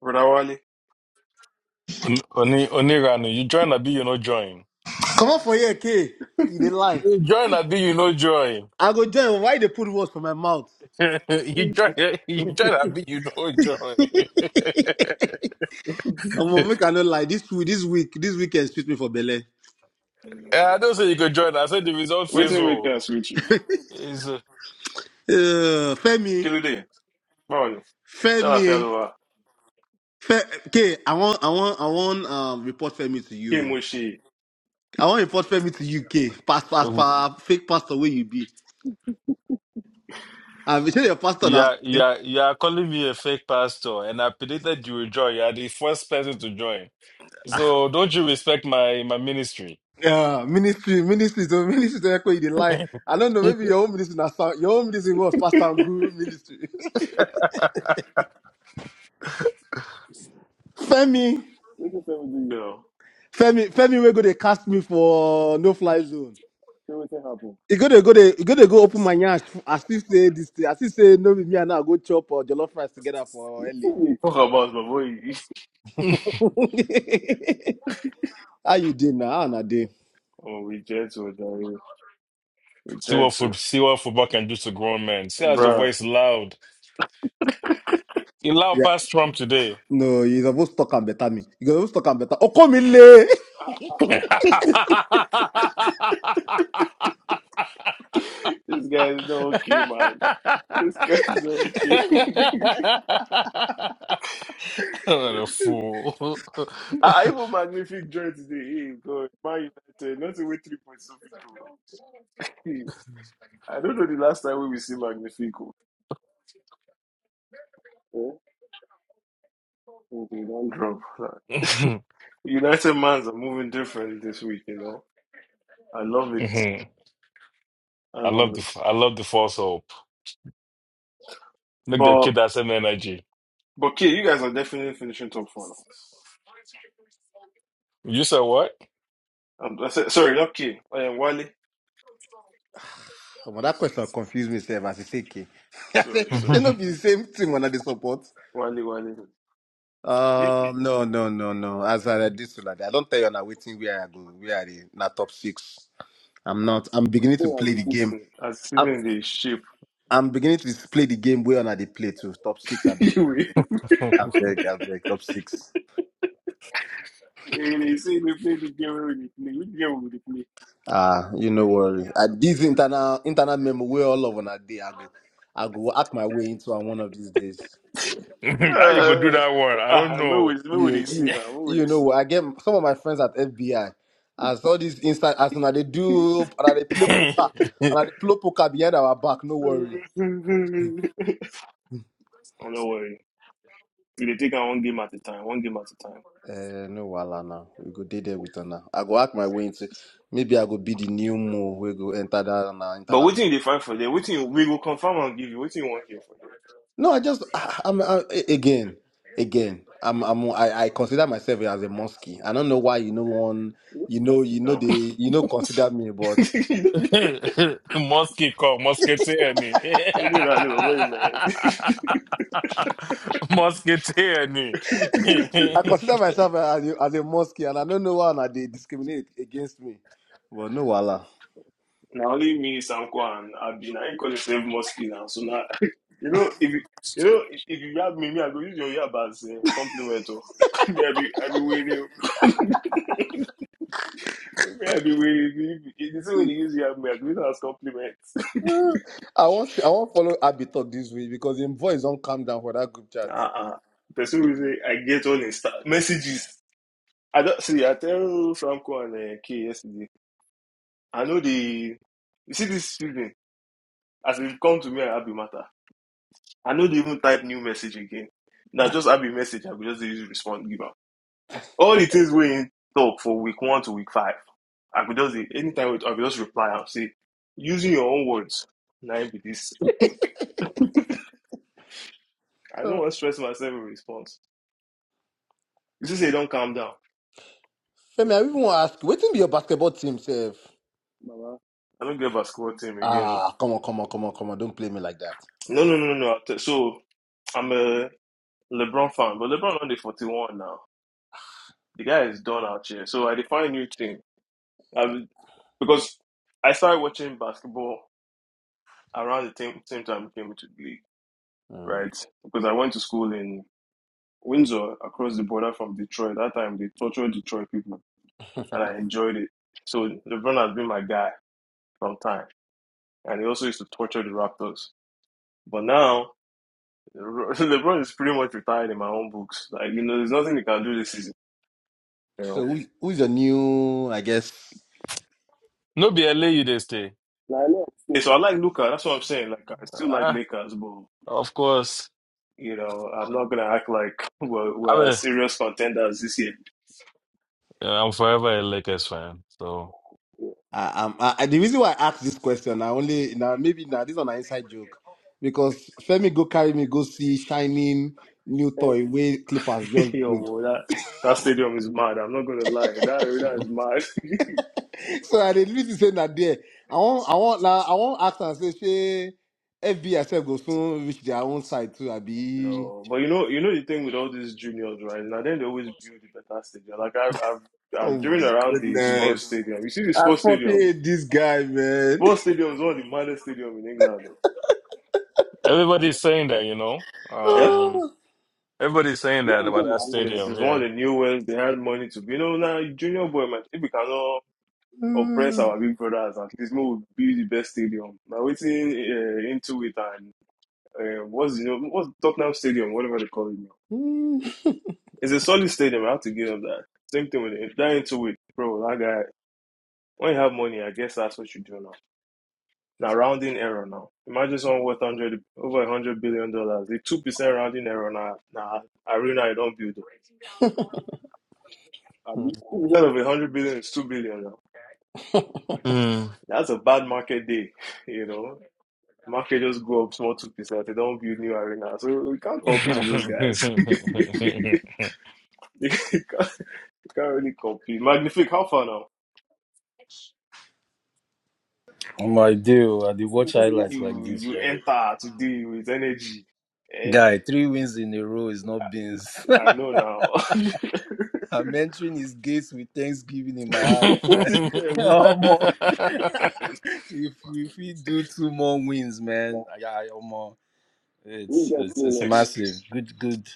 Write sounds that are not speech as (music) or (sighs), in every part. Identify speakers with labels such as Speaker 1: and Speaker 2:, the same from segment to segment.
Speaker 1: Brother Wally,
Speaker 2: Oni Oni Oniranu, you join Abi, you no join.
Speaker 3: Come on for here, K. You dey lie.
Speaker 2: You join Abi, you no join.
Speaker 3: I go join. Why they put words for my mouth?
Speaker 2: (laughs) you join you join Abi, you no join. (laughs)
Speaker 3: I'm gonna make I no lie. This week, this week, this weekend spit me for Bele.
Speaker 2: Eh, I don't say you could join. I said the result says
Speaker 1: Wetin make
Speaker 2: so.
Speaker 1: us with you?
Speaker 2: Is
Speaker 3: Uh, Femi,
Speaker 1: kill it there. How are you? Tell her
Speaker 3: Femi,
Speaker 1: fellow
Speaker 3: Fe- K. I want, I want, I want. Um, report Femi to
Speaker 1: Kim
Speaker 3: you.
Speaker 1: Wishi,
Speaker 3: I want report Femi to you, K. Pass, pass,
Speaker 2: uh,
Speaker 3: pass. Fake pastor where you be. I'm sure your pastor now.
Speaker 2: yeah, yeah, yeah. Calling me a fake pastor, and I predicted you will join. You are the first person to join. So don't you respect my my ministry?
Speaker 3: Yeah, ministry, ministry, so ministry. So echo you dey
Speaker 2: (laughs)
Speaker 3: lie. I don't know. Maybe your own ministry now. Your own ministry was pastor guru ministry. (laughs) Femi.
Speaker 1: Wetin fair with you you? know.
Speaker 3: Femi, Femi, we go they cast me for no fly zone.
Speaker 1: Say wetin happen?
Speaker 3: You go to go to you go to go open my nyash. I still say this thing. I still say no with me and I go chop or jollof rice together for LA.
Speaker 1: Wetin dey talk about my boy? (laughs)
Speaker 2: see
Speaker 3: (laughs) How you doing now? How na dey?
Speaker 1: Oh, we gentle, Jerry. We
Speaker 2: what
Speaker 1: gentle.
Speaker 2: food, see what football can do to grown men. See as your
Speaker 1: Bruh.
Speaker 2: voice loud. It loud
Speaker 3: Yeah.
Speaker 2: past Trump today.
Speaker 3: No, you supposed to talk and better me. You supposed to talk and better. Oh, come in (laughs)
Speaker 1: (laughs)
Speaker 2: Come here. (laughs) what
Speaker 1: this guy is not okay, man. This guy is not okay. (laughs)
Speaker 2: a fool.
Speaker 1: I, I even magnific joined today. Hey, God, Man United, not away three point something, bro. Hey, (laughs) I don't know the last time we will see Magnifico Eh? Okay, don drop. like,
Speaker 2: Mhm,
Speaker 1: United Mans are moving different this week, you know. I love it.
Speaker 2: mhm.
Speaker 1: I
Speaker 2: I
Speaker 1: love
Speaker 2: love
Speaker 1: it.
Speaker 2: the I love the false hope. Look, the
Speaker 1: But
Speaker 2: kid has some energy.
Speaker 1: but K, you guys are definitely finishing top four now.
Speaker 2: You said what?
Speaker 1: Um, I said, sorry, not K. I am Wale.
Speaker 3: Omo, that question confused me, sef, as you say, K. (laughs) I
Speaker 1: Sorry,
Speaker 3: say, she
Speaker 1: sorry.
Speaker 2: (laughs)
Speaker 3: not be the same thing when I dey support.
Speaker 1: Wale, Wale.
Speaker 3: Um, no, no, no, no. As I did so like that, I don't tell you now waiting where I go, where I dey, na top six. I'm not. I'm beginning to
Speaker 1: Oh, as
Speaker 3: play the
Speaker 1: the
Speaker 3: game.
Speaker 1: season. As the
Speaker 3: I'm,
Speaker 1: season they shape.
Speaker 3: I'm beginning to play the game where I they play to top six. I
Speaker 1: (laughs)
Speaker 3: beg, I
Speaker 1: anyway,
Speaker 3: beg, I beg,
Speaker 2: How
Speaker 3: I beg, top six.
Speaker 1: eh, they say they play the game where they play. Which game will they play?
Speaker 3: Ah, you know worry. I this internal internal memo where all of on a day I go, I go act my way into on one of these days.
Speaker 2: you gonna do
Speaker 1: Uh,
Speaker 2: that one? I don't
Speaker 1: ah, no,
Speaker 2: know.
Speaker 1: we,
Speaker 3: You
Speaker 1: no, they see
Speaker 3: you
Speaker 1: now. No, we
Speaker 3: you
Speaker 1: they see.
Speaker 3: know I get some of my friends at FBI. As all these instant as now they do and they play poker
Speaker 2: (laughs)
Speaker 3: and they play poker behind our back. No
Speaker 1: (laughs) oh,
Speaker 3: worry.
Speaker 1: no worry. We dey take on one game at a time. One game at a time.
Speaker 3: Uh, no wahala now. We go dey there with Anna. I go act my way into. Maybe I go be the new Mo. We go enter that na
Speaker 1: But
Speaker 3: internal. me-
Speaker 1: wetin you dey find for there? Wetin you- we go confirm and give you? Wetin you wan hear for there?
Speaker 3: No, I just I, I'm, I, again, again. I'm I'm I, I consider myself as a mosque. I don't know why you know one. You know
Speaker 1: What's
Speaker 3: you know
Speaker 1: now?
Speaker 3: they you know consider me, but
Speaker 1: (laughs)
Speaker 2: (laughs) Mosquito, musketeer ni.
Speaker 1: Only Rani boy man.
Speaker 2: (laughs) musketeer ni. (laughs)
Speaker 1: (laughs)
Speaker 3: I consider myself as a, as a mosque, and I don't know why na they discriminate against me. But no wahala.
Speaker 1: Now only me, Sanko and Abi. Na him call himself Musky now. So now, you know if you, you know if if you yab me, me I go use your yab as um, compliment. Oh, (laughs) me I be I be waiting. (laughs) me I be waiting. If the same way they use yab me, I go use am as compliment. (laughs)
Speaker 3: I want I want follow Abby talk this way because him voice don't calm down for that group
Speaker 1: Uh
Speaker 3: chat.
Speaker 1: uh. Person will say I get all Insta messages. I don't see. I tell Franco and uh, K yesterday. I know the. You see this student as they come to me and Abi matter. I know they even type new message again. Now just Abi message. I could just dey use respond give am. All the things we in talk for week one to week five. I could just dey- anytime we talk, I could just reply and say using your own words. Now be this. I don't want to stress myself in response. You see, say don't calm down.
Speaker 3: Femi, I even want to ask you, what be your basketball team, sef?
Speaker 1: Baba. I don't get basketball team again.
Speaker 3: Ah, come on, come on, come on, come on. Don't play me like that.
Speaker 1: No, no, no, no. no. So I'm a. LeBron fan, but LeBron on the 41 now. The guy is done out here. So I define new thing. I was- because I started watching basketball around the same, same time I came into the league,
Speaker 3: Mm.
Speaker 1: right? Because I went to school in Windsor across the border from Detroit. That time they tortured Detroit people and
Speaker 3: (laughs)
Speaker 1: I enjoyed it. So LeBron has been my guy from time. And he also used to torture the Raptors. But now (laughs) LeBron is pretty much retired in my own books. Like, you know, there's nothing he can do this season. You know.
Speaker 3: so, who, who's your new, I guess?
Speaker 2: no be LA you they stay.
Speaker 1: Now, I know. Yeah, so I like Luca. That's what I'm saying. Like I still like
Speaker 2: Ah,
Speaker 1: Lakers, but
Speaker 2: of course.
Speaker 1: you know I'm not gonna act like (laughs) we're,
Speaker 2: I
Speaker 1: we're
Speaker 2: mean,
Speaker 1: serious contenders this year.
Speaker 2: yeah, I'm forever a Lakers fan. So
Speaker 1: Yeah.
Speaker 3: I, um, I, I- the reason why I asked this question, I only, now maybe now this is an inside joke. Because Femi go carry me, go see shining new toy way Clippers
Speaker 1: (laughs)
Speaker 3: just
Speaker 1: Yo,
Speaker 3: build.
Speaker 1: well, that that stadium is mad. I'm not gonna lie. That arena is mad.
Speaker 3: (laughs)
Speaker 1: (laughs)
Speaker 3: so, I didn't really say that there. I want, I want, now, I want ask and say, say, FBI sef go soon reach their own side too, I be.
Speaker 1: No, but you know, you know the thing with all these juniors, right? Now then they always build the better stadium. Like I, have I've,
Speaker 3: Oh
Speaker 1: I've driven
Speaker 3: my
Speaker 1: around the sports
Speaker 3: goodness.
Speaker 1: stadium. You see the
Speaker 3: I
Speaker 1: sports
Speaker 3: fucking
Speaker 1: stadium.
Speaker 3: hate this guy, man. (laughs)
Speaker 1: Sports stadium is one of the maddest stadium in England.
Speaker 2: everybody's
Speaker 1: Though.
Speaker 2: saying that, you know.
Speaker 1: Yeah,
Speaker 2: Um,
Speaker 3: Oh,
Speaker 2: everybody's saying
Speaker 1: Yeah,
Speaker 2: that about that
Speaker 1: because it's, it's
Speaker 2: stadium.
Speaker 1: one of
Speaker 2: Yeah.
Speaker 1: the new ones. They had money to, you know, now junior boy man. If we cannot oppress
Speaker 3: mm,
Speaker 1: our big brothers, at least we build the best stadium. Now waiting uh, into it and uh, what's you know what's Tottenham Stadium, whatever they call it now.
Speaker 3: mm.
Speaker 1: It's a solid stadium. I have to give them that. Same thing with it. That into it, bro. That guy. When you have money, I guess that's what you do now. Now rounding error now. Imagine someone worth one hundred over one hundred billion dollars. The two percent rounding error now now arena you don't build. Instead of a hundred billion it's two billion now.
Speaker 2: Mm.
Speaker 1: That's a bad market day, (laughs) you know. Market just go up small two percent. They don't build new arena, so you can't compete with those guys. (laughs) you, can't, you can't really compete. Magnific, how far now?
Speaker 4: Um, I do. I do watch highlights like
Speaker 1: You
Speaker 4: this,
Speaker 1: you
Speaker 4: right?
Speaker 1: enter today with energy. Eh?
Speaker 4: Guy, three wins in a row is not beans.
Speaker 1: I know now.
Speaker 4: (laughs) I'm entering his gates with thanksgiving in my heart, man. (laughs)
Speaker 1: (laughs)
Speaker 4: Um, (laughs)
Speaker 2: (laughs)
Speaker 4: if if we do two more wins, man, I, I um, it's it's it's
Speaker 1: Next,
Speaker 4: massive. Good, good,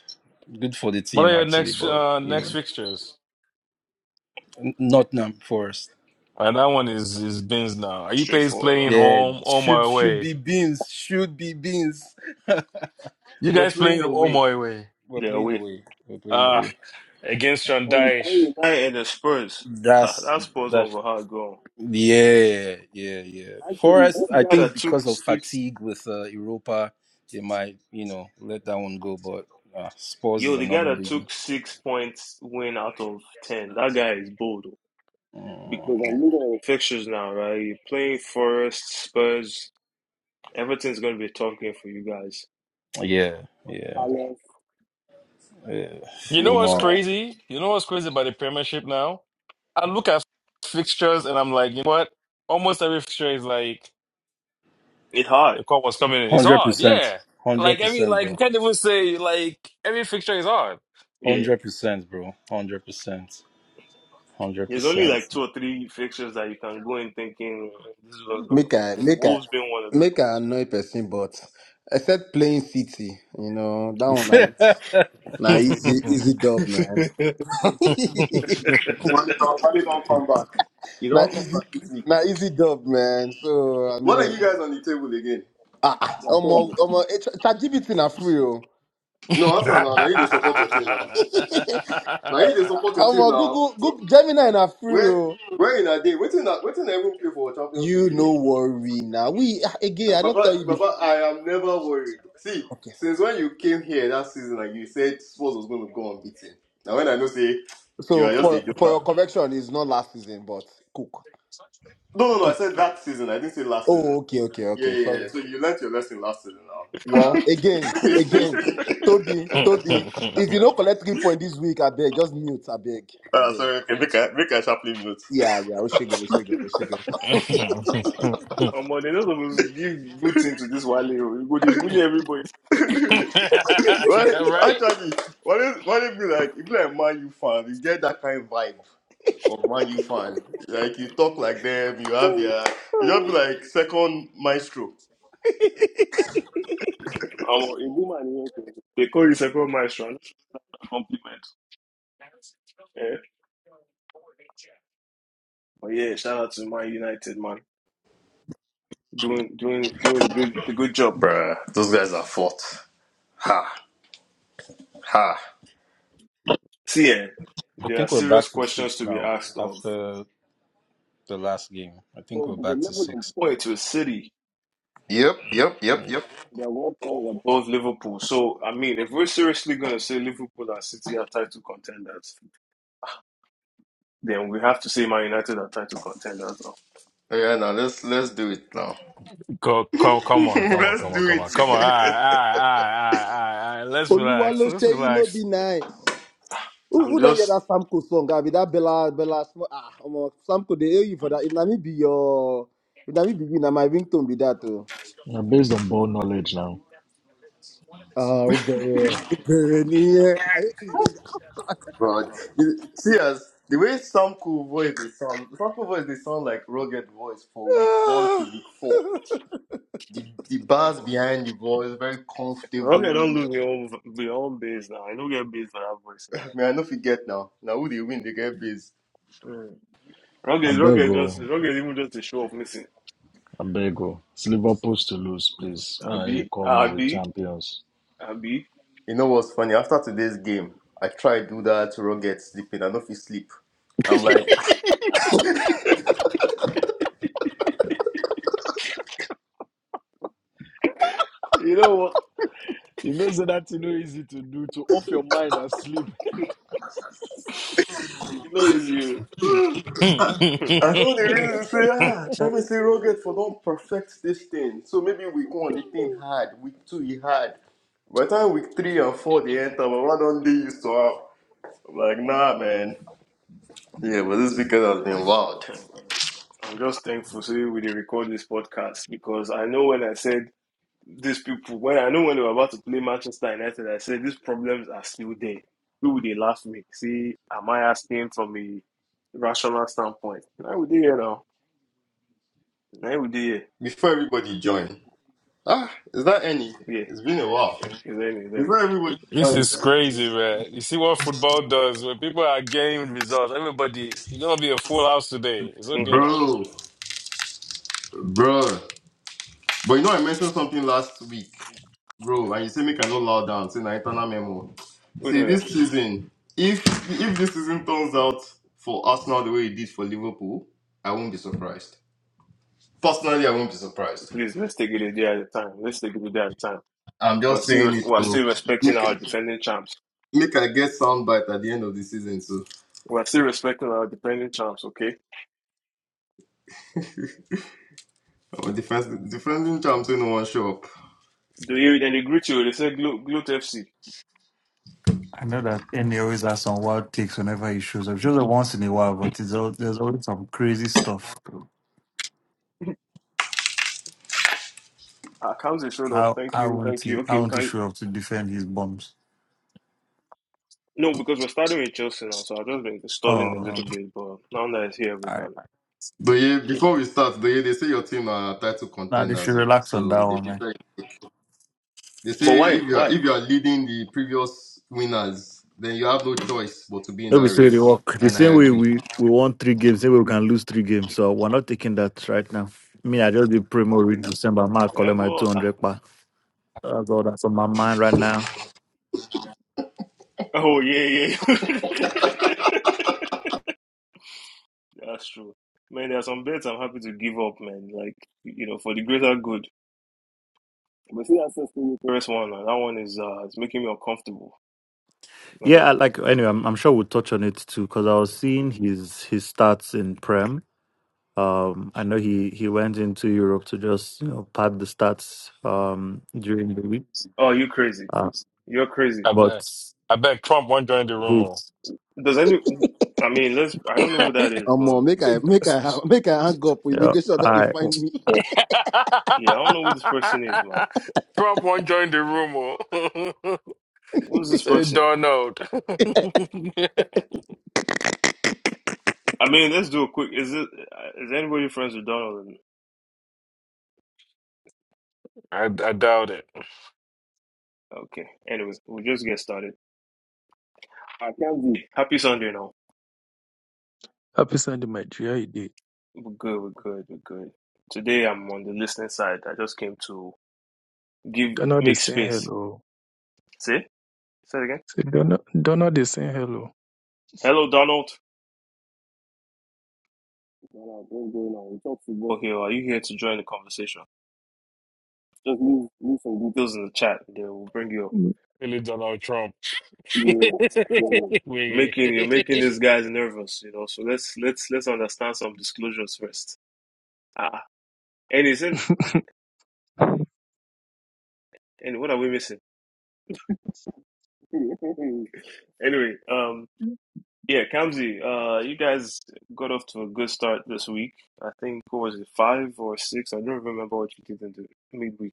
Speaker 4: good for the
Speaker 2: What are
Speaker 4: team
Speaker 2: your
Speaker 4: actually,
Speaker 2: next
Speaker 4: but
Speaker 2: uh
Speaker 4: you
Speaker 2: next
Speaker 4: know,
Speaker 2: fixtures?
Speaker 4: n- Nottingham Forest.
Speaker 2: Uh, that one is is Ben's now. Are you guys
Speaker 1: straightforward.
Speaker 2: playing
Speaker 1: Huh?
Speaker 4: Yeah,
Speaker 2: home home or
Speaker 4: should should
Speaker 2: away?
Speaker 4: be beans. Should be beans. (laughs)
Speaker 2: You
Speaker 4: We're
Speaker 2: guys playing
Speaker 4: playing
Speaker 2: home
Speaker 4: away.
Speaker 2: or away?
Speaker 4: We're
Speaker 1: They're
Speaker 4: playing
Speaker 1: away.
Speaker 4: away. We're playing
Speaker 2: Uh
Speaker 4: away.
Speaker 2: against John
Speaker 1: United and the Spurs. (laughs) Ha,
Speaker 4: That's
Speaker 1: that Spurs
Speaker 4: that.
Speaker 1: one was hard going.
Speaker 4: Yeah, yeah, yeah. Forest, I
Speaker 1: The guy
Speaker 4: think
Speaker 1: that took
Speaker 4: because of
Speaker 1: six.
Speaker 4: fatigue with uh, Europa, they might, you know, let that one go. But uh, Spurs is
Speaker 1: Yo, the guy
Speaker 4: another
Speaker 1: that
Speaker 4: big one.
Speaker 1: took six points win out of ten. That guy is bold. oh. Because
Speaker 4: Mm,
Speaker 1: of fixtures now, right? You're playing Forest, Spurs. Everything's going to be a tough game for you guys.
Speaker 4: yeah, yeah,
Speaker 1: Palace,
Speaker 4: yeah.
Speaker 2: You know
Speaker 1: West
Speaker 2: what's
Speaker 4: More
Speaker 1: Ham.
Speaker 2: crazy? You know what's crazy about the Premiership now? I look at fixtures and I'm like, you know what? Almost every fixture is like
Speaker 1: It's hard.
Speaker 2: the call was coming in. It's
Speaker 4: hundred
Speaker 2: hard,
Speaker 4: percent,
Speaker 2: yeah.
Speaker 4: hundred
Speaker 2: Like every
Speaker 4: percent,
Speaker 2: like you
Speaker 4: bro.
Speaker 2: can't even say like every fixture is hard.
Speaker 1: Yeah.
Speaker 4: Hundred percent, bro. Hundred percent, hundred
Speaker 1: There's only like
Speaker 4: percent.
Speaker 1: two or three fixtures that you can go in thinking this is what's going to happen.
Speaker 3: make I make I
Speaker 1: Wolves been one
Speaker 3: make I annoy person, but except playing City, you know that one
Speaker 4: (laughs)
Speaker 3: like na easy easy dub,
Speaker 1: of
Speaker 3: man.
Speaker 1: those ones.
Speaker 3: (laughs)
Speaker 1: (laughs)
Speaker 5: Money don't, money don't come back. You
Speaker 3: na
Speaker 5: don't come back
Speaker 3: easy
Speaker 5: this
Speaker 3: na
Speaker 5: week.
Speaker 3: easy dub, man. So I
Speaker 5: What are
Speaker 3: mean,
Speaker 5: you guys on the table again?
Speaker 3: ah, ah, omo omo eh, Ch- ChatGPT na free o.
Speaker 5: No, answer now. Now you dey support your team now. Now you dey support your team
Speaker 3: Omo
Speaker 5: now.
Speaker 3: Google Google Gemini na free
Speaker 5: Where,
Speaker 3: o.
Speaker 5: where in a day? Waiting, waiting. Everyone play for Champions
Speaker 3: You
Speaker 5: League
Speaker 3: no
Speaker 5: again.
Speaker 3: worry now. We ah, again, I don't
Speaker 5: Baba,
Speaker 3: tell you before.
Speaker 5: Baba, I am never worried. See,
Speaker 3: Okay.
Speaker 5: since when you came here that season and you said Spurs was going to go unbeaten. Now when I know say you
Speaker 3: So
Speaker 5: are just
Speaker 3: for
Speaker 5: a
Speaker 3: for your
Speaker 5: joker.
Speaker 3: correction, it's not last season, but Cook.
Speaker 5: No, no, no. I
Speaker 3: Cook.
Speaker 5: said that season. I didn't say last season.
Speaker 3: Oh, okay, okay,
Speaker 5: Yeah,
Speaker 3: okay.
Speaker 5: yeah,
Speaker 3: Sorry.
Speaker 5: yeah. So you learnt your lesson last season now. Uh,
Speaker 3: Well, again, again,
Speaker 5: (laughs)
Speaker 3: Toby, Toby.
Speaker 2: (laughs)
Speaker 3: If you don't collect three points this week, I beg, just mute. I beg, I
Speaker 5: uh,
Speaker 3: beg.
Speaker 5: sorry, okay, make a make a sharp note.
Speaker 3: Yeah, yeah. Oshego, Oshego, Oshego.
Speaker 1: Omo, they no suppose give good thing to this Wale Oh, You go dey bully
Speaker 2: right?
Speaker 1: everybody.
Speaker 5: Well, actually, what if what if you like if you're a Man U fan, you get that kind of vibe of Man U fan. Like you talk like them, you have their you just be like second maestro.
Speaker 1: Omo, a woman here They call you second maestro. That's a compliment. Yeah. But yeah, shout out to Man United, man. Doing doing doing the good the good job.
Speaker 5: Bruh, those guys are fought. Ha ha.
Speaker 1: See, eh,
Speaker 4: I
Speaker 1: there are
Speaker 4: think we're
Speaker 1: serious
Speaker 4: back to
Speaker 1: questions
Speaker 4: six
Speaker 1: to be
Speaker 4: now
Speaker 1: asked of.
Speaker 4: after the last game. I think we're back to
Speaker 1: From
Speaker 4: six.
Speaker 1: Point to City.
Speaker 5: Yep, yep, yep,
Speaker 4: Mm.
Speaker 5: yep.
Speaker 1: They are one point above Liverpool. So I mean, if we're seriously going to say Liverpool and City are title contenders, then we have to say Man United are title contenders now.
Speaker 5: Yeah, now let's let's do it now.
Speaker 2: Go, come, come
Speaker 5: (laughs)
Speaker 2: on, come on,
Speaker 5: let's
Speaker 2: come on,
Speaker 5: do
Speaker 2: come on, come on. All
Speaker 5: it.
Speaker 2: right, all right, all right, all right, all right. Let's relax.
Speaker 3: Oluwalo
Speaker 2: Let's
Speaker 3: Sheyi no be
Speaker 2: relax.
Speaker 3: nice. Who,
Speaker 1: I'm
Speaker 3: who don't hear
Speaker 1: just
Speaker 3: that Samko song? I be that Bella Bella. Smo- Ah, omo, Samko they owe you for that. If na me be your, if na me be you, na my ringtone be that too.
Speaker 6: Now, based on ball knowledge now,
Speaker 3: Ah, Obere, Obere, yeah. I hate this.
Speaker 5: (laughs) but you- see as the way Sam cool voice they sound Sam cool voice they sound like rugged voice for week one to
Speaker 3: (laughs)
Speaker 5: week four. the the bars behind the ball is very comfortable.
Speaker 1: Rocket don't lose your own your own base now. I don't get base for that voice
Speaker 5: Man, I know if you get now. Now who they win, they get base.
Speaker 1: again. Mm.
Speaker 6: I
Speaker 1: Rocket,
Speaker 6: beg
Speaker 1: Rocket
Speaker 6: you,
Speaker 1: just Rocket even just to show up missing.
Speaker 6: I beg you. It's Liverpool's to lose, please. Why don't you
Speaker 1: Abi,
Speaker 6: call me with
Speaker 1: Abi,
Speaker 6: champions?
Speaker 1: Abi.
Speaker 5: You know what's funny? After today's game, I try do that Roget sleeping. I know if you sleep. I'm like,
Speaker 1: You know what?
Speaker 6: You know, so that's you know easy to do to off your mind and sleep.
Speaker 1: You know it's you.
Speaker 5: I know the reason say, ah, let me say Roget for don't perfect this thing. So maybe week one the thing hard, week two he hard. By the time week three and four they enter, but why don't they used to have? I'm like, nah man. Yeah, but this weekend has been wild.
Speaker 1: (laughs) I'm just thankful so we dey record this podcast because I know when I said these people when I know when they were about to play Manchester United, I said these problems are still there. People they laugh me. See, am I asking from a rational standpoint? Now we did here now. Now we did here.
Speaker 5: Before everybody join. Ah, is that any?
Speaker 1: Yeah,
Speaker 5: It's been a while. Is
Speaker 1: is there any? is there any?
Speaker 5: that everybody
Speaker 2: (laughs) this
Speaker 5: joined?
Speaker 2: is crazy, man. You see what football does when people are getting results. Everybody, you're gonna be a full house today. It's
Speaker 1: Mm-hmm.
Speaker 2: okay now.
Speaker 5: Bro, bro. But you know I mentioned something last week. Bro, and you say make I no loud down, say na internal memo.
Speaker 1: Wait a
Speaker 5: See
Speaker 1: minute.
Speaker 5: this season, if if this season turns out for Arsenal the way it did for Liverpool, I won't be surprised. Personally, I won't be surprised.
Speaker 1: Please, let's take it a day at a time. Let's take it a day at a time.
Speaker 5: I'm
Speaker 1: We're
Speaker 5: just
Speaker 1: still
Speaker 5: saying it
Speaker 1: we're
Speaker 5: to
Speaker 1: still respecting
Speaker 5: make,
Speaker 1: our defending champs.
Speaker 5: make I get soundbite at the end of the season. So,
Speaker 1: We're still respecting our defending champs, okay?
Speaker 5: I'm a defense, defending champs, no one show up.
Speaker 1: Do you then they greet you, they say Glo Gloat FC.
Speaker 7: I know that Eni always has some wild takes whenever he shows up. Shows up once in a while, but it's al- there's always some crazy stuff.
Speaker 1: Our council showed up.
Speaker 7: How
Speaker 1: Thank
Speaker 7: how
Speaker 1: you,
Speaker 7: won't
Speaker 1: thank you.
Speaker 7: he
Speaker 1: Okay,
Speaker 7: how
Speaker 1: we
Speaker 7: won't he
Speaker 1: can
Speaker 7: show up to defend his bombs?
Speaker 1: no, because we're starting with Chelsea now, so I've just been
Speaker 7: Oh,
Speaker 1: stalling a little
Speaker 7: um,
Speaker 1: bit, but now that it's here we
Speaker 7: all right.
Speaker 1: can
Speaker 5: Doye,
Speaker 1: okay.
Speaker 5: before we start, Doye, they say your team are title
Speaker 7: Now they
Speaker 5: contenders,
Speaker 7: should
Speaker 5: oh.
Speaker 7: relax on that
Speaker 5: so they
Speaker 7: one, man.
Speaker 5: prepare. They
Speaker 1: But
Speaker 5: say
Speaker 1: why?
Speaker 5: if you are
Speaker 1: Why?
Speaker 5: if you are leading the previous winners, then you have no choice but to be in
Speaker 7: No, we
Speaker 5: that
Speaker 7: say they
Speaker 5: race.
Speaker 7: work. The
Speaker 5: And
Speaker 7: same
Speaker 5: I
Speaker 7: way
Speaker 5: agree.
Speaker 7: we, we won three games, same way we can lose three games. So we're not taking that right now. Me, I just did promo read December. I'm not calling
Speaker 1: Um,
Speaker 7: my
Speaker 1: but, ah,
Speaker 7: 200 pa. That's all that's on my mind right now.
Speaker 1: oh yeah, yeah. (laughs) That's true. Man, there are some bets I'm happy to give up, man. Like, you know, for the greater good. But see that sister Eucharist one, uh, that one is uh, it's making me uncomfortable. I'm not
Speaker 7: Yeah, I
Speaker 1: gonna lie.
Speaker 7: like anyway, I'm, I'm sure we'll touch on it too because I was seeing his his stats in Prem. Um, I know he he went into Europe to just you know pad the stats um during the week.
Speaker 1: Oh, you crazy?
Speaker 7: Uh,
Speaker 1: You're crazy.
Speaker 2: I
Speaker 7: but
Speaker 2: bet. I bet Trump won't join the
Speaker 7: who?
Speaker 2: rumor.
Speaker 1: Does any? I mean, let's. I don't know who that is,
Speaker 3: Um, uh,
Speaker 1: but
Speaker 3: make I make I have make I hang
Speaker 2: (laughs)
Speaker 3: up with
Speaker 7: Yeah,
Speaker 3: immigration that they
Speaker 7: I
Speaker 3: find me.
Speaker 2: (laughs)
Speaker 1: yeah, I don't know who this person is, man.
Speaker 2: Trump won't join the room. oh.
Speaker 1: Who's
Speaker 2: (laughs)
Speaker 1: this
Speaker 2: Say
Speaker 1: person?
Speaker 2: Donald. (laughs)
Speaker 1: I mean, let's do a quick. Is it? Is anybody friends with Donald?
Speaker 2: I, I doubt it.
Speaker 1: Okay. Anyway, we'll just get started. I can't be Happy Sunday now.
Speaker 8: Happy Sunday, my dear. He did.
Speaker 1: We're good, we're good, we're good. Today I'm on the listening side. I just came to give
Speaker 8: Donald
Speaker 1: make
Speaker 8: is saying
Speaker 1: space.
Speaker 8: hello.
Speaker 1: See? Say it again.
Speaker 8: Say, Donald, Donald is saying hello.
Speaker 1: Hello Donald. What up? What's going on? We talk football. Okay, well, are you here to join the conversation? Just leave, leave some Details in the chat, then we'll bring you up.
Speaker 2: Really Donald Trump. (laughs)
Speaker 1: Yeah, yeah.
Speaker 2: We-
Speaker 1: Making you're making these guys nervous, you know. So let's let's let's understand some disclosures first. Ah, and isn't
Speaker 8: (laughs)
Speaker 1: and what are we missing? (laughs) Anyway, um, yeah, Kamzi, uh, you guys got off to a good start this week. I think what was it five or six? I don't remember what you did in the midweek.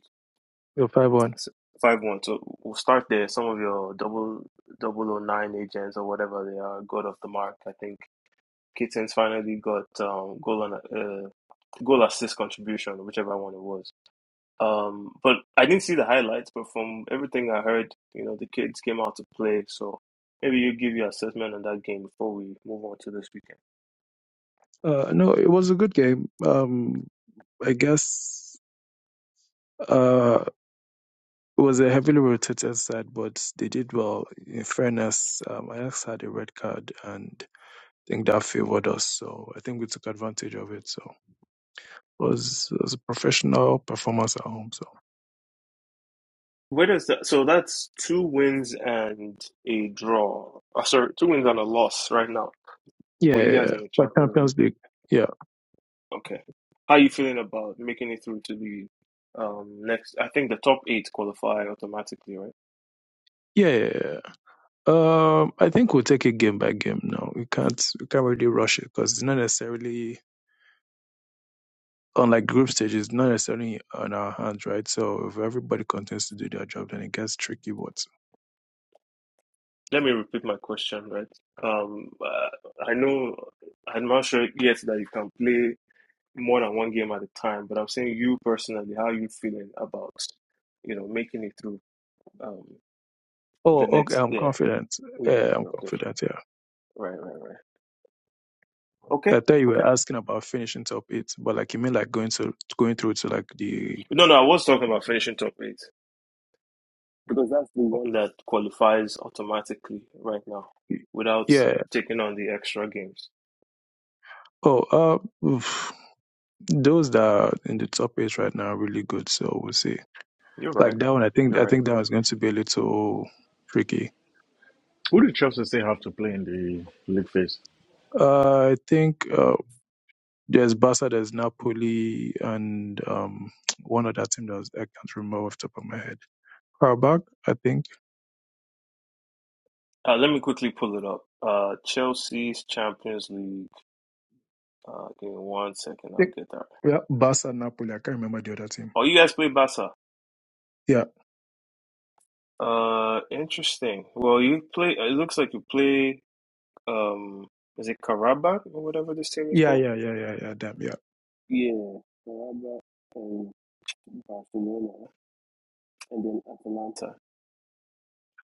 Speaker 8: Your 5 1.
Speaker 1: S- Five one. So we'll start there. Some of your double double oh nine agents or whatever they are got off the mark. I think Kittens finally got um, goal on uh, goal assist contribution, whichever one it was. Um, but I didn't see the highlights. But from everything I heard, you know, the kids came out to play. So maybe you give your assessment on that game before we move on to this weekend.
Speaker 8: Uh, no, it was a good game. Um, I guess uh, it was a heavily rotated side, but they did well. In fairness, um, Ajax had a red card, and I think that favored us. So I think we took advantage of it. So it was, it was a professional performance at home. So
Speaker 1: Where does that? So that's two wins and a draw. Uh, sorry, two wins and a loss right now.
Speaker 8: yeah,
Speaker 1: Well, you
Speaker 8: yeah,
Speaker 1: guys
Speaker 8: yeah.
Speaker 1: are in the
Speaker 8: but
Speaker 1: Champions League.
Speaker 8: Champions League. Yeah,
Speaker 1: Okay. How are you feeling about making it through to the um next? I think the top eight qualify automatically, right?
Speaker 8: yeah, yeah. yeah. yeah. Um, I think we'll take it game by game now. We can't we can't really rush it because it's not necessarily unlike group stage, it's not necessarily on our hands, right? So if everybody continues to do their job, then it gets tricky. But
Speaker 1: Let me repeat my question, right? Um, uh, I know I'm not sure yet that you can play more than one game at a time, but I'm saying you personally, how are you feeling about, you know, making it through um
Speaker 8: oh,
Speaker 1: the
Speaker 8: okay,
Speaker 1: next?
Speaker 8: I'm
Speaker 1: Yeah,
Speaker 8: confident.
Speaker 1: yeah,
Speaker 8: Yeah, I'm
Speaker 1: okay, okay,
Speaker 8: confident. Yeah.
Speaker 1: right, right, right. Okay,
Speaker 8: I thought you
Speaker 1: okay.
Speaker 8: were asking about finishing top eight, but like you mean like going to going through to like the
Speaker 1: No, no, I was talking about finishing top eight because that's the one that qualifies automatically right now without
Speaker 8: yeah.
Speaker 1: taking on the extra games.
Speaker 8: Oh, uh, oof. those that are in the top eight right now are really good. So we'll see.
Speaker 1: You're right.
Speaker 8: Like that one, I think
Speaker 1: You're
Speaker 8: I
Speaker 1: right.
Speaker 8: think that one's going to be a little tricky.
Speaker 6: Who do Chelsea say have to play in the league phase?
Speaker 8: Uh, I think uh, there's Barca, there's Napoli, and um, one other team that was, I can't remember off the top of my head. Karabakh, I think.
Speaker 1: Uh, let me quickly pull it up. Uh, Chelsea's Champions League. Uh, give me one second.
Speaker 8: I
Speaker 1: I'll
Speaker 8: think-
Speaker 1: get that.
Speaker 8: Yeah, Barca, Napoli. I can't remember the other team.
Speaker 1: Oh, you guys play Barca.
Speaker 8: Yeah,
Speaker 1: Uh, interesting. Well, you play. It looks like you play. Um, is it Karabakh or whatever this team is
Speaker 8: yeah,
Speaker 1: called?
Speaker 8: yeah, yeah, yeah, yeah. Damn, yeah.
Speaker 1: Yeah, Carabao and Barcelona, and then Atalanta.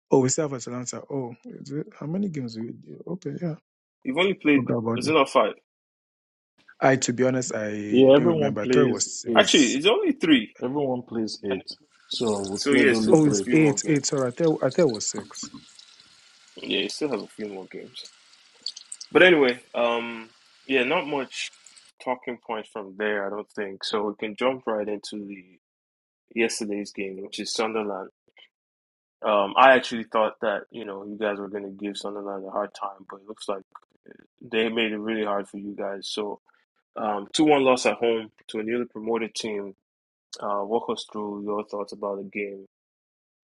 Speaker 8: Oh, we still have Atalanta. Oh, is it, how many games do we do? Okay, yeah.
Speaker 1: You've only played,
Speaker 8: Forgot about
Speaker 1: is it
Speaker 8: them.
Speaker 1: not five?
Speaker 8: I, to be honest, I
Speaker 6: Yeah,
Speaker 8: didn't
Speaker 6: everyone
Speaker 8: remember. I thought it was
Speaker 6: plays eight.
Speaker 1: Actually,
Speaker 8: six.
Speaker 1: it's only three.
Speaker 6: Everyone plays
Speaker 1: And
Speaker 6: eight. So we
Speaker 1: so yeah,
Speaker 6: played only
Speaker 1: still
Speaker 8: Oh,
Speaker 1: have a
Speaker 8: it's
Speaker 6: three.
Speaker 1: few more
Speaker 8: eight.
Speaker 1: games.
Speaker 8: Eight. Sorry, I thought, I thought it was six.
Speaker 1: Yeah, you still have a few more games. But anyway, um, yeah, not much talking point from there, I don't think. So we can jump right into the yesterday's game, which is Sunderland. Um, I actually thought that you know you guys were going to give Sunderland a hard time, but it looks like they made it really hard for you guys. So um, two one loss at home to a newly promoted team. Uh, walk us through your thoughts about the game.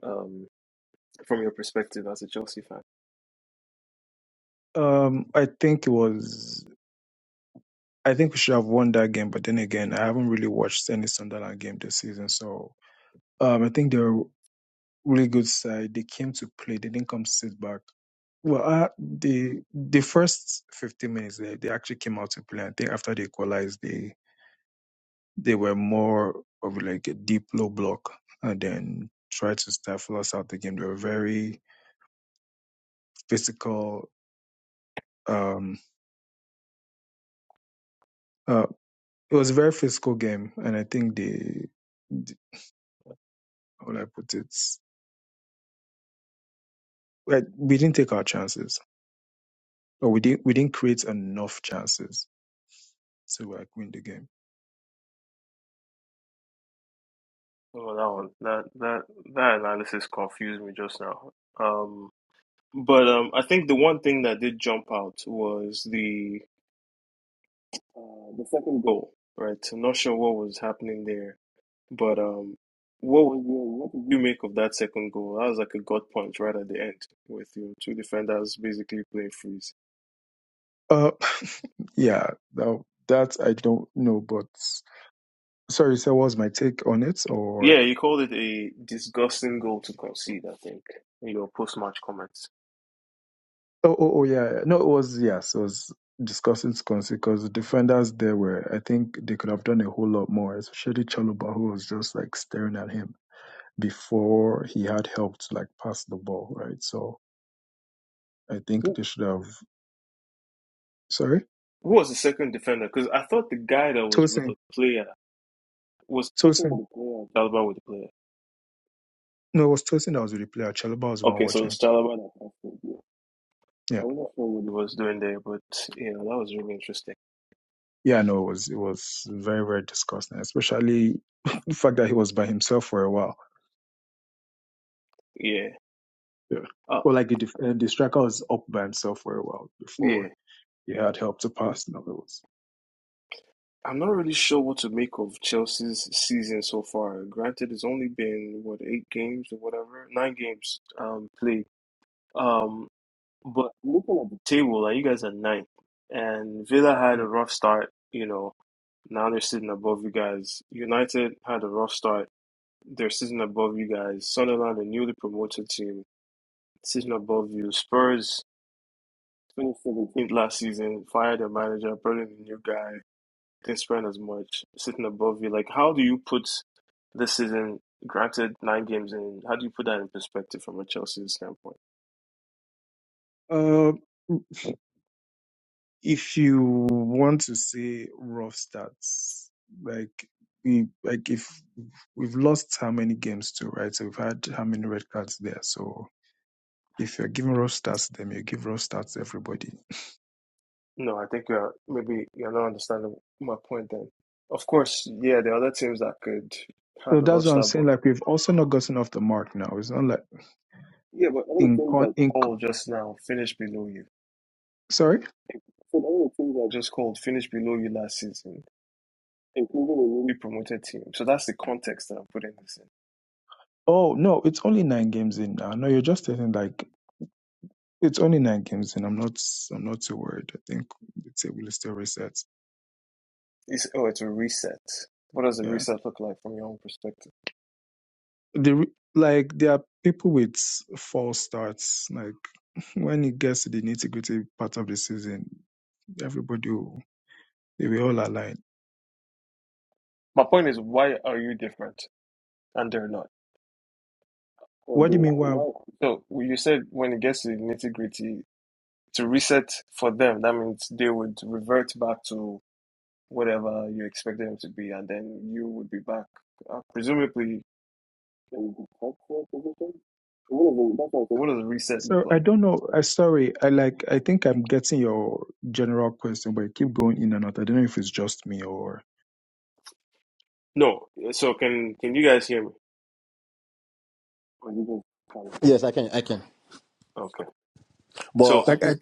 Speaker 1: Um. from your perspective as a Chelsea fan?
Speaker 8: Um, I think it was. I think we should have won that game, but then again, I haven't really watched any Sunderland game this season. So, um, I think they're a really good side. They came to play. They didn't come to sit back. Well, uh, the the first 15 minutes, they, they actually came out to play. I think after they equalized, they they were more of like a deep low block and then tried to stifle us out the game. They were very physical. Um, uh, it was a very physical game, and I think they, the- how would I put it, like we didn't take our chances, or we didn't we didn't create enough chances to like win the game.
Speaker 1: Oh, that one, that that that analysis confused me just now. Um, but um, I think the one thing that did jump out was the uh, the second goal, right? I'm not sure what was happening there, but um, what was what did you make of that second goal? That was like a gut punch right at the end with your two defenders basically playing freeze.
Speaker 8: Uh, (laughs) yeah, that, that I don't know, but sorry, so what was my take on it, or
Speaker 1: Yeah, you called it a disgusting goal to concede, I think, in your post-match comments.
Speaker 8: Oh, oh, oh, yeah. yeah. No, it was, yes, it was discussing Swansea because the defenders there were, I think they could have done a whole lot more, especially Chaluba, who was just like staring at him before he had help to like pass the ball, right? So I
Speaker 1: Yeah,
Speaker 8: think they should have, sorry?
Speaker 1: Who was the second defender? Because I thought the guy that was with
Speaker 8: Tosin.
Speaker 1: the player was talking with
Speaker 8: Tosin.
Speaker 1: the player. Chalaba with the player.
Speaker 8: No, it was Tosin that was with the player. Chaluba was the one
Speaker 1: Okay, so it's
Speaker 8: watching.
Speaker 1: Chalaba that passed it. Yeah. I
Speaker 8: Yeah.
Speaker 1: wasn't sure what he was doing there, but yeah, that was really interesting.
Speaker 8: Yeah, no, it was, it was very, very disgusting, especially (laughs) the fact that he was by himself for a while.
Speaker 1: Yeah.
Speaker 8: Yeah.
Speaker 1: Uh,
Speaker 8: Well, like the, def- uh, the striker was up by himself for a while before
Speaker 1: yeah.
Speaker 8: You had would help to pass novels.
Speaker 1: I'm not really sure what to make of Chelsea's season so far. Granted, it's only been what eight games or whatever, nine games um played. Um, but looking at the table, like you guys are ninth, and Villa had a
Speaker 8: Yeah.
Speaker 1: rough start. You know, Now they're sitting above you guys. United had a rough start. They're sitting above you guys. Sunderland, a newly promoted team, sitting above you. Spurs, 2017 last season, fired their manager, brought in a new guy, didn't spend as much, sitting above you. Like, how do you put this season, granted nine games in, how do you put that in perspective from a Chelsea standpoint?
Speaker 8: Uh, if you want to say rough stats, like we like if we've lost how many games too, right? So we've had how many red cards there. So if you're giving rough stats to them, you give rough stats to everybody.
Speaker 1: No, I think you're maybe you're not understanding my point then. Of course, yeah, there are other teams that could
Speaker 8: So
Speaker 1: have a
Speaker 8: that's what I'm
Speaker 1: roster, but
Speaker 8: saying. Like we've also not gotten off the mark now. It's not like
Speaker 1: Yeah, but all the
Speaker 8: in
Speaker 1: things I
Speaker 8: con in co-
Speaker 1: called just now, finish below you.
Speaker 8: sorry.
Speaker 1: So all the things I just called, finish below you last season, including a newly promoted team. So that's the context that I'm putting this in.
Speaker 8: Oh no, it's only nine games in now. No, you're just saying like it's only nine games in. I'm not I'm not too worried. I think the table is still reset.
Speaker 1: It's oh, it's a reset. What does a
Speaker 8: Yeah.
Speaker 1: reset look like from your own perspective?
Speaker 8: The re- like there are people with false starts. Like (laughs) when it gets to the nitty gritty part of the season, everybody will, they will all align.
Speaker 1: My point is, why are you different and they're not? Or they,
Speaker 8: What do you mean? Wow.
Speaker 1: why? So well, you said when it gets to the nitty gritty, to reset for them, that means they would revert back to whatever you expect them to be, and then you would be back. Uh, presumably, Can we detect that position? So what does it, that's what I said, what does a reset look
Speaker 8: So I
Speaker 1: like?
Speaker 8: don't know. I sorry. I like. I think I'm getting your general question, but you keep going in and out. I don't know if it's just me or
Speaker 1: No. So can can you guys hear me? Or you just kind of
Speaker 3: Yes, I can. I can.
Speaker 1: Okay.
Speaker 3: But I
Speaker 1: So
Speaker 8: like
Speaker 3: think,
Speaker 8: I.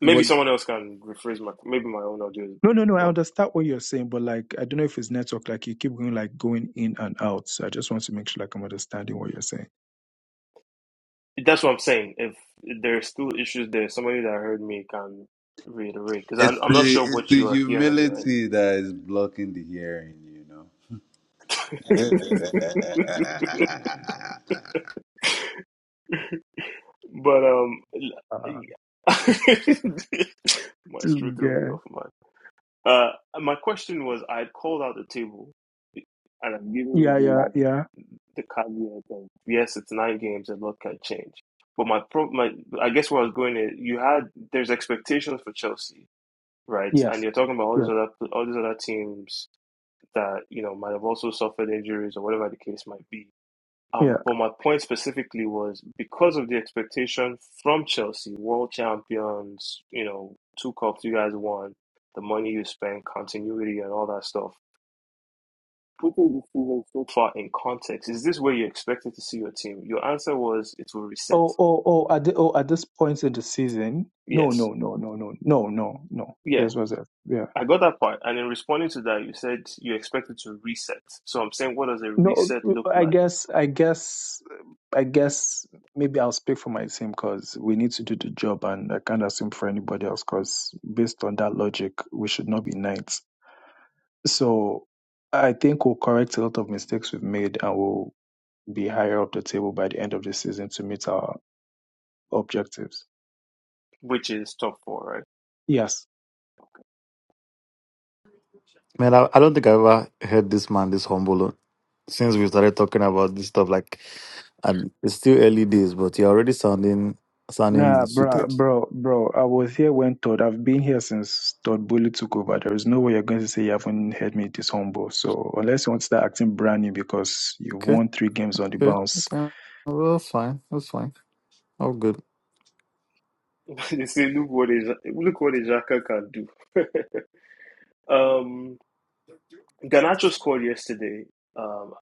Speaker 1: maybe
Speaker 3: well,
Speaker 1: someone else can rephrase my maybe my own audio is
Speaker 8: No, no, no. I
Speaker 1: not.
Speaker 8: understand what you're saying, but like I don't know if it's network. Like you keep going, like going in and out. So I just want to make sure like I'm understanding what you're saying.
Speaker 1: That's what I'm saying. If there's still issues there, somebody that heard me can reiterate because I'm
Speaker 9: It's
Speaker 1: I'm not
Speaker 9: the
Speaker 1: sure
Speaker 9: it's
Speaker 1: what
Speaker 9: the
Speaker 1: you are hearing on your end.
Speaker 9: humility that is blocking the hearing, you know. (laughs)
Speaker 1: (laughs) but um, (laughs)
Speaker 8: Uh,
Speaker 1: my threw
Speaker 8: to-
Speaker 1: me
Speaker 8: yeah,
Speaker 1: off, Uh, my question was, I had called out the table, and I'm giving you
Speaker 8: yeah,
Speaker 1: the,
Speaker 8: yeah,
Speaker 1: like,
Speaker 8: yeah.
Speaker 1: the caveat of yes, it's nine games, and a lot can change. But my pro, my I guess where I was going is, you had there's expectations for Chelsea, right? And
Speaker 8: Yes.
Speaker 1: you're talking about all these other all these other teams that you know might have also suffered injuries or whatever the case might be. Um,
Speaker 8: Yeah.
Speaker 1: but my point specifically was because of the expectation from Chelsea, world champions, you know, two cups you guys won, the money you spend, continuity, and all that stuff. Putting this season so far in context, is this where you expected to see your team? Your answer was it will reset.
Speaker 8: Oh, oh, oh, at the, oh, at this point in the season, no,
Speaker 1: Yes.
Speaker 8: no, no, no, no, no, no, no.
Speaker 1: Yeah.
Speaker 8: This was it. Yeah.
Speaker 1: I got that part. And in responding to that, you said you expected to reset. So I'm saying, what does a
Speaker 8: No,
Speaker 1: reset look
Speaker 8: I
Speaker 1: like?
Speaker 8: guess, I guess, I guess maybe I'll speak for my team because we need to do the job and I can't assume for anybody else because based on that logic, we should not be knights. So I think we'll correct a lot of mistakes we've made and we'll be higher up the table by the end of the season to meet our objectives.
Speaker 1: Which is top four,
Speaker 8: Yes.
Speaker 7: man, I, I don't think I ever heard this man this humble since we started talking about this stuff. Like, and it's still early days, but you're already sounding sounding
Speaker 8: Nah, bro,
Speaker 7: suited.
Speaker 8: bro, bro. I was here when Todd. I've been here since Todd Bully took over. There is no way you're going to say you haven't heard me this humble. So unless you want to start acting brand new because you
Speaker 7: Okay,
Speaker 8: won three games on the
Speaker 7: okay,
Speaker 8: bounce,
Speaker 7: okay. Well, that's fine. That's fine. All good.
Speaker 1: right? (laughs) they say, look what is look what Xhaka can do. (laughs) um, Ganacho scored yesterday, um,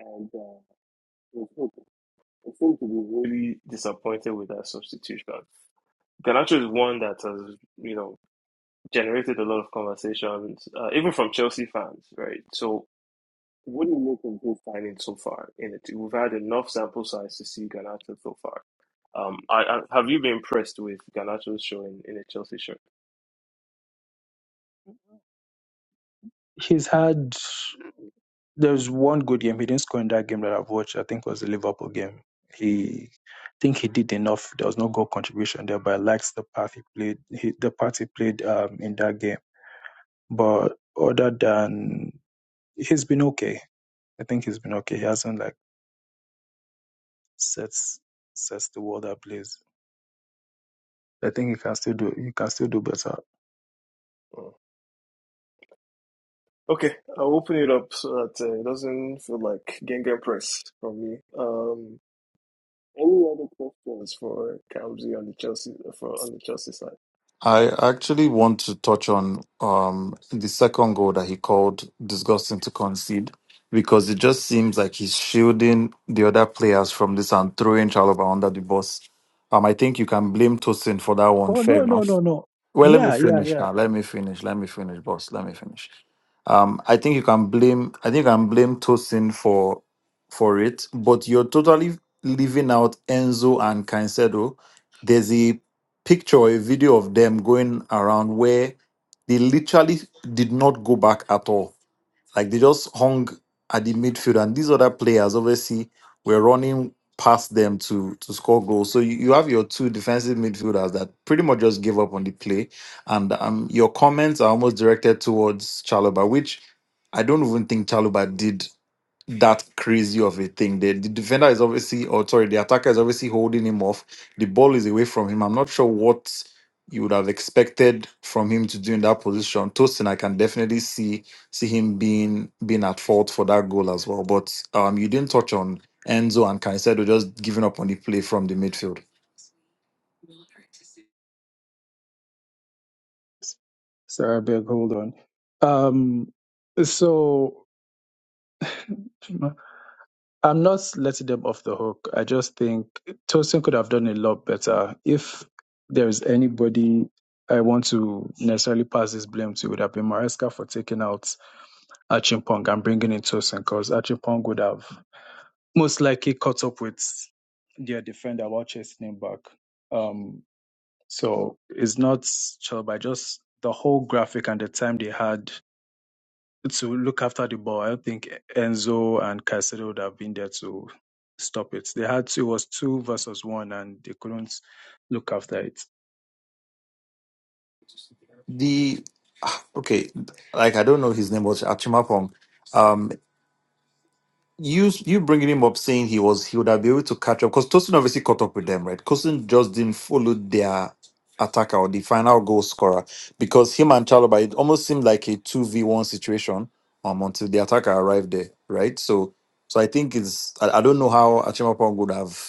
Speaker 1: and uh, it was- I seem to be really disappointed with that substitution. Ganacho is one that has, you know, generated a lot of conversations, uh, even from Chelsea fans, right? So, what do you make of his signing so far? In it, we've had enough sample size to see Ganacho so far. Um, I, I, have you been impressed with Ganacho's showing in a Chelsea shirt?
Speaker 8: he's had. There's one good game. He didn't score in that game that I've watched. I think it was the Liverpool game. He, I think he did enough. There was no goal contribution there, but I liked the path he played. He, the part he played um, in that game. But other than, he's been okay. I think he's been okay. He hasn't like sets sets the world ablaze. I think you can still do you can still do better.
Speaker 1: Mm. Okay, I'll open it up so that uh, it doesn't feel like Gengen Press from me. Um, Any other questions for Kamzi on the Chelsea for on the Chelsea side?
Speaker 7: I actually want to touch on um, the second goal that he called disgusting to concede because it just seems like he's shielding the other players from this and throwing Chalobah under the bus. Um, I think you can blame Tosin for that one.
Speaker 8: Oh
Speaker 7: Fair
Speaker 8: no no
Speaker 7: enough.
Speaker 8: no no.
Speaker 7: Well, let me
Speaker 8: Yeah yeah
Speaker 7: finish
Speaker 8: yeah.
Speaker 7: now. Let me finish. Let me finish, boss. Let me finish. Um, I think you can blame I think you can blame Tosin for for it, but you're totally leaving out Enzo and Caicedo. There's a picture, or a video of them going around where they literally did not go back at all like they just hung at the midfield, and these other players obviously were running past them to to score goals. So you, you have your two defensive midfielders that pretty much just gave up on the play, and um, your comments are almost directed towards Chalobah, which I don't even think Chalobah did that crazy of a thing. The, the defender is obviously, or sorry, the attacker is obviously holding him off. The ball is away from him. I'm not sure what you would have expected from him to do in that position. Tosin, I can definitely see see him being being at fault for that goal as well. But um, you didn't touch on Enzo and Caicedo just giving up on the play from the midfield.
Speaker 8: Sorry, I beg hold on. Um, so (clears throat) I'm not letting them off the hook. I just think Tosin could have done a lot better. If there is anybody I want to necessarily pass this blame to, it would have been Maresca for taking out Achimpong and bringing in Tosin because Achimpong would have most likely caught up with their defender while chasing him back. Um, so it's not Chalobah, just the whole graphic and the time they had to look after the ball. I don't think Enzo and Caicedo would have been there to stop it. They had to, it was two versus one and they couldn't look after it.
Speaker 7: The ah, okay, like I don't know his name, but Achimapong. Um, you you bringing him up saying he was he would have been able to catch up because Tosin obviously caught up with them, right? Tosin just didn't follow their attacker or the final goal scorer because him and Chalobah it almost seemed like a two v one situation um until the attacker arrived there, right? So so I think it's I, I don't know how Achimapong would have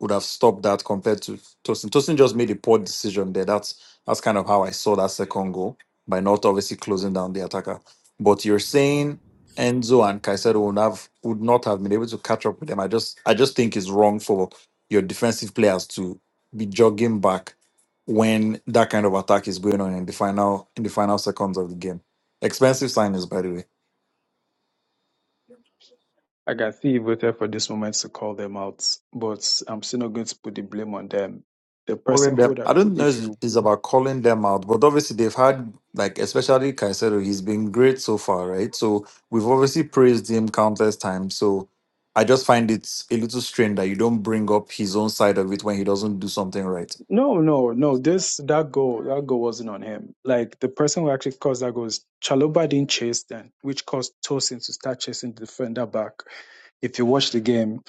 Speaker 7: would have stopped that compared to Tosin. Tosin just made a poor decision there. That's that's kind of how I saw that second goal by not obviously closing down the attacker. But you're saying Enzo and Caicedo would have would not have been able to catch up with them. I just I just think it's wrong for your defensive players to be jogging back when that kind of attack is going on in the final in the final seconds of the game. Expensive signings, by the way.
Speaker 8: Like, I can see it waited for this moment to call them out, but I'm still not going to put the blame on them. The
Speaker 7: Calling
Speaker 8: person who,
Speaker 7: them, I
Speaker 8: that,
Speaker 7: don't know
Speaker 8: if
Speaker 7: if
Speaker 8: you
Speaker 7: it's about calling them out, but obviously they've had like especially Caicedo, he's been great so far, right? So we've obviously praised him countless times. So I just find it a little strange that you don't bring up his own side of it when he doesn't do something right.
Speaker 8: No, no, no. This that goal, that goal wasn't on him. Like the person who actually caused that goal is Chaloba didn't chase then, which caused Tosin to start chasing the defender back. If you watch the game,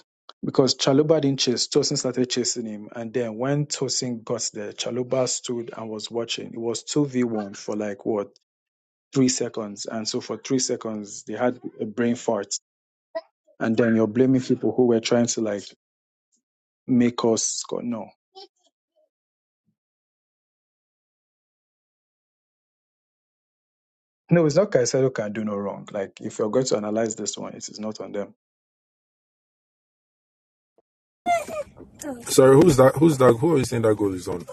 Speaker 8: because Chaloba didn't chase, Tosin started chasing him, and then when Tosin got there, Chaloba stood and was watching. It was two v one for like what three seconds, and so for three seconds they had a brain fart, and then you're blaming people who were trying to like make us score. No, No, it's not Caicedo can do no wrong. Like if you're going to analyze this one, it is not on them.
Speaker 10: Sorry, who's that? Who's that? Who are you saying that goal is on?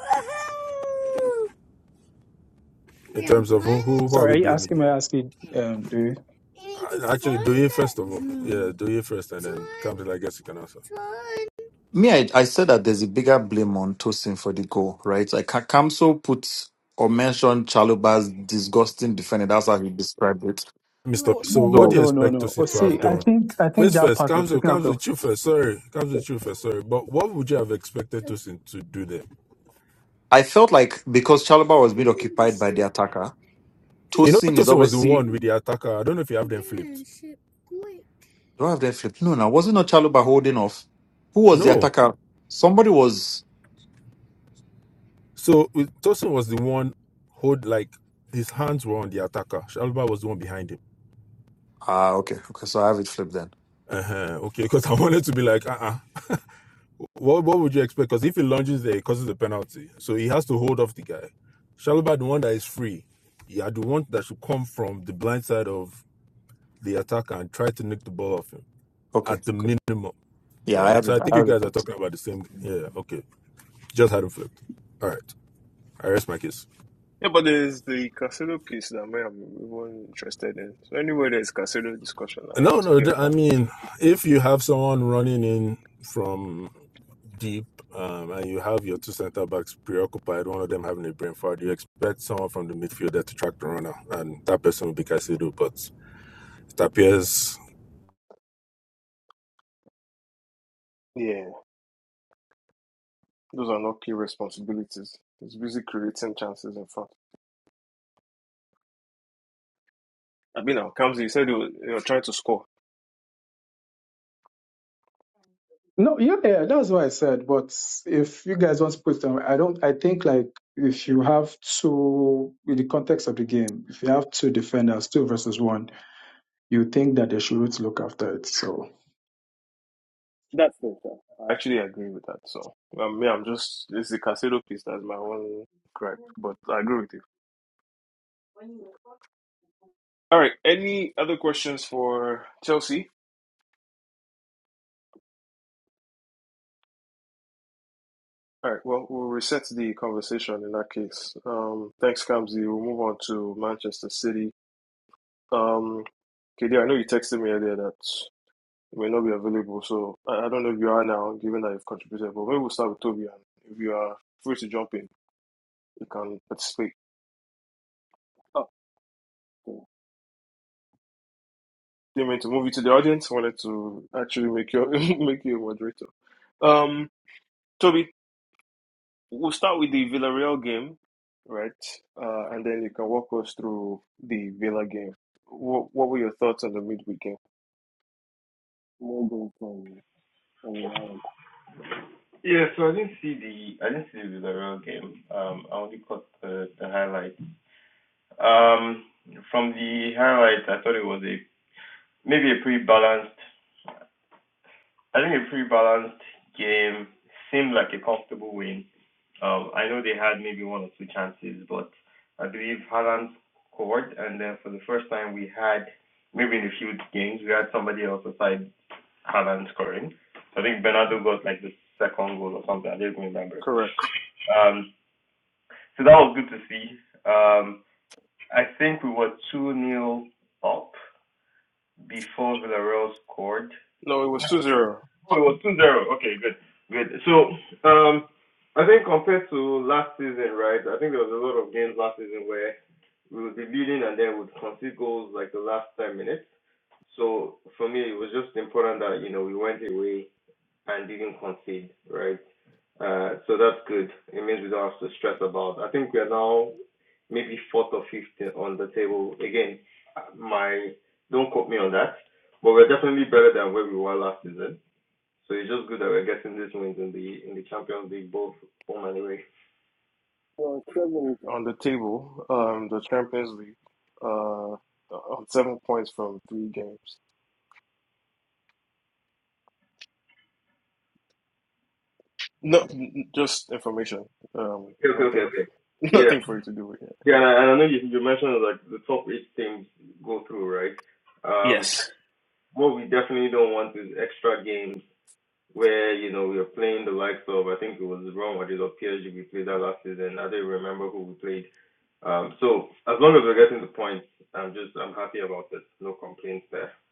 Speaker 10: In yeah. terms of who, who, who are
Speaker 8: Sorry,
Speaker 10: we
Speaker 8: are you
Speaker 10: blaming
Speaker 8: asking me
Speaker 10: here?
Speaker 8: asking um do you?
Speaker 10: Uh, Actually, do you first of all? Yeah, do you first, and then Kamsil, I guess you can answer. Let
Speaker 7: Me, I, I said that there's a bigger blame on Tosin for the goal, right? Like Ka- Kamso put or mentioned Chaluba's disgusting defender. That's how he described it.
Speaker 10: me
Speaker 8: Oh,
Speaker 10: stop.
Speaker 8: no
Speaker 10: So,
Speaker 8: no
Speaker 10: what do you
Speaker 7: So
Speaker 8: no no
Speaker 10: expect
Speaker 8: no. Oh
Speaker 10: Tosin to
Speaker 8: see,
Speaker 10: have
Speaker 8: I
Speaker 10: done?
Speaker 8: think I
Speaker 10: Wait
Speaker 8: think that
Speaker 10: first,
Speaker 8: part was
Speaker 10: Kamsil,
Speaker 8: taken out of
Speaker 10: Kamsil, you first. Sorry, Kamsil, you first. Sorry, but what would you have expected Tosin to do there?
Speaker 7: I felt like because Chaluba was being occupied by the attacker,
Speaker 10: You know,
Speaker 7: Tosin is
Speaker 10: Tosin was the
Speaker 7: obviously
Speaker 10: one with the attacker. I don't know if you have them flipped.
Speaker 7: do I have that flip? No, no, was it not Chaluba holding off? Who was the
Speaker 10: No.
Speaker 7: attacker? Somebody was
Speaker 10: So Tosin was the one who like his hands were on the attacker. Shalba was the one behind him.
Speaker 7: ah okay, okay. So I have it flipped then.
Speaker 10: Uh-huh. Okay, because (laughs) I wanted to be like, uh-uh. What what would you expect? Because if he lunges there, it causes a penalty. So he has to hold off the guy. Shalba, the one that is free, yeah, the one that should come from the blind side of the attacker and try to nick the ball off him
Speaker 7: Okay,
Speaker 10: at the
Speaker 7: okay.
Speaker 10: minimum.
Speaker 7: Yeah, I
Speaker 10: Right.
Speaker 7: have
Speaker 10: So
Speaker 7: it.
Speaker 10: I think
Speaker 7: I
Speaker 10: you
Speaker 7: have it
Speaker 10: guys are
Speaker 7: flipped.
Speaker 10: talking about the same. Yeah, okay. Just had him flipped. All right. I rest my case.
Speaker 1: Yeah, but there's the Casado piece that I am even interested in. So anyway, there's Casado discussion. I
Speaker 10: No,
Speaker 1: want to
Speaker 10: no.
Speaker 1: hear
Speaker 10: th- I
Speaker 1: more.
Speaker 10: mean, if you have someone running in from deep um, and you have your two center backs preoccupied, one of them having a brain fart, you expect someone from the midfielder to track the runner, and that person will be Caicedo. But it appears.
Speaker 1: Yeah, those are not key responsibilities. He's busy creating chances in front. I mean, now, Kamsi, you said you were, you were trying to score.
Speaker 8: No, yeah, yeah, that's what I said. But if you guys want to put them, I don't. I think like if you have two in the context of the game, if you have two defenders, two versus one, you think that they should look after it. So
Speaker 1: That's it. sir. I actually agree with that. So, I mean, I'm just, it's the Casado piece that's my one gripe, but I agree with you. All right. Any other questions for Chelsea? All right. Well, we'll reset the conversation in that case. Um, thanks, Kamsi. We'll move on to Manchester City. Um, KD, I know you texted me earlier that you may not be available, so I, I don't know if you are now, given that you've contributed, but maybe we'll start with Toby. And if you are free to jump in, you can participate. Oh. okay. didn't mean to move you to the audience. Wanted to actually make you (laughs) make you a moderator. Um, Toby, we'll start with the Villarreal game, right? Uh, and then you can walk us through the Villa game. What What were your thoughts on the midweek game? No goal from Ololari.
Speaker 5: Yeah, so I didn't see the I didn't see the Villarreal game. Um, I only caught the the highlight. Um, from the highlight, I thought it was a maybe a pretty balanced. I think a pretty balanced game. Seemed like a comfortable win. Um, I know they had maybe one or two chances, but I believe Haaland scored, and then for the first time we had maybe in a few games we had somebody else aside Haaland scoring. So I think Bernardo got like the second goal or something. I don't remember.
Speaker 1: Correct.
Speaker 5: Um, so that was good to see. Um, I think we were two nil up before Villarreal scored,
Speaker 1: No, it was two zero
Speaker 5: Oh, it was two zero. Okay, good. Good. So, um, I think compared to last season, right, I think there was a lot of games last season where we would be leading and then would concede goals like the last 10 minutes. So, for me, it was just important that, you know, we went away and didn't concede, right? Uh, so that's good. It means we don't have to stress about. I think we are now maybe fourth or fifth on the table. Again, my don't quote me on that, but we're definitely better than where we were last season. So it's just good that we're getting these wins in the in the Champions League, both home and away.
Speaker 1: Well, seven. on the table. Um, the Champions League. Uh, on seven points from three games. No, n- n- just information. Um,
Speaker 5: Okay, okay, okay,
Speaker 1: nothing,
Speaker 5: okay.
Speaker 1: (laughs)
Speaker 5: Yeah,
Speaker 1: nothing for you to do with.
Speaker 5: yeah, and I, and I know you, you mentioned like the top eight teams go through, right? Um,
Speaker 1: Yes.
Speaker 5: what we definitely don't want is extra games where you know we're playing the likes of I think it was Real Madrid or PSG we played that last season. I don't remember who we played. Um, so as long as we're getting the points, I'm just I'm happy about it. No complaints there.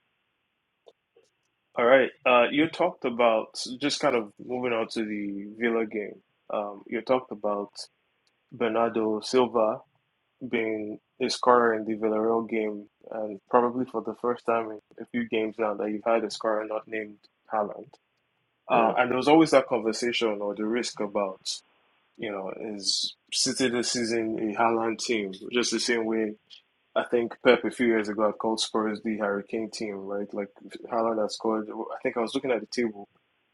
Speaker 1: All right. Uh, you talked about just kind of moving on to the Villa game. Um, you talked about Bernardo Silva being a scorer in the Villarreal game, and probably for the first time in a few games now that you've had a scorer not named Haaland. Uh, and there was always that conversation or the risk about, you know, is City this season a Haaland team, just the same way I think Pep a few years ago had called Spurs the Hurricane team, right? Like Haaland has scored. I think I was looking at the table,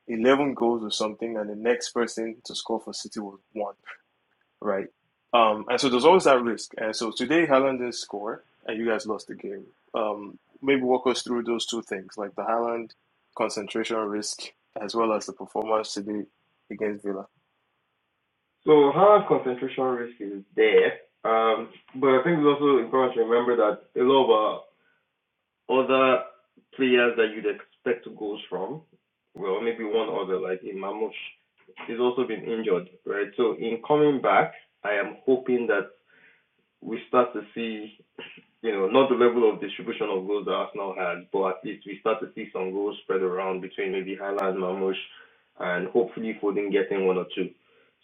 Speaker 1: eleven goals or something, and the next person to score for City was one, right? Um, and so there's always that risk. And so today Haaland didn't score, and you guys lost the game. Um, maybe walk us through those two things, like the Haaland concentration risk as well as the performance today against Villa.
Speaker 5: So Hans' concentration risk is there, um, but I think it's also important to remember that a lot of uh, other players that you'd expect goals from, well, maybe one other like in Mamush, is also been injured, right? So in coming back, I am hoping that we start to see you know, not the level of distribution of goals that Arsenal had, but at least we start to see some goals spread around between maybe Haaland, Mamush, and hopefully Foden getting one or two.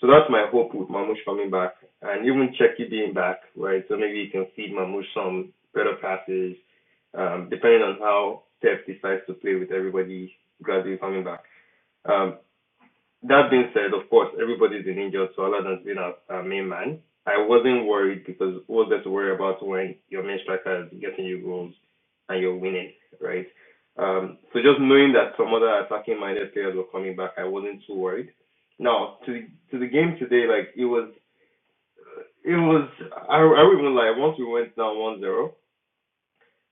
Speaker 5: So that's my hope with Mamush coming back, and even Cheki being back, right? So maybe you can feed Mamush some better passes, um, depending on how Pep decides to play with everybody gradually coming back. Um, that being said, of course, everybody's been injured, so Aladdin's been our, our main man. I wasn't worried because what was there to worry about when your main striker is getting you goals and you're winning, right? Um, so just knowing that some other attacking minded players were coming back, I wasn't too worried. Now to the, to the game today, like it was it was I I won't even lie. Once we went down one zero,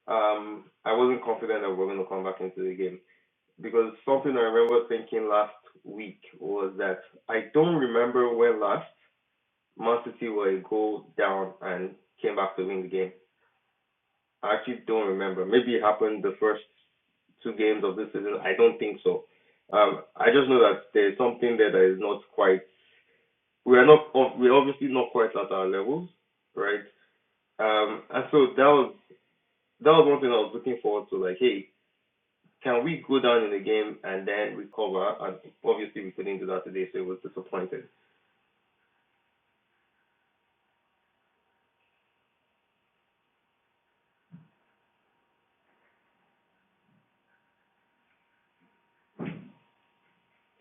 Speaker 5: um, I wasn't confident that we were going to come back into the game because something I remember thinking last week was that I don't remember when last Man City were a goal down and came back to win the game. I actually don't remember. Maybe it happened the first two games of this season. I don't think so. Um, I just know that there's something there that is not quite. We are not. We're obviously not quite at our levels, right? Um, and so that was that was one thing I was looking forward to. Like, hey, Can we go down in the game and then recover? And obviously, we couldn't do that today, so it was disappointing.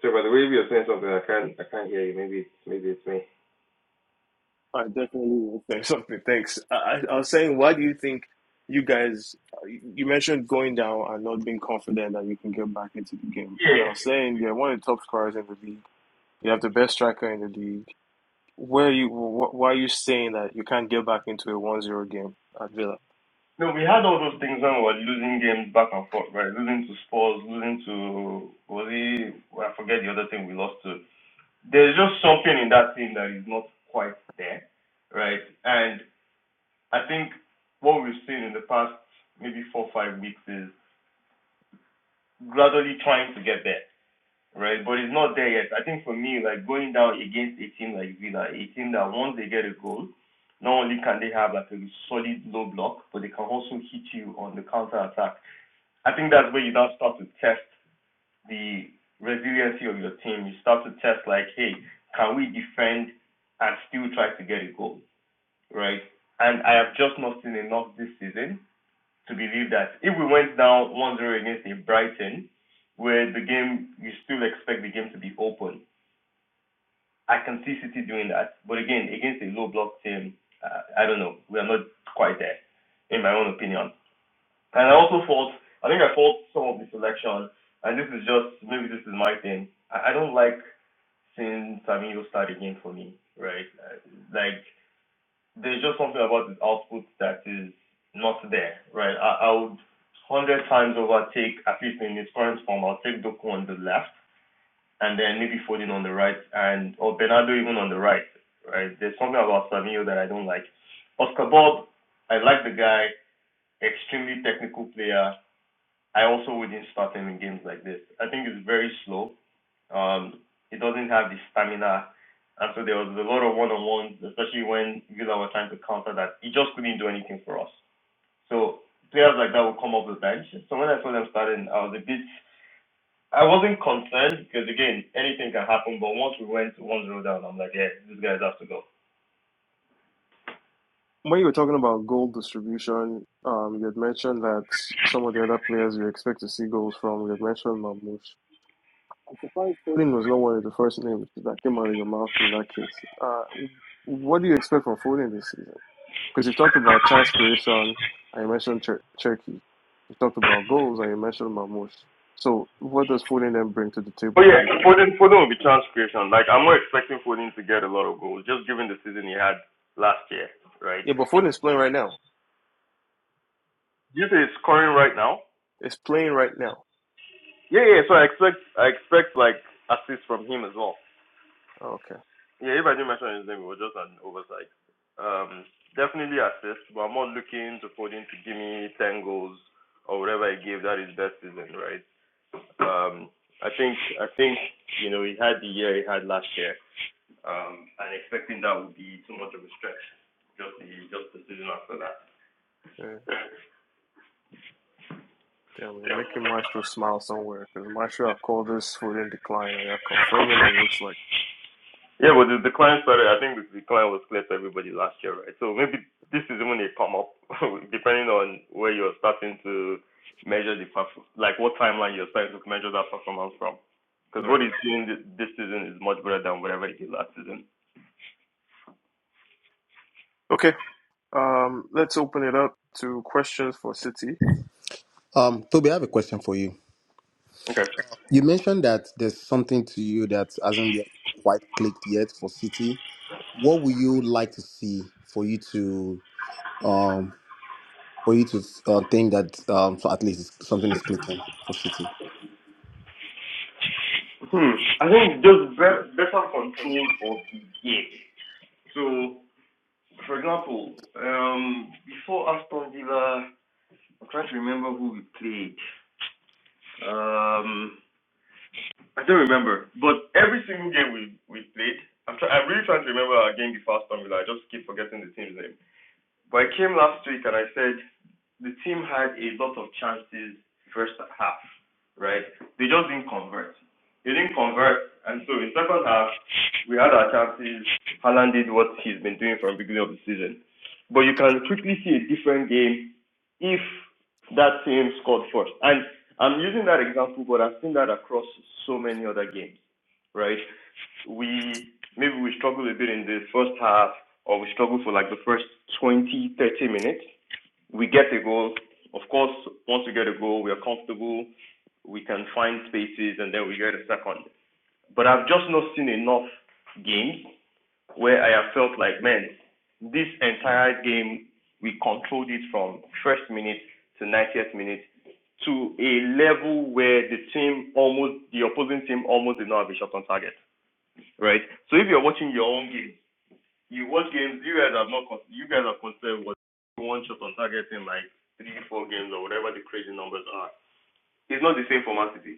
Speaker 5: So, by the way, if you're saying something, I can't, I can't hear you. Maybe it's, maybe it's me.
Speaker 1: I definitely will say (laughs) something. Thanks. I, I I was saying, why do you think you guys, you mentioned going down and not being confident that you can get back into the game. And I was saying, you're one of the top scorers in the league. You have the best striker in the league. Where you, wh- why are you saying that you can't get back into a one-zero game at Villa?
Speaker 5: Well, I forget the other thing we lost to. There's just something in that team that is not quite there, right? And I think what we've seen in the past maybe four, or five weeks is gradually trying to get there. right? But it's not there yet. I think for me, like going down against a team like Villa, a team that once they get a goal, not only can they have like a solid low block, but they can also hit you on the counter attack. I think that's where you now start to test the resiliency of your team. You start to test like, hey, can we defend and still try to get a goal, right? And I have just not seen enough this season to believe that if we went down 1-0 against a Brighton, where the game you still expect the game to be open, I can see City doing that, but again, against a low block team, uh, I don't know. We are not quite there, in my own opinion. And I also fault. I think I fault some of the selection, and this is just maybe this is my thing. I, I don't like seeing Savinho start again for me, right? Uh, like there's just something about his output that is not there, right? I, I would one hundred times over take at least in his current form. I'll take Doku on the left and then maybe Foden on the right and or Bernardo even on the right, right? There's something about Savinho that I don't like. Oscar Bob, I like the guy, extremely technical player. I also wouldn't start him in games like this. I think it's very slow. Um, he doesn't have the stamina, and so there was a lot of one-on-ones, especially when Villa were trying to counter that. He just couldn't do anything for us. So players like that will come off the bench. So when I saw them starting, I was a bit I wasn't concerned because again, anything can happen. But once we went one zero down, I'm like, yeah, these guys have to go.
Speaker 1: When you were talking about goal distribution, um, you had mentioned that some of the other players you expect to see goals from, you had mentioned Mahmoud. I'm surprised Footing was no one of the first names that came out of your mouth in that case. Uh, what do you expect from Foden this season? Because you've talked about chance creation, and you mentioned Tur- Turkey. You've talked about goals, and you mentioned Mamouche. So what does Foden then bring to the table
Speaker 5: But
Speaker 1: for
Speaker 5: yeah,
Speaker 1: you guys?
Speaker 5: Foden, Foden will be chance creation. Like I'm not expecting Foden to get a lot of goals, just given the season he had last year, right?
Speaker 1: Yeah, but Foden's playing right now.
Speaker 5: Do you say he's scoring right now?
Speaker 1: It's playing right now.
Speaker 5: Yeah, yeah. So I expect, I expect like assists from him as well.
Speaker 1: Okay.
Speaker 5: Yeah, like um, definitely to Foden to give me ten goals or whatever he gave that his best season, right? Um, I think, I think you know he had the year he had last year. Um, and expecting that would be too much of a stretch. Just the just the season after that.
Speaker 1: Yeah. Damn, we're making Maestro smile somewhere because Maestro, I call this Foden decline, and you're confirming it looks like.
Speaker 5: Yeah, but the decline started. I think the decline was clear to everybody last year, right? So maybe this is when they come up, (laughs) depending on where you're starting to measure the perf- like what timeline you're starting to measure that performance from. Because
Speaker 1: Right.
Speaker 5: what he's doing this season is much better than whatever he did last season.
Speaker 1: Okay. Um, let's open it up to questions for City.
Speaker 3: um, Toby, I have a question for you.
Speaker 5: Okay.
Speaker 3: You mentioned that there's something to you that hasn't yet quite clicked yet for City. What would you like to see for you to um for you to uh, think that um so at least it's- something is clicking for City?
Speaker 5: Hmm. I think just be- better control of the game. But but I came last week and I said the team had a lot of chances, if right? They just so in second half we had our chances. Haaland did what he's been doing from the beginning of the season. But you can quickly see a different game if that team scored first. And I'm using that example, but I've seen that across so many other games, right? We maybe we struggle a bit in the first half or we struggle for like the first 20, 30 minutes. We get a goal. Of course, once we get a goal, we are comfortable. We can find spaces and then we get a second. But I've just not seen enough games where I have felt like, man, this entire game we controlled it from first minute to 90th minute to a level where the team almost, the opposing team almost did not have a shot on target, right? So if you're watching your own game, you watch games you guys have not, you guys have considered what one shot on target in like three, four games or whatever the crazy numbers are. It's not the same for Man City.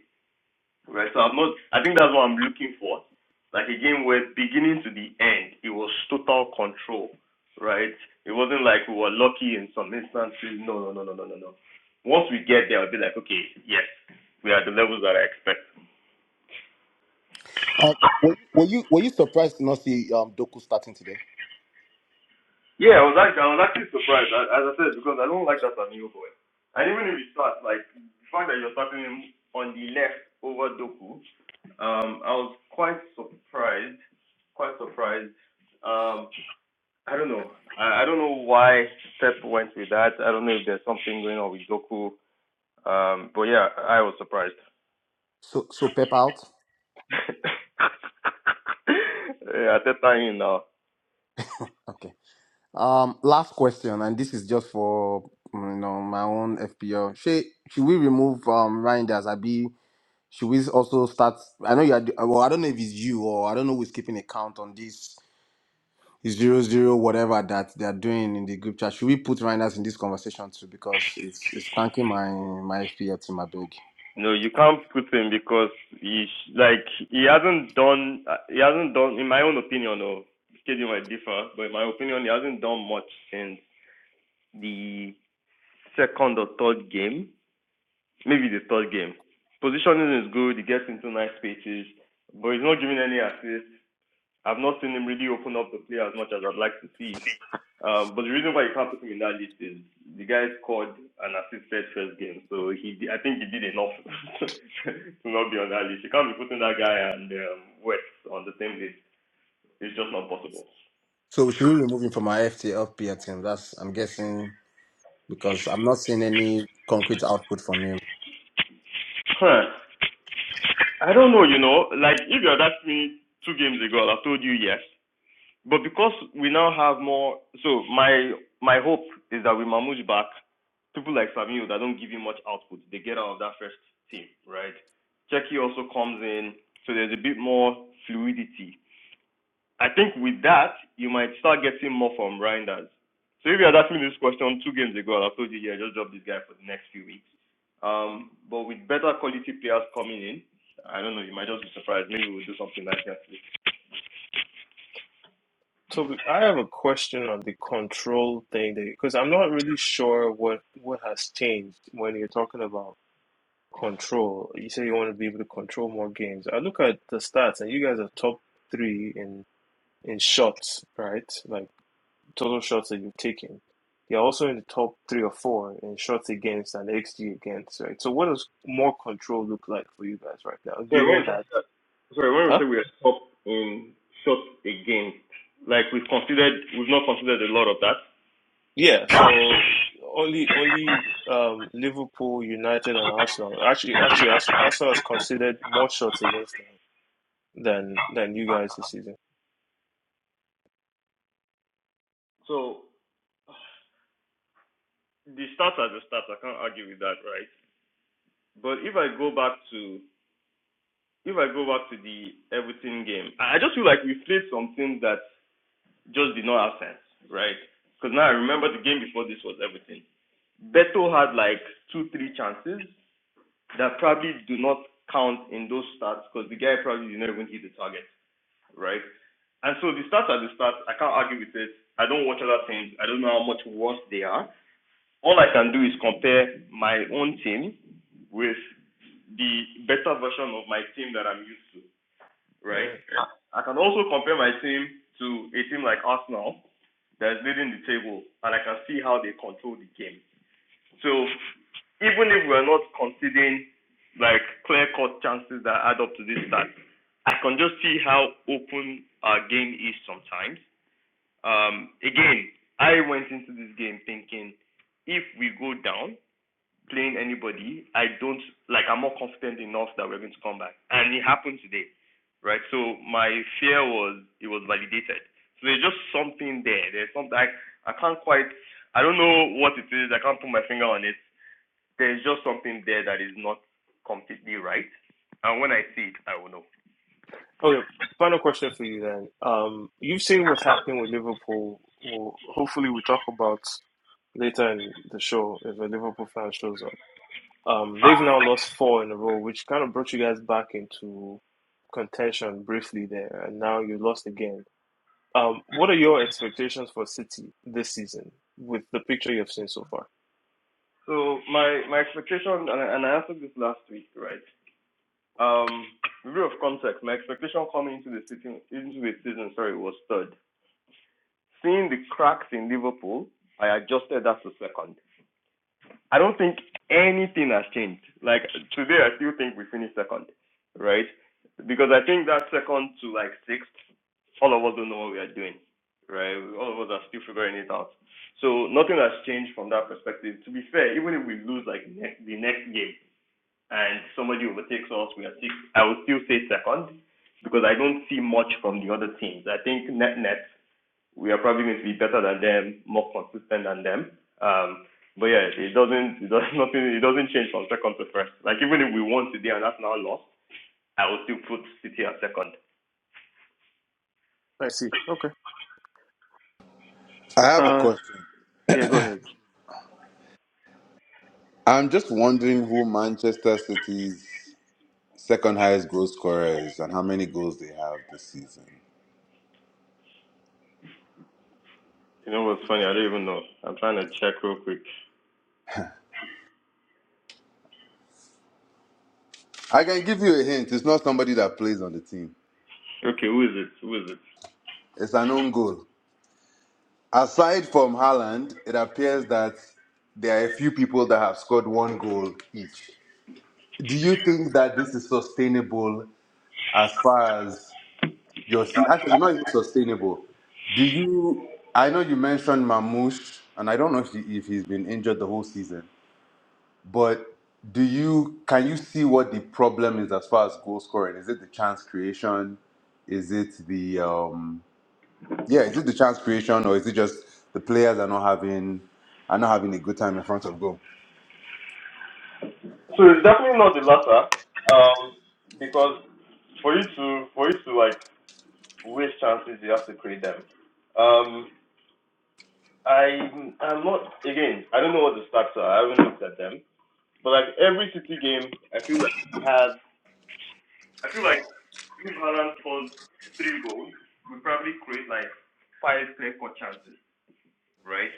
Speaker 5: Right. So I'm not. I think that's what I'm looking for. Like a game where beginning to the end, it was total control. Right. It wasn't like we were lucky in some instances. No, no, no, no, no, no, no. Once we get there, I'll be like, okay, yes, we are at the levels that I expect.
Speaker 3: Um, were, were you were you surprised to not see um Doku starting today?
Speaker 5: Yeah, I was actually, I was actually surprised, as I said, because I don't like that Amigo boy. And even if you start, like, the fact that you're starting him on the left over Doku, um, I was quite surprised, quite surprised. Um. I don't know. I, I don't know why Pep went with that. I don't know if there's something going on with Doku. Um, but yeah, I was surprised.
Speaker 3: So so Pep out.
Speaker 5: (laughs) yeah, Ateta in now.
Speaker 3: Okay. Um, last question, and this is just for mm, you know my own FPL. Should should we remove um Reinders? Abi, should we also start? I know you are. Well, I don't know if it's you or I don't know who's keeping account on this zero zero whatever that they are doing in the group chat. Should we put Reinders in this conversation too? Because it's it's tanking my my FPL team. I beg.
Speaker 5: Hasn't done, in my own opinion, though, Stadium might differ, but in my opinion, he hasn't done much since the second or third game, maybe the third game. Positioning is good. He gets into nice spaces, but he's not giving any assists. I've not seen him really open up the play as much as I'd like to see. (laughs) Um, but the reason why you can't put him in that list is the guy scored and assisted first game, so he I think he did enough (laughs) to not be on that list. You can't be putting that guy and um, West on the same list. It's just not possible.
Speaker 3: So should we remove him from our FTL FPL team? That's I'm guessing because I'm not seeing any concrete output from him.
Speaker 5: Huh. I don't know, you know. Like if you had asked me two games ago, I'd have told you yes. But because we now have more, so my my hope is that with Mahmoud back, people like Samuel that don't give you much output, they get out of that first team, right? Cheki also comes in, so there's a bit more fluidity. I think with that, you might start getting more from Reinders. So if you had asked me this question two games ago, I'd have told you, yeah, just drop this guy for the next few weeks. Um, but with better quality players coming in, I don't know, you might just be surprised. Maybe we'll do something like that. A
Speaker 1: So we- I have a question on the control thing because I'm not really sure what what has changed when you're talking about control. You say you want to be able to control more games. I look at the stats and you guys are top three in in shots, right? Like total shots that you've taken. You're also in the top three or four in shots against and XG against, right? So what does more control look like for you guys right now, given that? Huh?
Speaker 5: lot of that.
Speaker 1: Yeah. So only only um, Liverpool, United, and Arsenal. Actually, actually, Arsenal has considered more shots against them than than you guys this season.
Speaker 5: So the stats are the stats. I can't argue with that, right? But if I go back to if I go back to the Everton game, I I just feel like we played some things that just did not have sense, right? Because now I remember the game before this was Everton. Beto had like two, three chances that probably do not count in those stats because the guy probably did not even hit the target, right? And so the stats are the stats. I can't argue with it. I don't watch other teams. I don't know how much worse they are. all I can do is compare my own team with the better version of my team that I'm used to, right?
Speaker 1: Yeah.
Speaker 5: I I can also compare my team to a team like Arsenal that is leading the table, and I can see how they control the game. So even if we're not conceding like clear-cut chances that add up to this stat, I can just see how open our game is sometimes. Um, again, I went into this game thinking if we go down, playing anybody, I don't like I'm not confident enough that we're going to come back. And it happened today, right? So my fear was it was validated. So there's just something there. There's something I, I can't quite I don't know what it is. I can't put my finger on it. There's just something there that is not completely right. And when I see it, I will know.
Speaker 1: Okay, final question for you then. Um, you've seen what's happening with Liverpool. Well, hopefully, we talk about later in the show if a Liverpool fan shows up. Um, they've now lost four in a row, which kind of brought you guys back into contention briefly there, and now you lost again. Um, what are your expectations for City this season with the picture you've seen so far?
Speaker 5: So my my expectation, and I, and answered this last week, right? Um, a bit of context. My expectation coming into the season, into the season, sorry, was third. Seeing the cracks in Liverpool, I adjusted that to second. I don't think anything has changed. Like today, I still think we finished second, right? Because I think that second to like sixth, all of us don't know what we are doing, right? All of us are still figuring it out. So nothing has changed from that perspective. To be fair, even if we lose like ne- the next game and somebody overtakes us, we are sixth, I would still say second because I don't see much from the other teams. I think net net we are probably going to be better than them, more consistent than them. Um, but yeah, it doesn't, it does (laughs) nothing, it doesn't change from second to first. Like even if we won today and that's now lost, I would still put City at second.
Speaker 1: I see. Okay.
Speaker 9: I have a
Speaker 1: Uh,
Speaker 9: question.
Speaker 1: yeah. Go ahead.
Speaker 9: I'm just wondering who Manchester City's second highest goal scorer is and how many goals they have this season.
Speaker 5: You know what's funny? I don't even know. I'm trying to check real quick.
Speaker 9: I can give you a hint. It's not somebody that plays on the team.
Speaker 5: Okay, who is it? Who is it?
Speaker 9: It's an own goal. Aside from Haaland, it appears that there are a few people that have scored one goal each. Do you think that this is sustainable as far as Your seed actually not even sustainable. Do you? I know you mentioned Mamouche, and I don't know if, he, if he's been injured the whole season, but do you? Can you see what the problem is as far as goal scoring? Is it the chance creation? Is it the um? Yeah, is it the chance creation, or is it just the players are not having are not having a good time in front of goal?
Speaker 5: I feel like if Haaland scores three goals, we probably create like five clear cut chances, right?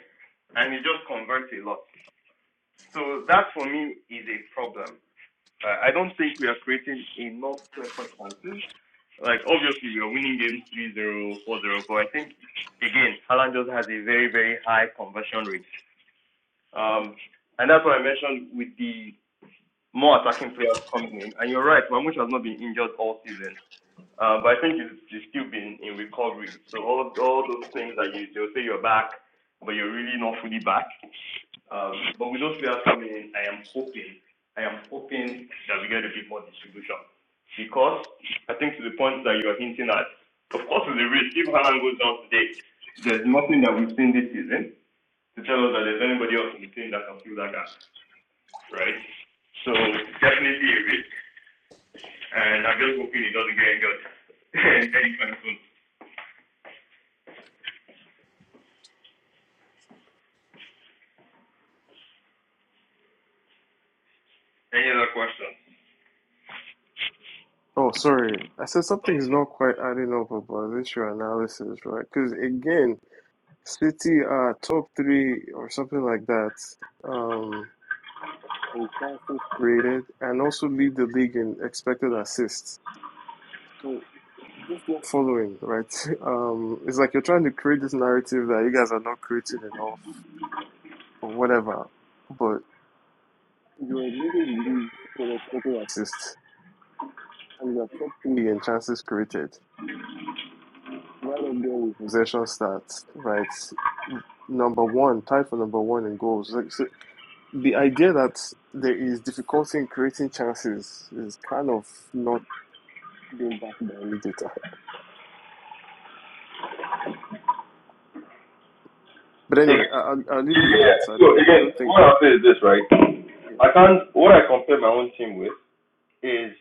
Speaker 5: And he just converts a lot. So that for me is a problem. I I don't think we are creating enough clear-cut chances. Like, obviously, we are winning games three zero, four zero, but I think, again, Haaland just has a very, very high conversion rate. Um, and that's what I mentioned with the more attacking players coming in. And you're right, Mamush has not been injured all season. Uh, but I think you've, you've still been in recovery. So all all those things that you they'll say you're back, but you're really not fully back. Um, but with those players coming in, I am hoping, I am hoping that we get a bit more distribution. Because I think to the point that you are hinting at, of course, with the risk, if Haaland goes down today, there's nothing that we've seen this season to tell us that there's anybody else in the team that can fill that gap, right? So, Jeffrey, any other questions?
Speaker 1: Oh, sorry. I said something's not quite adding up about this your analysis, right? Because again. City uh top three or something like that. Um in chances created and also lead the league in expected assists. So just not following, right? (laughs) Um it's like you're trying to create this narrative that you guys are not creating enough or whatever. But you're leading the league in expected assists and you're top three in chances created. Right up there with possession stats, right? Number one, tied for number one in goals. Like, So the idea that there is difficulty in creating chances is kind of not being backed by any data. But anyway, I, I'll, I'll leave you with
Speaker 5: Yeah.
Speaker 1: that. So I
Speaker 5: So
Speaker 1: don't, I
Speaker 5: again,
Speaker 1: don't think.
Speaker 5: what I'll say is this, right?
Speaker 1: Yeah.
Speaker 5: I can't. What I compare my own team with is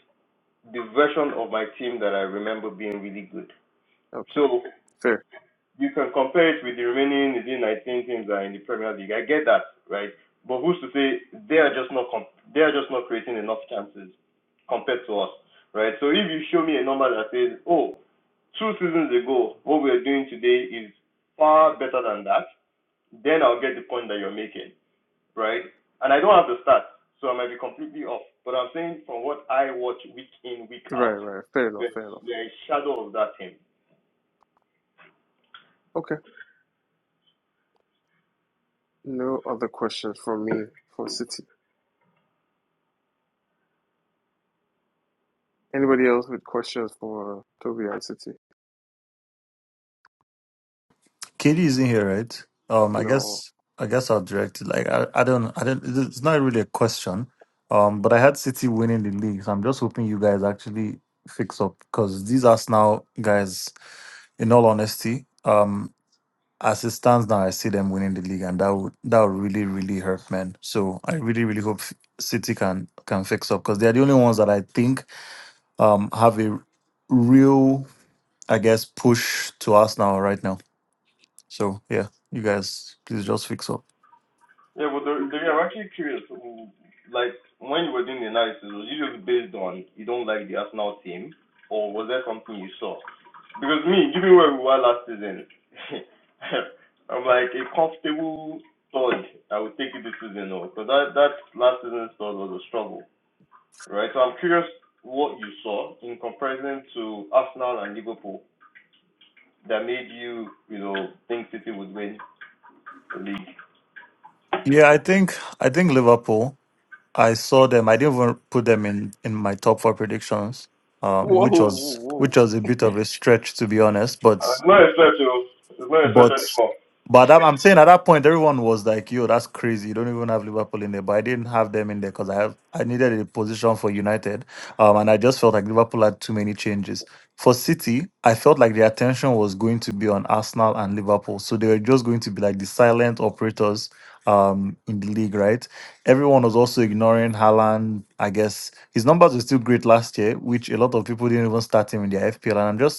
Speaker 5: really good.
Speaker 1: Okay. Fair.
Speaker 5: That to say they are just not comp- they are just not creating enough chances compared to us, right? So if you show me a number that says, oh, two seasons ago, what we are doing today is far better than that, then I'll get the point that you're making, right? And I don't have the stats, so I might be completely off. But I'm saying from what I watch week in, week
Speaker 1: Right.
Speaker 5: out,
Speaker 1: Right. Fair
Speaker 5: we
Speaker 1: enough. Fair enough.
Speaker 5: are a shadow of that team.
Speaker 1: Okay. No other questions from me for City. Anybody else with questions for Toby and City?
Speaker 7: Katie isn't here, right? Um, I
Speaker 1: No.
Speaker 7: guess I guess I'll direct it. Like I, I don't I don't it's not really a question. Um, but I had City winning the league, so I'm just hoping you guys actually fix up because these Arsenal guys, in all honesty, um, as it stands now, I see them winning the league, and that would that would really really hurt, man. So I really really hope City can can fix up because they're the only ones that I think um have a real I guess push to Arsenal right now. So yeah, you guys please just fix up.
Speaker 5: Yeah, but the, the, I'm actually curious. Like when you were doing the analysis, was it just based on you don't like the Arsenal team, or was there something you saw? Because me, given where we were, (laughs) I'm not comfortable uh, with last season's struggle. I'm curious what info.
Speaker 7: Yeah, I think I think Liverpool. I saw them. I didn't even put them in in my top four predictions, um,
Speaker 1: Whoa.
Speaker 7: which
Speaker 1: Whoa.
Speaker 7: was
Speaker 1: Whoa.
Speaker 7: which was a bit of a stretch to be honest. But But but that, I'm saying at that point everyone was like, "Yo, that's crazy! You don't even have Liverpool in there." But I didn't have them in there because I have I needed a position for United, um, and I just felt like Liverpool had too many changes. For City, I felt like the attention was going to be on Arsenal and Liverpool, so they were just going to be like the silent operators um, in the league, right? Everyone was also ignoring Haaland. I guess his numbers were still great last year, which a lot of people didn't even start him in their FPL, and I'm just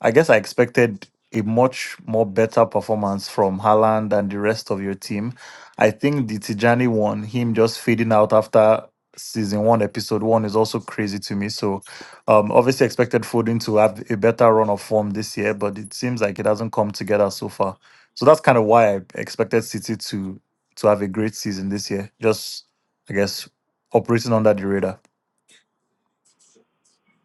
Speaker 7: I guess I expected a much more better performance from Haaland and the rest of your team. I think the Tijani one, him just fading out after season one, episode one, is also crazy to me. So, um, obviously expected Foden to have a better run of form this year, but it seems like it hasn't come together so far. So that's kind of why I expected City to to have a great season this year. Just, I guess, operating under the radar.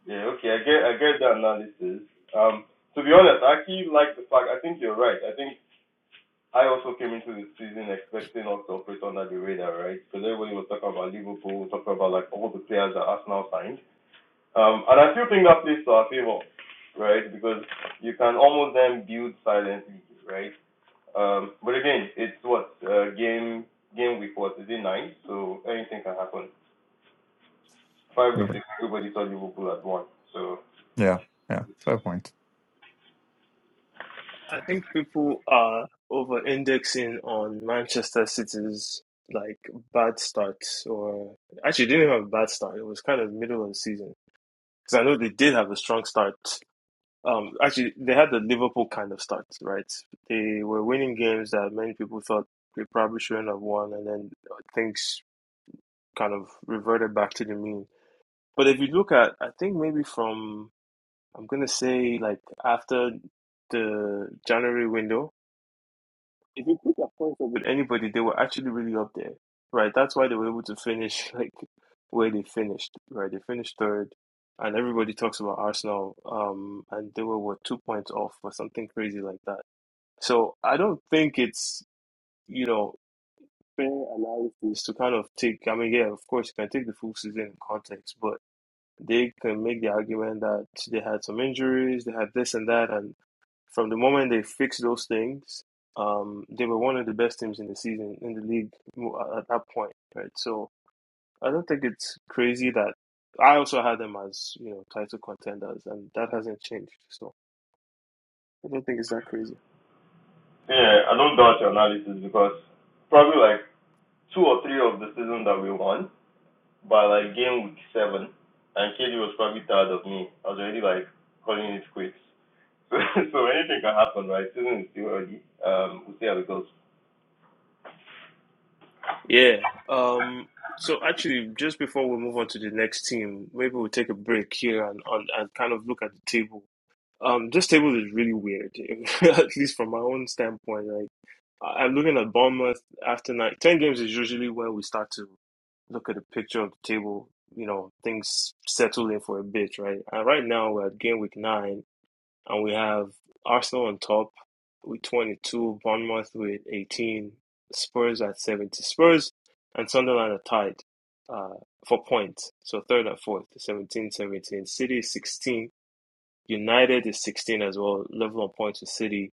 Speaker 5: Yeah, okay, I get I get the analysis. Um, to be honest, I actually like the fact. I think you're right. I think I also came into the season expecting us to operate under the radar, right? Because everybody was talking about Liverpool, talking about like all the players that Arsenal signed. Um, and I still think that plays to our favor, right? Because you can almost then build silently, right? Um, but again, it's what uh, game game week was is it nine? So anything can happen. Five weeks
Speaker 7: Mhm.
Speaker 5: ago, everybody thought Liverpool had won. So
Speaker 7: Yeah, yeah, fair point.
Speaker 1: I think people are over indexing on Manchester City's like bad start or actually they didn't have a bad start. It was kind of middle of the season. Because I know they did have a strong start. Um actually they had the Liverpool kind of start, right? They were winning games that many people thought they probably shouldn't have won and then things kind of reverted back to the mean. But if you look at I think maybe from I'm gonna say like after the January window if you put their points up with anybody, they were actually really up there, right? That's why they were able to finish (laughs) like where they finished, right? They finished third, and everybody talks about Arsenal, um, and they were what two points off or something crazy like that. So I don't think it's you know fair analysis to kind of take. I mean, yeah, of course you can take the full season in context, but they can make the argument that they had some injuries, they had this and that, and. From the moment they fixed those things, um, they were one of the best teams in the season in the league at that point, right? So I don't think it's crazy that I also had them as you know title contenders, and that hasn't changed. So I don't think it's that crazy. Yeah. Um, so actually, just before we move on to the next team, maybe we'll take a break here and on and kind of look at the table. Um, this table is really weird, (laughs) at least from my own standpoint. Like, I- I'm looking at Bournemouth after nine, 10 games is usually where we start to look at the picture of the table. You know, things settle in for a bit, right? And right now we're at game week nine, and we have Arsenal on top with 22, Bournemouth with 18, Spurs at 70. Spurs and Sunderland are tied uh, for points. So third and fourth, 17, 17. City is 16. United is 16 as well, level on points with City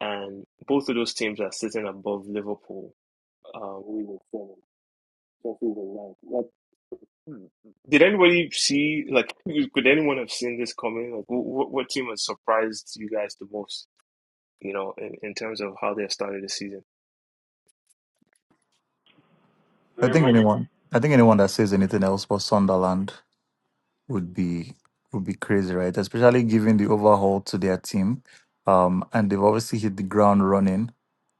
Speaker 1: and both of those teams are sitting above Liverpool. Um, we were seven, Chelsea were nine. Like, did anybody see? Like, could anyone have seen this coming? Like, what, what team has surprised you guys the most? You know, in, in terms of how they've started the season.
Speaker 7: I think
Speaker 5: Liverpool,
Speaker 7: anyone, I think anyone that says anything else but Sunderland would be would be crazy, right? Especially given the overhaul to their team, um, and they've obviously hit the ground running.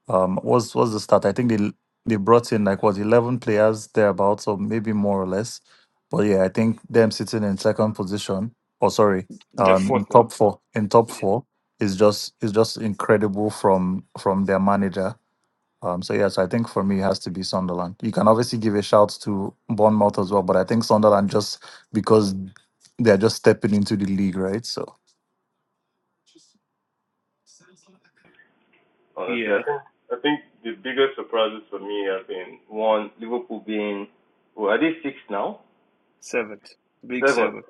Speaker 7: Um, what's what's the start? I think they they brought in like what eleven players thereabouts, or maybe more or less. But yeah, I think them sitting in second position, or sorry,
Speaker 1: They're
Speaker 7: um, in
Speaker 1: fourth
Speaker 7: top
Speaker 1: now.
Speaker 7: four, in top
Speaker 1: Yeah,
Speaker 7: four is just is just incredible from from their manager um, so yes, I think for me it has to be Sunderland. You can obviously give a shout to Bournemouth as well, but I think Sunderland just because they're just stepping into the league, right? So
Speaker 5: honestly, I
Speaker 1: yeah,
Speaker 5: think I think the biggest surprises for me have been one Liverpool being well, are they six now?
Speaker 1: seventh, big seven.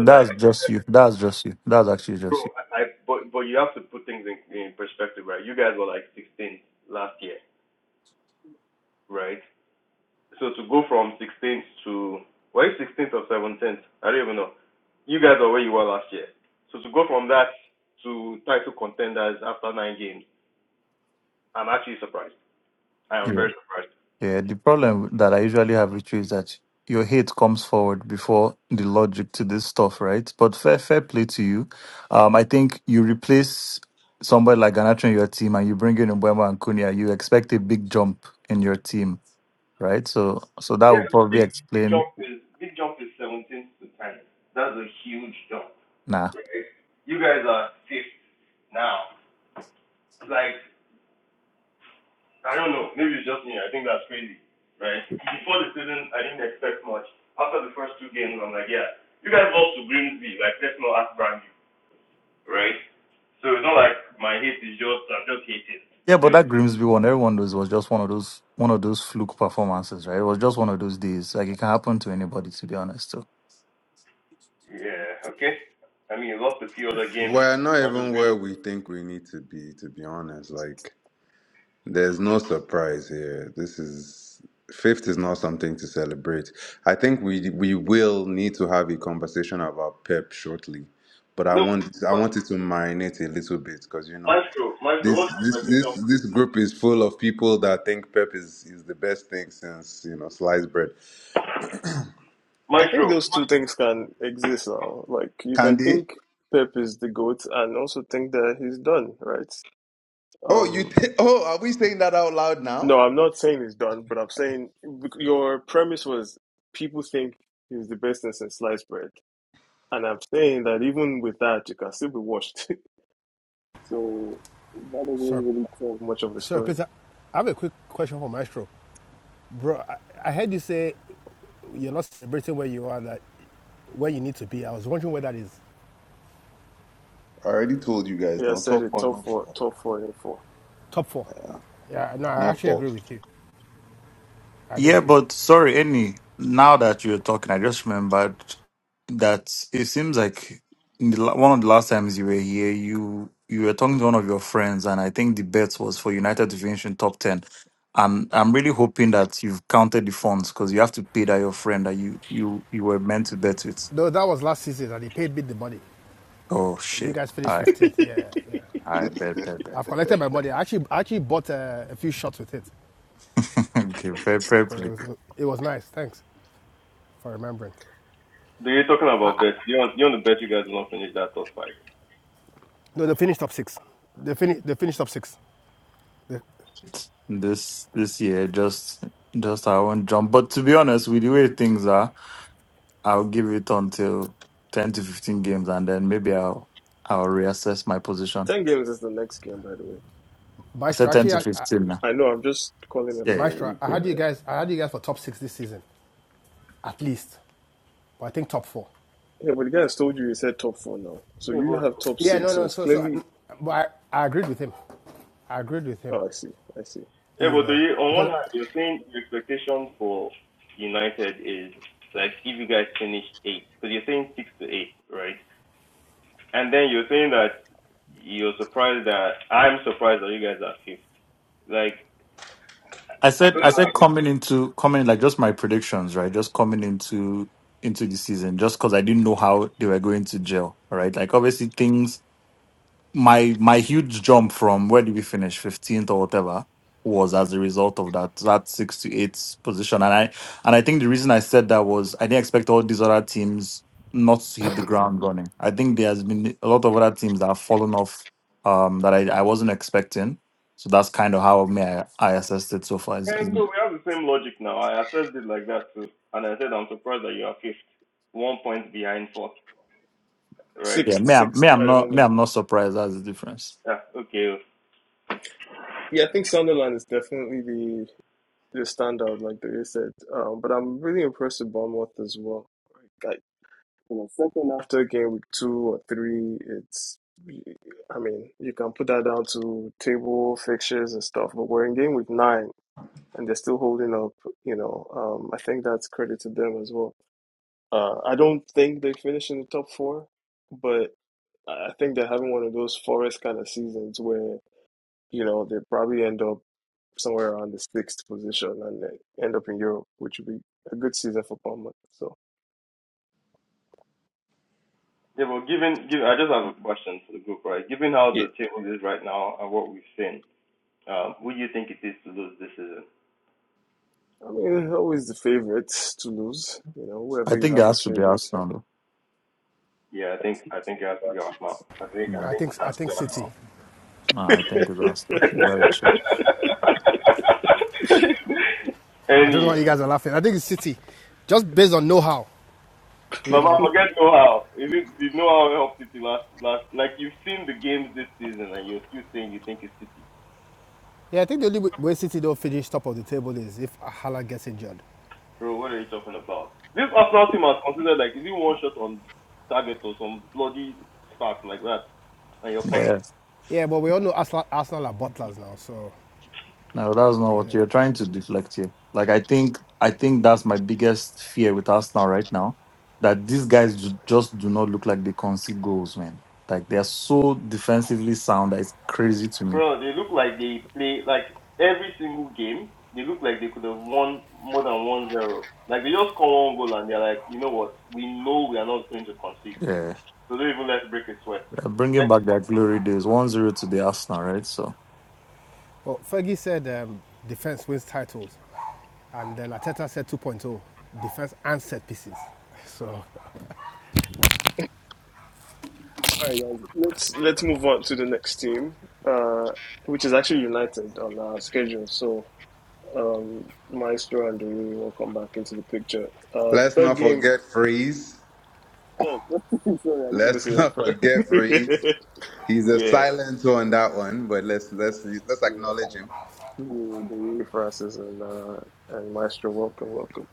Speaker 5: Because I
Speaker 7: just you. That's just you. That's actually
Speaker 5: bro,
Speaker 7: just
Speaker 5: I I were like 16th last year, right? So to go from 16th to why 16th or 17th? I don't even know. You guys are where you were last year. So to go from that to title contenders after nine games, I'm actually surprised. I am
Speaker 7: you.
Speaker 5: very surprised.
Speaker 7: Yeah. Yeah. The problem that I usually have with you is that your hate comes forward before the logic to this stuff, right? But fair, fair play to you. Um, I think you replace somebody like Ganacho in your team and you bring in Mbemba and Cunha, you expect a big jump in your team right? So so that would probably explain
Speaker 5: Jump is, big jump is 17 to 10. That's a huge jump.
Speaker 7: nah.
Speaker 5: You guys are fifth now. Like, I don't know. Maybe it's just me. I think that's crazy, right? Before the season, I didn't expect much. After the first two games, I'm like, yeah, you guys lost to Grimsby. Like, let's not ask brand new, right? So it's not like my hate is just, I'm just hating.
Speaker 7: Yeah, but
Speaker 5: They're
Speaker 7: that Grimsby one, everyone knows was just one of those one of those fluke performances, right? It was just one of those days. Like it can happen to anybody to be honest too.
Speaker 5: Yeah, okay. I mean, you lost a few other games,
Speaker 9: We're not
Speaker 5: not just
Speaker 9: even where
Speaker 5: Green.
Speaker 9: we think we need to be, to be honest. Like There's no surprise here. This is fifth is not something to celebrate. I think we we will need to have a conversation about Pep shortly, but I want I wanted to marinate a little bit because you know this this this this group is full of people that think Pep is is the best thing since you know sliced bread.
Speaker 1: I think those two things can exist now. Like, you can
Speaker 9: Candy,
Speaker 1: think Pep is the goat, and also think that he's done right.
Speaker 9: oh you
Speaker 1: Um,
Speaker 9: th- oh are we saying that out loud now?
Speaker 1: No, I'm not saying it's done, but I'm saying your premise was people think he's the best thing since sliced bread. And I'm saying that even with that, you can still be washed. (laughs) so that doesn't
Speaker 11: Sir,
Speaker 1: really tell much of a
Speaker 11: Sir
Speaker 1: story.
Speaker 11: Peter, I have a quick question for Maestro. Bro, I, I heard you say you're not celebrating where you are, that where you need to be. I was wondering where that is.
Speaker 9: I already told you guys
Speaker 1: Yeah, I
Speaker 9: now.
Speaker 1: said
Speaker 9: Top
Speaker 1: it
Speaker 9: four,
Speaker 1: top
Speaker 9: not
Speaker 1: four,
Speaker 9: four,
Speaker 1: top four, and four.
Speaker 11: Top four. Yeah, no, I
Speaker 9: not
Speaker 11: actually
Speaker 9: four.
Speaker 11: agree with you. I agree
Speaker 7: Yeah,
Speaker 11: with you.
Speaker 7: but sorry, any now that you're talking, I just remembered that it seems like in the, la- one of the last times you were here, you you were talking to one of your friends, and I think the bet was for United to finish in top ten. And I'm really hoping that you've counted the funds because you have to pay that your friend that you you you were meant to bet with.
Speaker 11: No, that was last season, and he paid bid the money.
Speaker 7: Oh
Speaker 11: You
Speaker 7: shit.
Speaker 11: guys finished
Speaker 7: I
Speaker 11: 15th.
Speaker 1: (laughs)
Speaker 11: Yeah, yeah.
Speaker 7: I bet bet bet.
Speaker 11: I've collected my money. I actually, I actually bought uh, a few shots with it.
Speaker 7: (laughs) okay, bet
Speaker 11: But it
Speaker 7: probably.
Speaker 11: was, it was nice. Thanks for remembering. No, they finished top six. They, fini- they finished top six. The
Speaker 7: This this year just just I won't jump. But to be honest, with the way things are, I'll give it until ten to fifteen games and then maybe I'll I'll reassess my position.
Speaker 1: 10 games is the next game, by the way.
Speaker 7: I
Speaker 11: Maestro,
Speaker 7: said ten
Speaker 11: actually,
Speaker 7: to
Speaker 11: I, I
Speaker 7: fifteen now.
Speaker 1: I know, I'm just calling it
Speaker 7: Yeah,
Speaker 1: out
Speaker 7: yeah, yeah.
Speaker 1: for
Speaker 11: Maestro,
Speaker 1: you,
Speaker 11: I
Speaker 1: Tom.
Speaker 7: yeah.
Speaker 11: had you
Speaker 1: Yeah.
Speaker 11: guys. I had you guys for top six this season, at least. But I think top four.
Speaker 1: Yeah, but the guy has told you he said top four now. So you have top
Speaker 11: Yeah,
Speaker 1: six.
Speaker 11: no,
Speaker 1: So
Speaker 11: no.
Speaker 1: it's
Speaker 11: So, so,
Speaker 1: clearly.
Speaker 11: but I, I agreed with him. I agreed with him.
Speaker 1: Oh, I see. I see.
Speaker 5: Yeah,
Speaker 11: You
Speaker 5: but do
Speaker 11: know,
Speaker 5: you, on one
Speaker 11: because
Speaker 5: hand, you're saying your expectation for United is like if you guys finish eight, because you're saying six to eight, right? And then you're saying that you're surprised that I'm surprised that you guys are fifth. Like,
Speaker 7: I said I said coming into coming like just my predictions, right? Just coming into into the season, just because I didn't know how they were going to gel, right? Like obviously things my my huge jump from where did we finish 15th or whatever was as a result of that that six to eight position and i and i think the reason i said that was i didn't expect all these other teams not to hit the ground running i think there has been a lot of other teams that have fallen off um that i, I wasn't expecting so that's kind of how me i, I assessed it so far is,
Speaker 5: and
Speaker 7: is-
Speaker 5: so we have the same logic now. I assessed it like that too, and I said I'm surprised that you are fifth, one point behind fourth, right?
Speaker 7: yeah
Speaker 1: Sixth,
Speaker 7: me I'm,
Speaker 1: sixth
Speaker 7: me I'm
Speaker 1: at the
Speaker 7: not me
Speaker 1: moment.
Speaker 7: i'm not surprised that's the difference
Speaker 5: Yeah, okay.
Speaker 1: Yeah, I think Sunderland is definitely the they stand out, like they said. Um, but I'm really impressed with Bournemouth as well. Like you know, second after a game with two or three, it's I mean you can put that down to table fixtures and stuff. But we're in game with nine, and they're still holding up. You know, um, I think that's credit to them as well. Uh, I don't think they finish in the top four, but I think they're having one of those forest kind of seasons where you know, they probably end up somewhere around the sixth position and they end up in Europe, which would be a good season for Palmer. So, yeah, I mean, always the favorites to lose, you know, whoever
Speaker 7: i
Speaker 1: you
Speaker 7: think it
Speaker 1: have as
Speaker 7: has to be
Speaker 1: favorite.
Speaker 7: arsenal though. Yeah.
Speaker 11: I think I think City.
Speaker 7: No, I think the got
Speaker 5: (laughs)
Speaker 7: (laughs)
Speaker 5: Any,
Speaker 7: you got it. Sure.
Speaker 11: I don't know why you
Speaker 1: Uh,
Speaker 11: guys are laughing. I think it's City, just based on know-how. You
Speaker 5: but I
Speaker 11: know.
Speaker 5: forget know-how. Is it did know-how help City last last? Like you've seen the games this season, and you're still saying you think it's City,
Speaker 11: Yeah, I think the only way- City don't finish top of the table is if Hala gets injured.
Speaker 5: bro. What are you talking about? This Arsenal team has considered like is it one shot on target or some bloody spark like that, and you're calling,
Speaker 7: Yeah.
Speaker 11: Yeah, but we all know Arsenal, Arsenal are butlers now, so
Speaker 7: No, that's not
Speaker 11: you
Speaker 7: what
Speaker 11: know.
Speaker 7: you're trying to deflect here. Like I think I think that's my biggest fear with Arsenal right now. That these guys ju- just do not look like they concede goals, man. Like they are so defensively sound that it's crazy to me.
Speaker 5: bro. They look like they play like every single game. They look like they could have won more than one zero. Like they just score one goal and they're like, you know what?
Speaker 7: Yeah, They're bringing back their glory days. One zero to the Arsenal, right? So,
Speaker 11: But Fergie said um, defense wins titles. And then Ateta said 2.0, point oh, defense and set pieces. So,
Speaker 1: all right, guys, let's let's move on to the next team, uh, which is actually United on our schedule. So, um, Maestro and Dewey will come back into the picture. Uh,
Speaker 9: Let's
Speaker 1: third
Speaker 9: not
Speaker 1: game.
Speaker 9: forget freeze.
Speaker 1: Oh, (laughs) sorry, I didn't
Speaker 9: Let's
Speaker 1: say
Speaker 9: (laughs)
Speaker 1: that
Speaker 9: not forget freeze. He's
Speaker 1: (laughs)
Speaker 9: a
Speaker 1: yeah,
Speaker 9: silent on that one, but let's let's let's
Speaker 1: yeah.
Speaker 9: acknowledge him.
Speaker 1: Yeah, the Reed Francis and uh, and Maestro, welcome, welcome.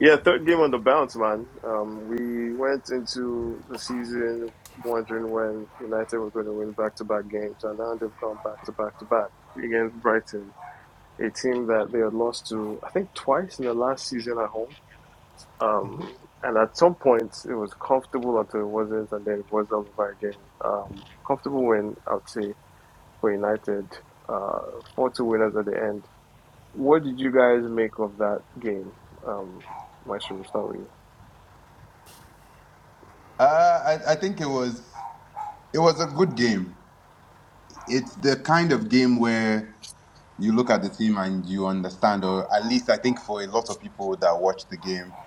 Speaker 1: Yeah, third game on the bounce, man. Um, we went into the season wondering when United were going to win back-to-back games, and now they've gone back-to-back-to-back against Brighton, a team that they had lost to, I think, twice in the last season at home. Um, and at some point, it was comfortable until it wasn't, and then it was all over again. Um, comfortable win, I would say, for United. Uh, four-two winners at the end what did you guys make of that game? Um, Maestro, we'll start with you.
Speaker 9: Uh, I, I think it was it was a good game. It's the kind of game where you look at the team and you understand, or at least I think for a lot of people that watch the game,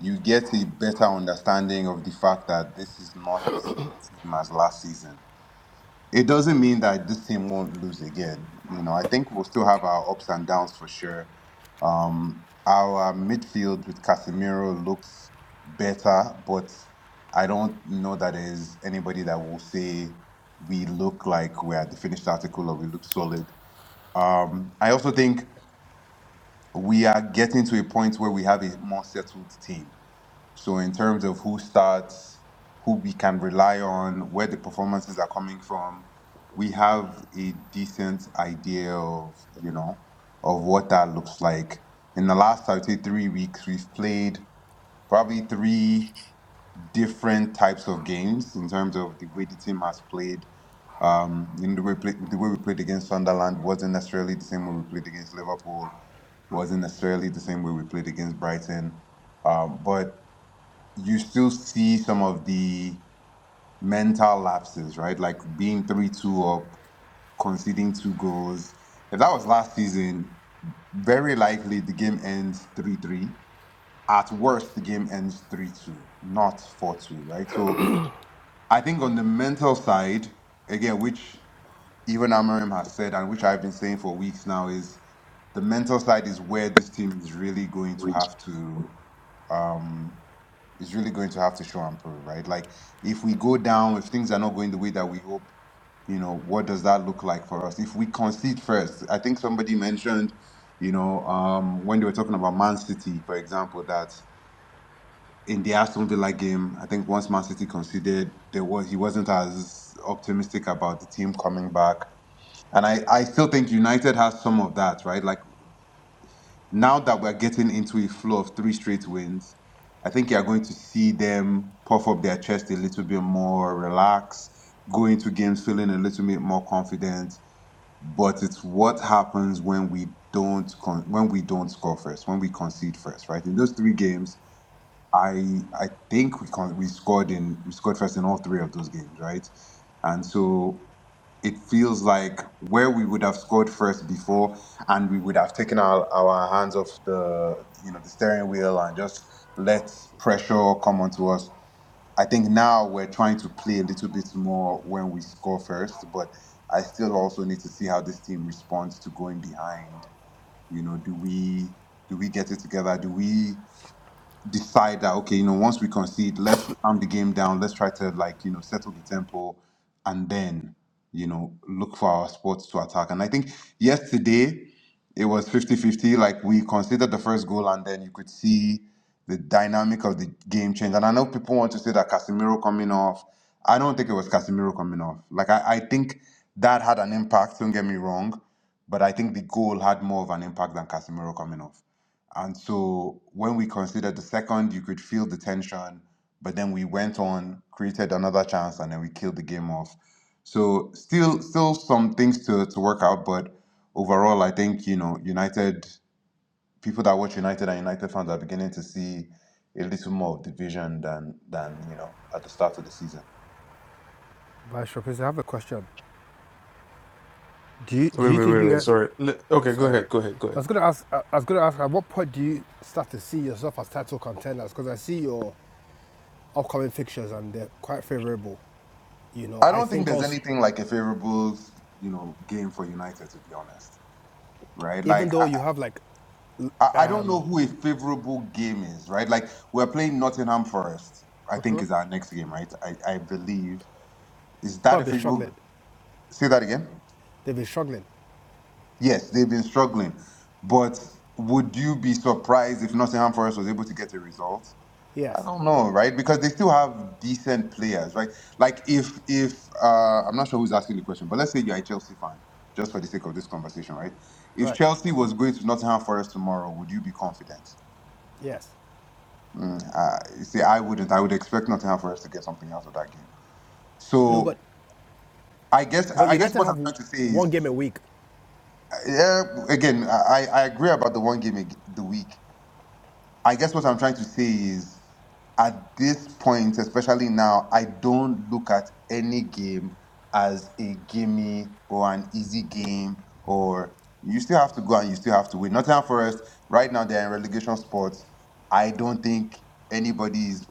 Speaker 9: you get a better understanding of the fact that this is not the same team as last season it doesn't mean that this team won't lose again. You know, I think we'll still have our ups and downs for sure. Um, our midfield with Casemiro looks better, but I don't know that there's anybody that will say we look like we're the finished article or we look solid. Um, I also think we are getting to a point where we have a more settled team. So in terms of who starts, who we can rely on, where the performances are coming from, we have a decent idea of, you know, of what that looks like. In the last, I would say, three weeks, we've played probably three different types of games in terms of the way the team has played. Um, you know, the way, we played, the way we played against Sunderland wasn't necessarily the same way we played against Liverpool, wasn't necessarily the same way we played against Brighton. Um, but you still see some of the mental lapses, right? Like being 3 2 up, conceding two goals. If that was last season, very likely the game ends 3 3. At worst, the game ends 3 2, not 4 2, right? So I think on the mental side, again, which even Amarim has said and which I've been saying for weeks now, is the mental side is where this team is really going to have to. Um, is really going to have to show and prove, right? Like if we go down, if things are not going the way that we hope, you know, what does that look like for us? If we concede first, I think somebody mentioned, you know, um, when they were talking about Man City, for example, that in the Aston Villa game, I think once Man City conceded, there was he wasn't as optimistic about the team coming back. And I, I still think United has some of that, right? Like now that we're getting into a flow of three straight wins, I think you're going to see them puff up their chest a little bit more, relax, go into games feeling a little bit more confident. But it's what happens when we don't con- when we don't score first, when we concede first, right? In those three games, I I think we con- we scored in we scored first in all three of those games, right? And so it feels like where we would have scored first before and we would have taken our, our hands off the you know the steering wheel and just let pressure come onto us i think now we're trying to play a little bit more when we score first but i still also need to see how this team responds to going behind you know do we do we get it together do we decide that okay, you know, once we concede, let's calm the game down, let's try to like, you know, settle the tempo and then, you know, look for our spots to attack. And I think yesterday it was fifty-fifty. like we conceded the first goal and then you could see the dynamic of the game change. And I know people want to say that Casemiro coming off. I don't think it was Casemiro coming off. Like I, I think that had an impact, don't get me wrong, but I think the goal had more of an impact than Casemiro coming off. And so when we considered the second, you could feel the tension, but then we went on, created another chance, and then we killed the game off. So still still some things to, to work out, but overall I think, you know, United people that watch United and United fans are beginning to see a little more of division than than, you know, at the start of the season.
Speaker 11: Vice Chairperson, I have a question. Do you, do
Speaker 1: Wait,
Speaker 11: you
Speaker 1: wait,
Speaker 11: think
Speaker 1: wait,
Speaker 11: you
Speaker 1: wait.
Speaker 11: guys,
Speaker 1: Sorry. N- Okay, go
Speaker 11: sorry,
Speaker 1: ahead. Go ahead. Go
Speaker 11: I
Speaker 1: ahead.
Speaker 11: was going to ask, I I was going to ask, at what point do you start to see yourself as title contenders? Because I see your upcoming fixtures and they're quite favorable. You know,
Speaker 9: I
Speaker 11: I
Speaker 9: don't think
Speaker 11: think
Speaker 9: there's
Speaker 11: also,
Speaker 9: anything like a favorable, you know, game for United to be honest. Right? Like
Speaker 11: even though you have like,
Speaker 9: I, I don't know who a favorable game is, right? Like we're playing Nottingham Forest. I think is our next game, right? I, I believe is
Speaker 11: who
Speaker 9: that
Speaker 11: have
Speaker 9: a
Speaker 11: been struggling,
Speaker 9: favorable. Say that again.
Speaker 11: they've been struggling.
Speaker 9: Yes, they've been struggling, but would you be surprised if Nottingham Forest was able to get a result? I
Speaker 11: Yes,
Speaker 9: don't know, right? Because they still have decent players, right? Like if if uh, I'm not sure who's asking the question, but let's say you're a Chelsea fan, just for the sake of this conversation, right? If
Speaker 11: right,
Speaker 9: Chelsea was going to Nottingham Forest tomorrow, would you be confident?
Speaker 11: yes.
Speaker 9: Uh, see, I wouldn't. I would expect Nottingham Forest to get something out of that game.
Speaker 11: No, but,
Speaker 9: So I guess
Speaker 11: but
Speaker 9: I guess
Speaker 11: United
Speaker 9: what
Speaker 11: have
Speaker 9: I'm trying to say
Speaker 11: one
Speaker 9: is,
Speaker 11: game a week.
Speaker 9: uh, yeah, again, I, I agree about the one game ag- the week. I guess what I'm trying to say is, at this point, especially now, I don't look at any game as a gimme or an easy game or you still have to go and you still have to win. Nottingham Forest right now they're in relegation spots. I don't think anybody is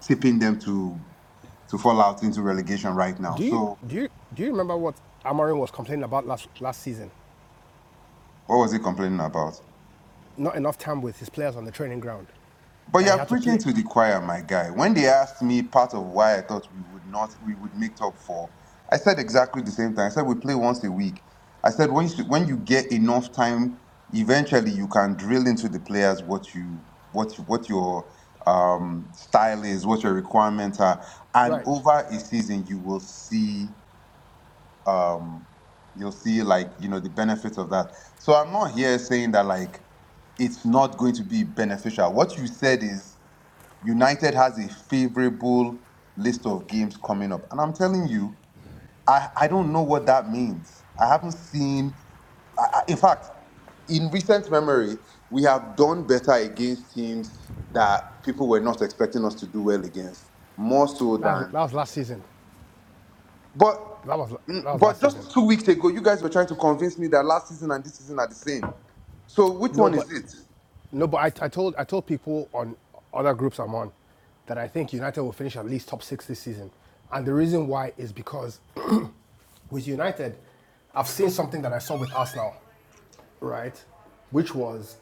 Speaker 9: tipping them to. to fall out into relegation right now.
Speaker 11: Do you,
Speaker 9: So
Speaker 11: do you, do you remember what Amarin was complaining about last, last season?
Speaker 9: what was he complaining about?
Speaker 11: not enough time with his players on the training ground
Speaker 9: But
Speaker 11: that he
Speaker 9: you're
Speaker 11: had to
Speaker 9: preaching
Speaker 11: play.
Speaker 9: to the choir, my guy. When they asked me part of why I thought we would not we would make top four, I said exactly the same thing. I said we play once a week. I said when you, when you get enough time, eventually you can drill into the players what you what you, what your um, style is, what your requirements are, and
Speaker 11: Right.
Speaker 9: over a season you will see um you'll see like you know the benefits of that so i'm not here saying that like it's not going to be beneficial what you said is united has a favorable list of games coming up and i'm telling you i i don't know what that means i haven't seen I, I- in fact in recent memory we have done better against teams that people were not expecting us to do well against more so
Speaker 11: That was,
Speaker 9: than
Speaker 11: that was last season.
Speaker 9: but
Speaker 11: That was that was
Speaker 9: but
Speaker 11: last season.
Speaker 9: just two weeks ago, you guys were trying to convince me that last season and this season are the same. So which
Speaker 11: No,
Speaker 9: one
Speaker 11: but
Speaker 9: is it?
Speaker 11: no, but I, I told I told people on other groups I'm on that I think United will finish at least top six this season, and the reason why is because (clears throat) with United, I've seen something that I saw with Arsenal, right, which was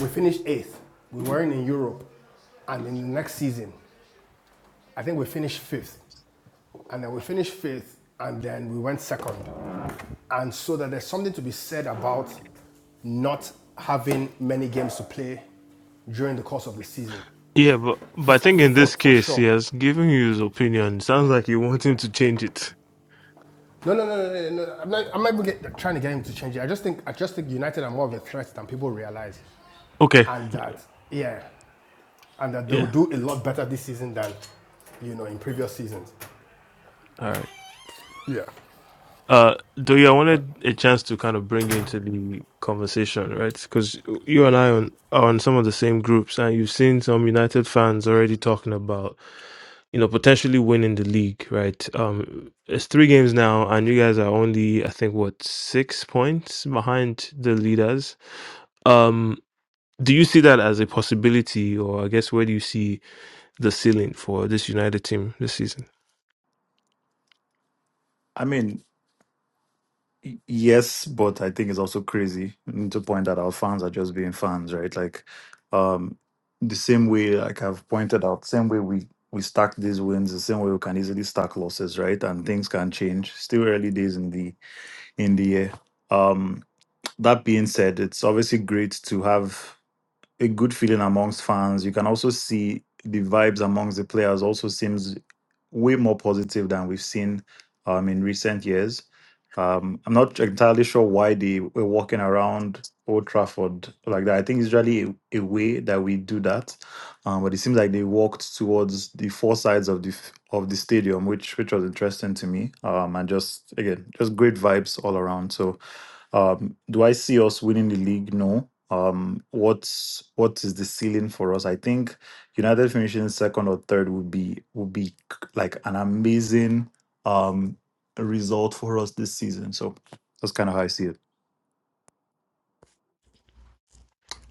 Speaker 11: we finished eighth, we weren't in Europe, and in the next season, I think we finished fifth, and then we finished fifth, and then we went second. And so that there's something to be said about not having many games to play during the course of the season,
Speaker 1: Yeah, but but I think in
Speaker 11: for,
Speaker 1: this
Speaker 11: for
Speaker 1: case, he
Speaker 11: sure.
Speaker 1: has given you his opinion. Sounds like you want him to change it.
Speaker 11: No, no, no, no, no, no. I'm not, I'm not even get, trying to get him to change it. I just think I just think United are more of a threat than people realize,
Speaker 1: Okay.
Speaker 11: and that yeah, and that they will
Speaker 1: Yeah.
Speaker 11: do a lot better this season than you know in previous seasons. Yeah,
Speaker 1: Uh, Doya, I
Speaker 11: but
Speaker 1: wanted a chance to kind of bring you into the conversation, right? Because you and I on, are on some of the same groups, and you've seen some United fans already talking about, you know, potentially winning the league, right? Um, it's three games now, and you guys are only, I think, what six points behind the leaders. Um, do you see that as a possibility, or I guess where do you see the ceiling for this United team this season?
Speaker 7: I mean, Y- Yes, but I think it's also crazy to point that out fans are just being fans, right? Like, um, the same way, like I've pointed out, same way we we stack these wins, the same way we can easily stack losses, right? And things can change. Still early days in the in the year. Um, that being said, it's obviously great to have a good feeling amongst fans. You can also see the vibes amongst the players also seems way more positive than we've seen um, in recent years. Um, I'm not entirely sure why they were walking around Old Trafford like that. I think it's really a, a way that we do that, um, but it seems like they walked towards the four sides of the f- of the stadium, which which was interesting to me. Um, and just again, just great vibes all around. So um, do I see us winning the league? No. Um, what's what is the ceiling for us? I think United finishing second or third would be would be c- like an amazing um result for us this season. So that's kind of how I see it.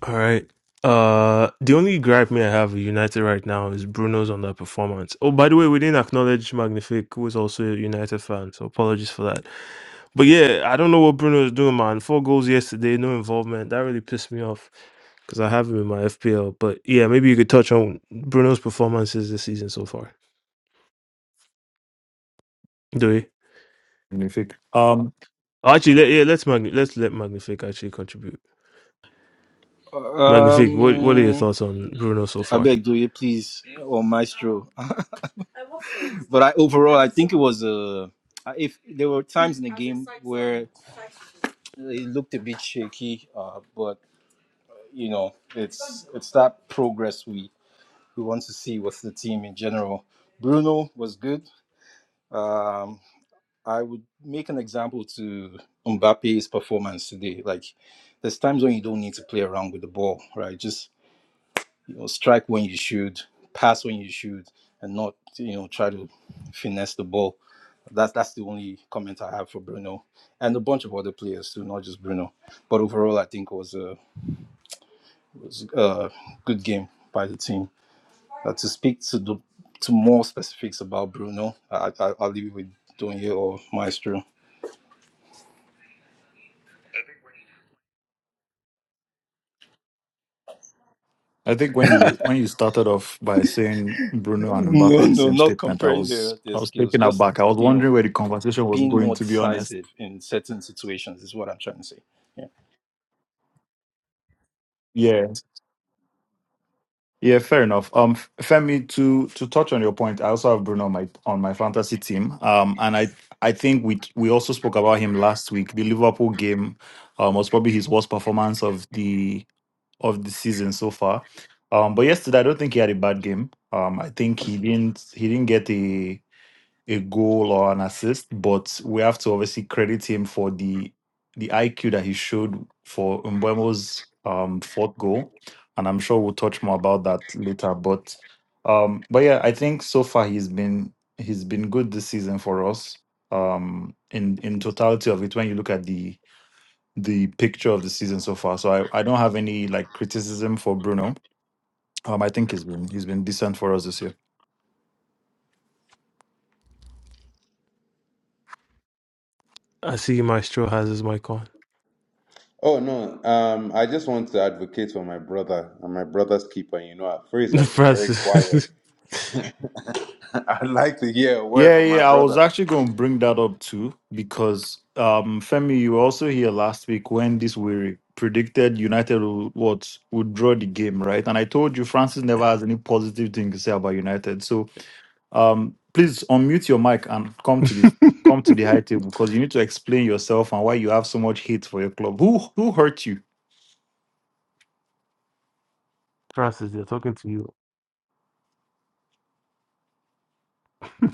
Speaker 1: All right. Uh, the only gripe me I have with United right now is Bruno's underperformance. Oh, by the way, we didn't acknowledge Magnific, who is also a United fan, so apologies for that. But yeah, I don't know what Bruno is doing, man. Four goals yesterday, no involvement. That really pissed me off because I have him in my FPL. But yeah, maybe you could touch on Bruno's performances this season so far. Do we?
Speaker 7: Magnific. Um,
Speaker 1: Oh, Actually, let, yeah, let's Magni- let's let Magnific actually contribute. Magnific, what what are your
Speaker 4: Um.
Speaker 1: thoughts on Bruno so
Speaker 4: I
Speaker 1: far?
Speaker 4: beg do you please or maestro. (laughs) but I overall I think it was uh if there were times in the game where it looked a bit shaky, uh, but you know it's it's that progress we we want to see with the team in general. Bruno was good. Um, I would make an example to Mbappe's performance today. Like there's times when you don't need to play around with the ball, right? Just you know, strike when you should, pass when you should, and not you know try to finesse the ball. That's that's the only comment I have for Bruno and a bunch of other players too, not just Bruno. But overall, I think it was a was a good game by the team. Uh, to speak to the to more specifics about Bruno, I, I, I'll leave it with Donye or Maestro. (laughs)
Speaker 7: I think when you when you started off by saying Bruno and Mbappe
Speaker 4: No,
Speaker 7: in the
Speaker 4: no,
Speaker 7: same
Speaker 4: not
Speaker 7: statement, I
Speaker 4: comparing
Speaker 7: was
Speaker 4: their their
Speaker 7: I was
Speaker 4: skills.
Speaker 7: taken
Speaker 4: Just
Speaker 7: aback. I was
Speaker 4: you know,
Speaker 7: wondering where the conversation was
Speaker 4: being
Speaker 7: going.
Speaker 4: more
Speaker 7: To be honest,
Speaker 4: decisive in certain situations is what I'm trying to say. Yeah.
Speaker 7: yeah, yeah, fair enough. Um, F- Femi, to to touch on your point, I also have Bruno on my on my fantasy team. Um, and I I think we we also spoke about him last week. The Liverpool game, um, was probably his worst performance of the of the season so far. Um, but yesterday I don't think he had a bad game. Um, I think he didn't he didn't get a a goal or an assist, but we have to obviously credit him for the the IQ that he showed for Mbuemo's um, fourth goal, and I'm sure we'll touch more about that later. But um, but yeah, I think so far he's been he's been good this season for us. Um, in in totality of it, when you look at the the picture of the season so far, so I, I don't have any like criticism for Bruno. Um, I think he's been he's been decent for us this year.
Speaker 1: I see Maestro has his mic on.
Speaker 9: Oh no, um, I just want to advocate for my brother and my brother's keeper. You know, Freeze
Speaker 1: (laughs)
Speaker 9: has been very quiet.
Speaker 1: Francis,
Speaker 9: (laughs) I'd like to hear a word
Speaker 7: Yeah,
Speaker 9: from my
Speaker 7: yeah, I was
Speaker 9: brother.
Speaker 7: actually going to bring that up too because um Femi, you were also here last week when this we predicted United would, what would draw the game, right? And I told you Francis never has any positive thing to say about United. So um please unmute your mic and come to the come to the high table because you need to explain yourself and why you have so much hate for your club. Who who hurt you?
Speaker 1: (laughs) Francis, they're talking to you. (laughs)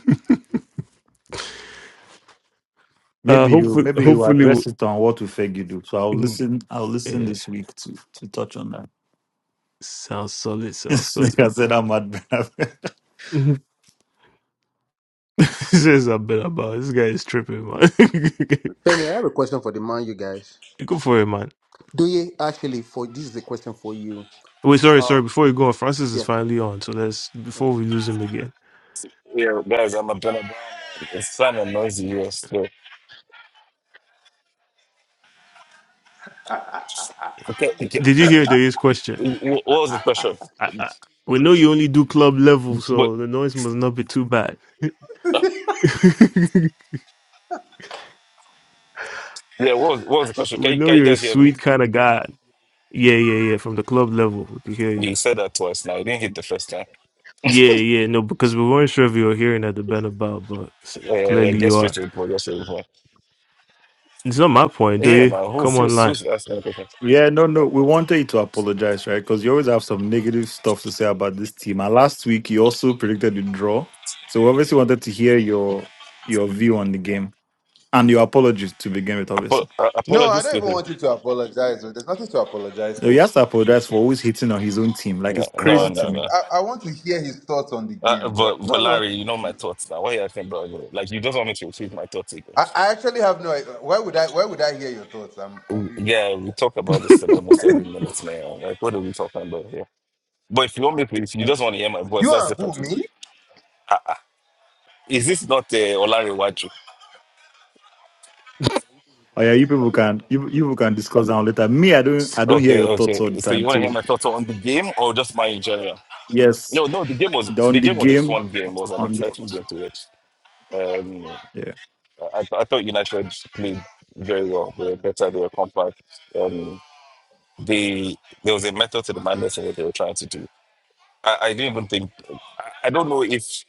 Speaker 1: uh,
Speaker 7: Maybe you
Speaker 1: hopefully,
Speaker 7: maybe you
Speaker 1: hopefully, we-
Speaker 7: address it on what will Fegi do. So I'll
Speaker 1: mm,
Speaker 7: listen I'll listen
Speaker 1: eh,
Speaker 7: this week to to touch on that.
Speaker 1: sounds solid.
Speaker 7: (laughs)
Speaker 1: Sounds
Speaker 7: like
Speaker 1: solid.
Speaker 7: I said, I'm mad. (laughs)
Speaker 1: (laughs) this is a bit about this guy is tripping, man. (laughs)
Speaker 3: Femi, I have a question for the man, you guys.
Speaker 1: Go for it, man.
Speaker 3: Doye, actually, for this is a question for you.
Speaker 1: Wait, sorry,
Speaker 3: Uh,
Speaker 1: sorry. Before you go on, Francis is
Speaker 3: yeah.
Speaker 1: finally on. So let's before
Speaker 3: Okay.
Speaker 1: we lose him again.
Speaker 12: Yo, guys, I'm up in a It's kind of noisy here still. Okay, okay.
Speaker 1: Did you hear Dave's question?
Speaker 12: Wh- What was the question?
Speaker 1: I, I, we know you only do club level,
Speaker 12: But
Speaker 1: so the noise must not be too bad.
Speaker 12: uh,
Speaker 1: (laughs)
Speaker 12: yeah, what was, what was the question? Can
Speaker 1: we
Speaker 12: you,
Speaker 1: know
Speaker 12: can you
Speaker 1: you're a
Speaker 12: guys hear me?
Speaker 1: sweet kind of guy. Yeah, yeah, yeah. From the club level, we can hear you.
Speaker 12: You said that twice now. You didn't hit the first time.
Speaker 1: Yeah, yeah. No, because we weren't sure if you were hearing at the Benabout, but s-
Speaker 12: Uh,
Speaker 1: clearly
Speaker 12: get
Speaker 1: you
Speaker 12: straight
Speaker 1: are.
Speaker 12: to the point. Get straight to the point.
Speaker 1: It's not my point, do
Speaker 12: Yeah,
Speaker 1: you?
Speaker 12: man. Who's
Speaker 1: Come
Speaker 12: who's,
Speaker 1: online.
Speaker 12: who's asking the question?
Speaker 7: Yeah, no, no. We wanted you to apologize, right? Because you always have some negative stuff to say about this team. And last week, you also predicted the draw. So we obviously wanted to hear your your view on the game and your apologies to begin with,
Speaker 12: Apo-
Speaker 7: obviously.
Speaker 12: uh,
Speaker 9: No, I
Speaker 12: apologies
Speaker 9: don't
Speaker 12: to
Speaker 9: even
Speaker 12: who?
Speaker 9: want you to apologize. There's nothing to apologize
Speaker 7: So he
Speaker 9: for.
Speaker 7: has to apologize for always hitting on his own team. Like, it's
Speaker 12: No,
Speaker 9: No,
Speaker 12: no,
Speaker 7: crazy to
Speaker 12: no,
Speaker 9: just
Speaker 7: me.
Speaker 12: no.
Speaker 9: I, I want to hear his thoughts on the
Speaker 12: Uh,
Speaker 9: game.
Speaker 12: but
Speaker 9: But no,
Speaker 12: but
Speaker 9: no,
Speaker 12: Larry, you know my thoughts now. Why you asking about it? Like you just want me to repeat my thoughts
Speaker 9: I, I
Speaker 12: again?
Speaker 9: actually have no. Why would I? Why would I hear your thoughts? I'm confused.
Speaker 12: Yeah, we talk about this in almost every minute now. Like what are we talking about here? But if you want me to, if you just want to hear my voice,
Speaker 9: You
Speaker 12: that's
Speaker 9: and who
Speaker 12: different.
Speaker 9: me?
Speaker 12: Is this not uh, Olarewaju?
Speaker 7: Oh yeah, you people can you you people can discuss that later. Me, I don't I don't hear
Speaker 12: Okay,
Speaker 7: your thoughts all the
Speaker 12: okay. So you
Speaker 7: time
Speaker 12: want to hear
Speaker 7: too.
Speaker 12: my thoughts on the game or just mine in general?
Speaker 7: Yes,
Speaker 12: No, no. The game was the
Speaker 7: on the
Speaker 12: game was a
Speaker 7: game
Speaker 12: fun game. It was an
Speaker 7: on the
Speaker 12: exciting game to watch. Um,
Speaker 7: yeah.
Speaker 12: I, I thought United played very well. They were better. They were compact. Um, they there was a method to the madness in what they were trying to do. I, I didn't even think. I I don't know if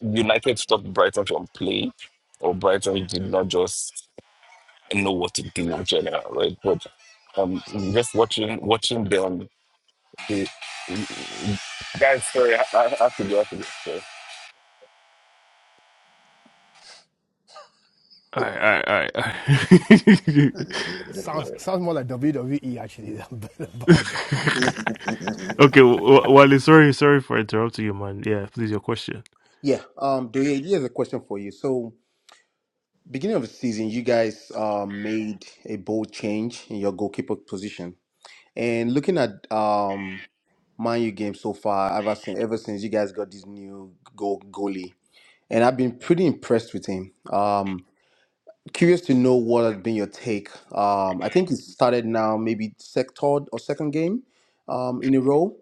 Speaker 12: United stopped Brighton from playing, or Brighton did not just know what to do in general, right? But um, just watching watching them, the guys. Sorry, I, I have to go. I have to go.
Speaker 1: Alright, alright, alright. alright.
Speaker 11: it sounds sounds more like WWE actually than (laughs)
Speaker 1: (laughs)
Speaker 11: Bob.
Speaker 1: okay, w- Wally, sorry, sorry for interrupting you, man. Yeah, please, your question.
Speaker 3: Yeah. Um, Doye, here's a question for you. So, beginning of the season, you guys um made a bold change in your goalkeeper position, and looking at um Man U game so far, ever since ever since you guys got this new goal goalie, and I've been pretty impressed with him. Um, Curious to know what has been your take. Um, I think it started now, maybe sec third or second game um, in a row.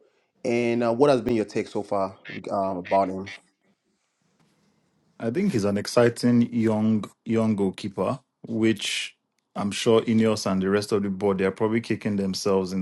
Speaker 3: And uh, what has been your take so far reg- um, about him?
Speaker 7: I think he's an exciting young young goalkeeper, which I'm sure Ineos and the rest of the board they are probably kicking themselves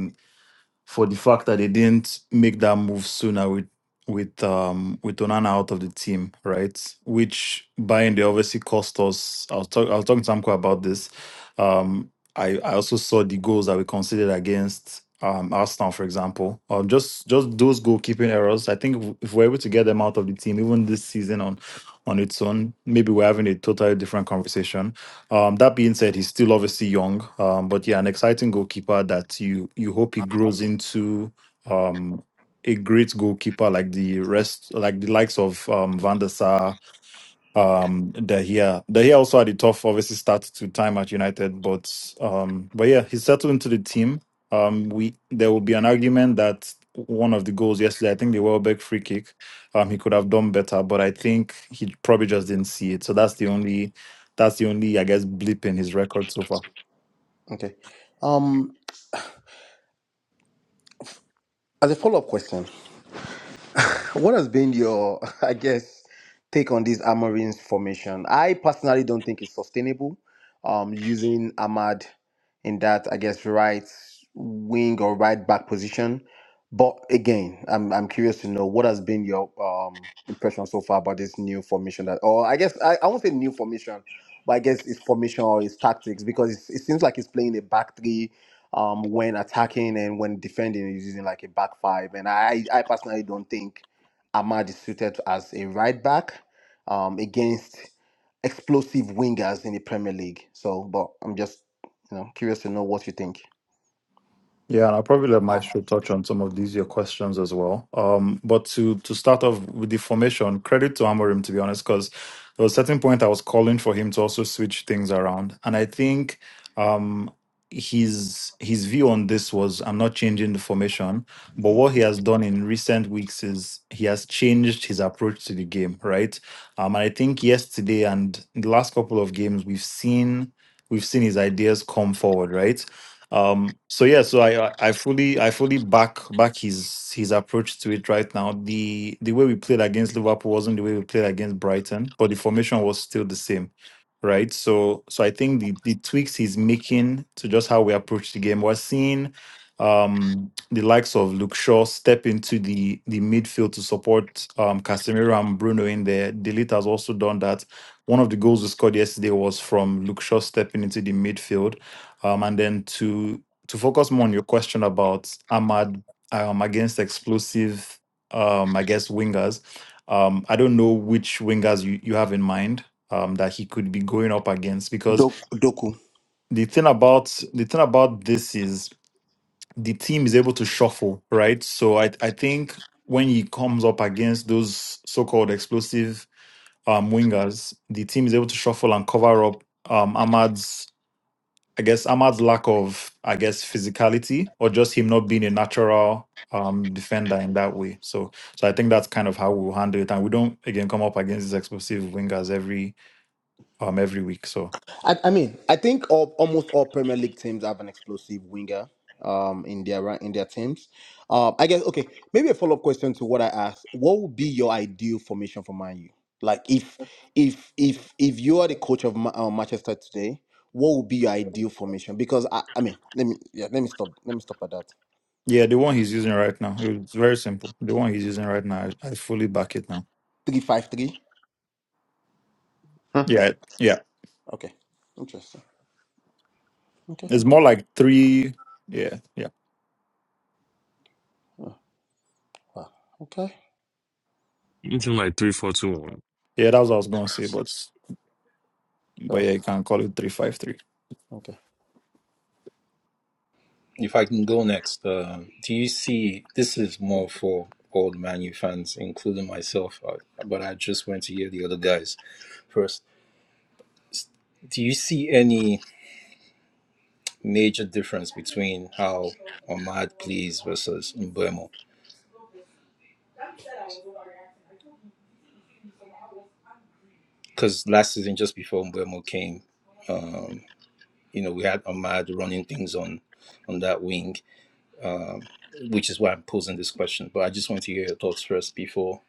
Speaker 7: for the fact that they didn't make that move sooner with with um with Onana out of the team, right? Which buying they obviously cost us. I was talking I was talking to Samko about this. Um I, I also saw the goals that we considered against um Arsenal, for example. Um just just those goalkeeping errors. I think if if we're able to get them out of the team, even this season on on its own, maybe we're having a totally different conversation um, that being said, he's still obviously young, um, but yeah, an exciting goalkeeper that you you hope he grows into um, a great goalkeeper like the rest, like the likes of um, Van der Sar, um, Dahia. Dahia also had a tough, obviously, start to time at United, but um, but yeah, he settled into the team. Um, we there will be an argument that one of the goals yesterday, I think the Welbeck free kick, um, he could have done better, but I think he probably just didn't see it. So that's the only, that's the only, I guess, blip in his record so far.
Speaker 3: Okay. Um, as a follow up question, What has been your, (laughs) I guess, take on this Amarin's formation? I personally don't think it's sustainable. Um, using Ahmad in that, I guess, right wing or right back position. But again, I'm I'm curious to know what has been your um impression so far about this new formation that, or I guess I, I won't say new formation, but I guess it's formation or it's tactics because it's, it seems like it's playing a back three um, when attacking and when defending is using like a back five. And I, I personally don't think Ahmad is suited as a right back um, against explosive wingers in the Premier League. So, but I'm just you know curious to know what you think.
Speaker 7: Yeah, and I'll probably let Maestro touch on some of these your questions as well. Um, but to to start off with the formation, credit to Amorim to be honest, because there was a certain point I was calling for him to also switch things around, and I think um, his his view on this was I'm not changing the formation, but what he has done in recent weeks is he has changed his approach to the game, right? Um, and I think yesterday and the last couple of games we've seen we've seen his ideas come forward, right? um so yeah so i i I fully i fully back back his his approach to it right now the the way we played against liverpool wasn't the way we played against brighton but the formation was still the same right so so i think the the tweaks he's making to just how we approach the game we're seeing um the likes of luke shaw step into the the midfield to support um casemiro and bruno in there delete has also done that one of the goals we scored yesterday was from luke shaw stepping into the midfield um, and then to to focus more on your question about Ahmad um, against explosive, um, I guess wingers. Um, I don't know which wingers you, you have in mind um, that he could be going up against because
Speaker 3: Dok- Doku.
Speaker 7: the thing about the thing about this is the team is able to shuffle, right? So I I think when he comes up against those so-called explosive um, wingers, the team is able to shuffle and cover up um, Ahmad's I guess Ahmad's lack of, I guess, physicality or just him not being a natural um, defender in that way. So, so I think that's kind of how we'll handle it, and we don't again come up against these explosive wingers every um every week. So,
Speaker 3: I, I mean, I think all, almost all Premier League teams have an explosive winger um, in their ra- in their teams. Um, I guess okay, maybe a follow up question to what I asked. What would be your ideal formation for Man U? Like if if if if you are the coach of Ma- uh, Manchester today, what would be your ideal formation? Because I, I mean, let me yeah, let me stop let me stop at that.
Speaker 7: yeah, the one he's using right now, it's very simple. The one he's using right now, I, I fully back it now.
Speaker 3: Three five three.
Speaker 9: (laughs)
Speaker 7: Yeah, yeah,
Speaker 3: Okay, interesting. Okay,
Speaker 7: it's more like three. Yeah, yeah,
Speaker 3: Oh, wow. Okay,
Speaker 2: Anything like three, four, two, one.
Speaker 7: yeah. That's what I was gonna say, but but yeah,
Speaker 3: well,
Speaker 7: you can call it three five three.
Speaker 3: okay.
Speaker 4: If I can go next, uh, do you see this is more for old Manu fans, including myself, uh, but I just want to hear the other guys first. Do you see any major difference between how Ahmad plays versus Mbuemo? Because last season, just before Mbuemo came, um, you know, we had Ahmad running things on on that wing, um, which is why I'm posing this question. But I just want to hear your thoughts first before.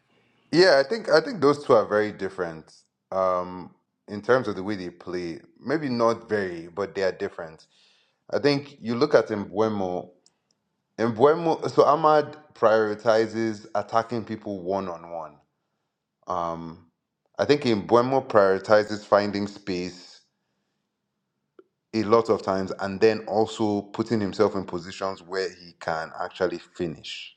Speaker 9: Yeah, I think I think those two are very different um, in terms of the way they play. Maybe not very, but they are different. I think you look at Embuemo. Embuemo. So Ahmad prioritizes attacking people one on one. Um, I think Embuemo prioritizes finding space a lot of times, and then also putting himself in positions where he can actually finish.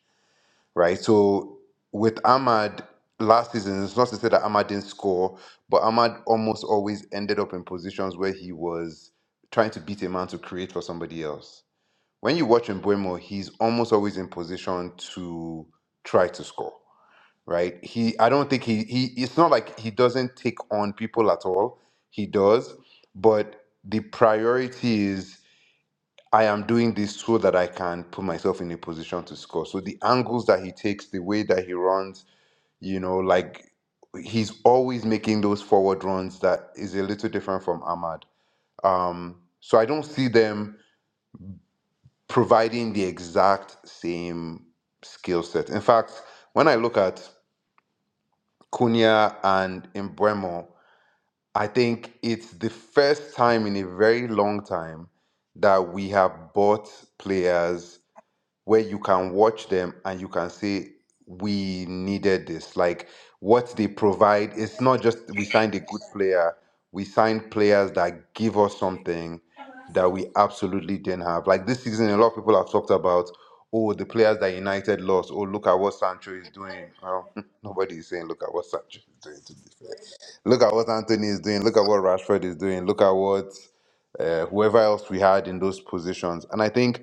Speaker 9: right? So with Ahmad last season, it's not to say that Ahmad didn't score, but Ahmad almost always ended up in positions where he was trying to beat a man to create for somebody else. When you watch Mbuemo, he's almost always in position to try to score, right? He, I don't think he, he, it's not like he doesn't take on people at all. He does, but the priority is I am doing this so that I can put myself in a position to score. So the angles that he takes, the way that he runs, you know, like he's always making those forward runs that is a little different from Ahmad. Um, so I don't see them providing the exact same skill set. In fact, when I look at Cunha and Embuemo, I think it's the first time in a very long time that we have bought players where you can watch them and you can say we needed this like what they provide it's not just we signed a good player we signed players that give us something that we absolutely didn't have like this season a lot of people have talked about oh the players that united lost oh look at what sancho is doing well (laughs) nobody is saying look at what sancho is doing to be fair look at what anthony is doing look at what rashford is doing look at what uh, whoever else we had in those positions and i think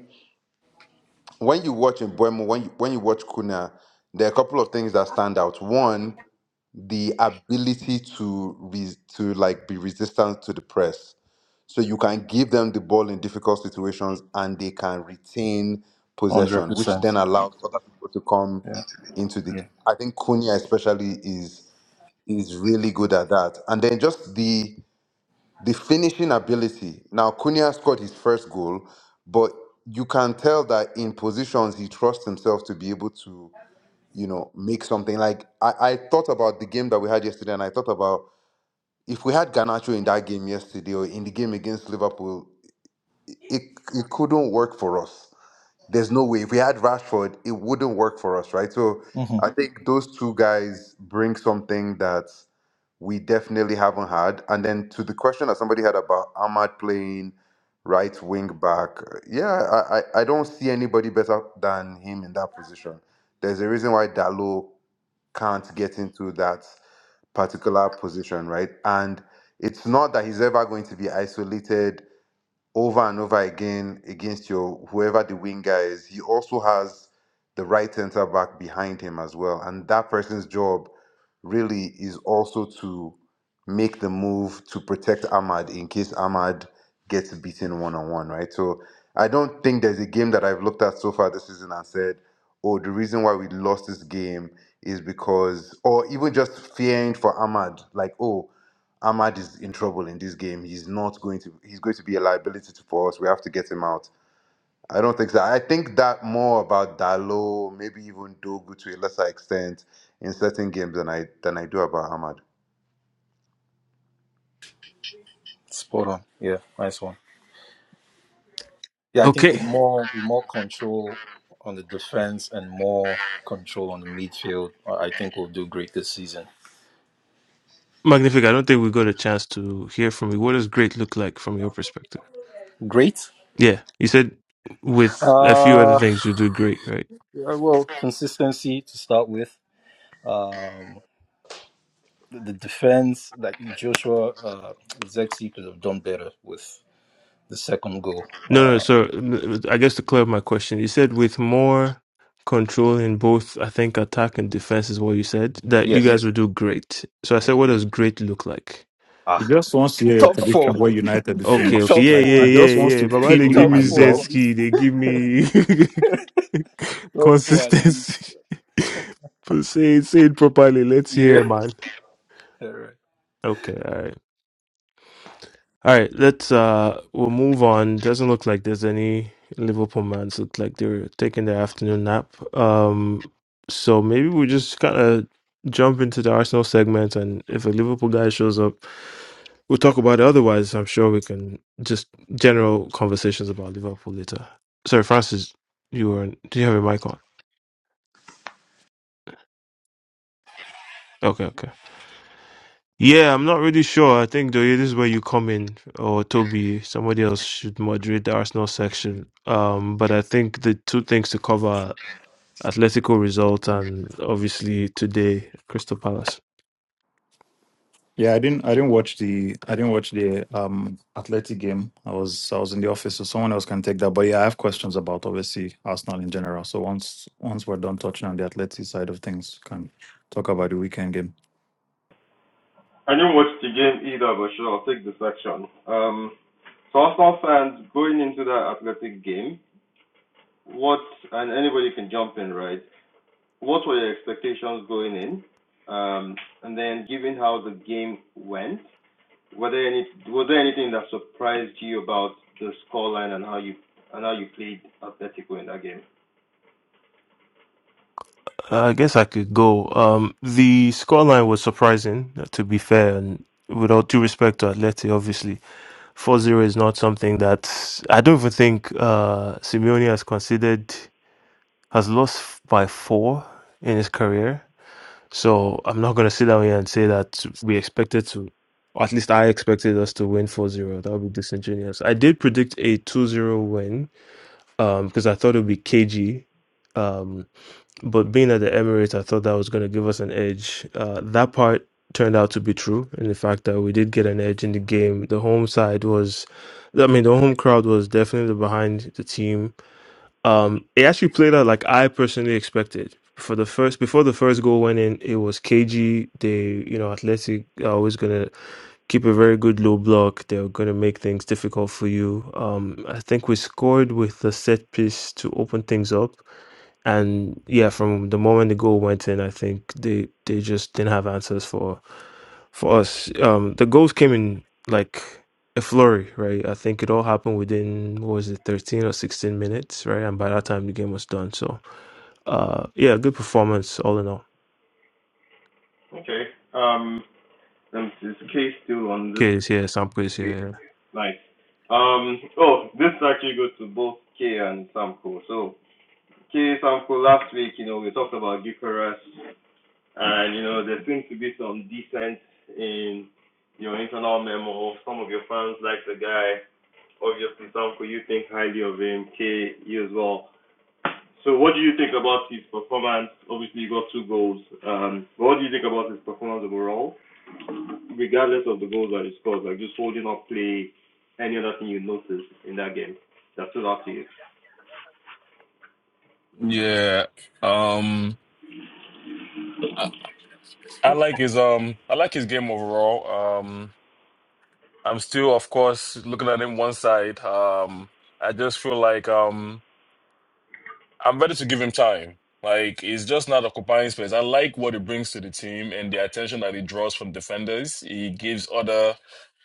Speaker 9: when you watch in Buemo, when you, when you watch Kuna, there are a couple of things that stand out. One, the ability to re- to like be resistant to the press, so you can give them the ball in difficult situations and they can retain
Speaker 4: Hundred
Speaker 9: possession, which
Speaker 4: percent.
Speaker 9: then allows other people to come
Speaker 4: Yeah.
Speaker 9: into the game. I think Cunha especially is is really good at that, and then just the the finishing ability. Now, Cunha scored his first goal, but you can tell that in positions he trusts himself to be able to, you know, make something. Like I, I thought about the game that we had yesterday, and I thought about if we had Garnacho in that game yesterday or in the game against Liverpool, it it couldn't work for us. There's no way. If we had Rashford, it wouldn't work for us, right? So
Speaker 4: Yeah.
Speaker 9: I think those two guys bring something that we definitely haven't had. And then to the question that somebody had about Ahmad playing right wing back, yeah, I, I, I don't see anybody better than him in that position. There's a reason why Dalo can't get into that particular position, right? And it's not that he's ever going to be isolated over and over again against your whoever the winger is, he also has the right centre back behind him as well. And that person's job really is also to make the move to protect Ahmad in case Ahmad gets beaten one on one, right? So I don't think there's a game that I've looked at so far this season and said, oh, the reason why we lost this game is because, or even just fearing for Ahmad, like, oh, Ahmad is in trouble in this game. He's not going to. He's going to be a liability to- for us. We have to get him out. I don't think so. I think that more about Dalo, maybe even Dogu to a lesser extent in certain games than I than I do about Ahmad.
Speaker 4: Spot on. Yeah, nice one. Yeah, I think
Speaker 1: Okay.
Speaker 4: with more with more control on the defense and more control on the midfield, I I think we'll do great this season.
Speaker 1: Magnific, I don't think we got a chance to hear from you. What does great look like from your perspective?
Speaker 4: Great.
Speaker 1: Yeah, you said with a few other
Speaker 4: Uh,
Speaker 1: things you do great, right?
Speaker 4: yeah, well, consistency to start with. Um, the, the defense, like Joshua uh, Zexi, could have done better with the second goal.
Speaker 1: No, no,
Speaker 4: Uh,
Speaker 1: so mm, I guess to clear up my question, you said with more control in both, I think, attack and defense is what you said, that you
Speaker 4: yes.
Speaker 1: guys would do great. So I
Speaker 4: Yeah.
Speaker 1: said, what does great look like?
Speaker 7: He
Speaker 4: Ah,
Speaker 7: just wants to hear your
Speaker 4: top four,
Speaker 7: prediction where United will
Speaker 1: Okay,
Speaker 4: (laughs)
Speaker 1: okay.
Speaker 7: finish.
Speaker 4: top
Speaker 1: Yeah,
Speaker 7: Like
Speaker 4: four
Speaker 7: he
Speaker 4: at
Speaker 1: yeah,
Speaker 7: just
Speaker 4: least,
Speaker 7: wants
Speaker 1: yeah, yeah.
Speaker 7: to
Speaker 1: But why they
Speaker 7: pin
Speaker 4: (laughs)
Speaker 7: you
Speaker 1: give
Speaker 4: top
Speaker 1: me
Speaker 7: like
Speaker 4: four
Speaker 1: jet
Speaker 4: at
Speaker 7: dog.
Speaker 4: least,
Speaker 1: ski, they give me
Speaker 4: (laughs)
Speaker 1: (laughs)
Speaker 4: top four at least.
Speaker 1: consistency. (laughs) But say it, say it properly. Let's
Speaker 4: Yeah.
Speaker 1: hear,
Speaker 4: (laughs)
Speaker 1: man.
Speaker 4: All right.
Speaker 1: Okay, all right. All right, let's uh we'll move on. Doesn't look like there's any Liverpool fans look like they're taking their afternoon nap. Um so maybe we just kind of jump into the Arsenal segment and if a Liverpool guy shows up, we'll talk about it. Otherwise, I'm sure we can just general conversations about Liverpool later. Sorry, Francis, you were do you have your mic on? Okay, okay. Yeah, I'm not really sure. I think Doye, this is where you come in, or Toby, somebody else should moderate the Arsenal section. Um, but I think the two things to cover are Atletico result and obviously today Crystal Palace.
Speaker 7: Yeah, I didn't I didn't watch the I didn't watch the um athletic game. I was I was in the office, so someone else can take that. But yeah, I have questions about obviously Arsenal in general. So once once we're done touching on the athletic side of things, can talk about the weekend game.
Speaker 5: I didn't watch the game either, but sure, I'll take the section. Um, so Arsenal fans going into that Athletic game, what and anybody can jump in, right? What were your expectations going in? Um, and then, given how the game went, were there any was there anything that surprised you about the scoreline and how you and how you played Atletico in that game?
Speaker 1: I guess I could go. Um, the scoreline was surprising, uh, to be fair, and with all due respect to Atleti, obviously, four zero is not something that I don't even think uh, Simeone has considered. has lost by four in his career. So I'm not going to sit down here and say that we expected to, or at least I expected us to win four zero. That would be disingenuous. I did predict a two zero win, um, because I thought it would be KG. Um, but being at the Emirates, I thought that was going to give us an edge. Uh, that part turned out to be true. And the fact that we did get an edge in the game, the home side was, I mean, the home crowd was definitely behind the team um, it actually played out like I personally expected. For the first, before the first goal went in, it was cagey. They, you know, Athletic are always gonna keep a very good low block. They're gonna make things difficult for you. Um, I think we scored with the set piece to open things up, and yeah, from the moment the goal went in, I think they they just didn't have answers for for us. Um, the goals came in like a flurry, right? I think it all happened within what was it, thirteen or sixteen minutes, right? And by that time the game was done. So uh yeah, good performance all in all.
Speaker 5: Okay. Um, and is K still on this?
Speaker 1: Kids here, some plays
Speaker 5: Okay.
Speaker 1: here,
Speaker 5: Nice. Um, oh, this actually goes to both K and Samko. So, Okay, Samko, last week, you know, we talked about Bucharest, and, you know, there seems to be some dissent in your internal memo. Some of your fans like the guy. Obviously, Samko, you think highly of him. K, you as well. So, what do you think about his performance? Obviously, he got two goals. Um, but what do you think about his performance overall, regardless of the goals that he scored? Like, just holding up play, any other thing you noticed in that game that stood out to you?
Speaker 2: Yeah. Um. I, I like his um. I like his game overall. Um. I'm still, of course, looking at him one side. Um. I just feel like um. I'm ready to give him time. Like he's just not occupying space. I like what he brings to the team and the attention that he draws from defenders. He gives other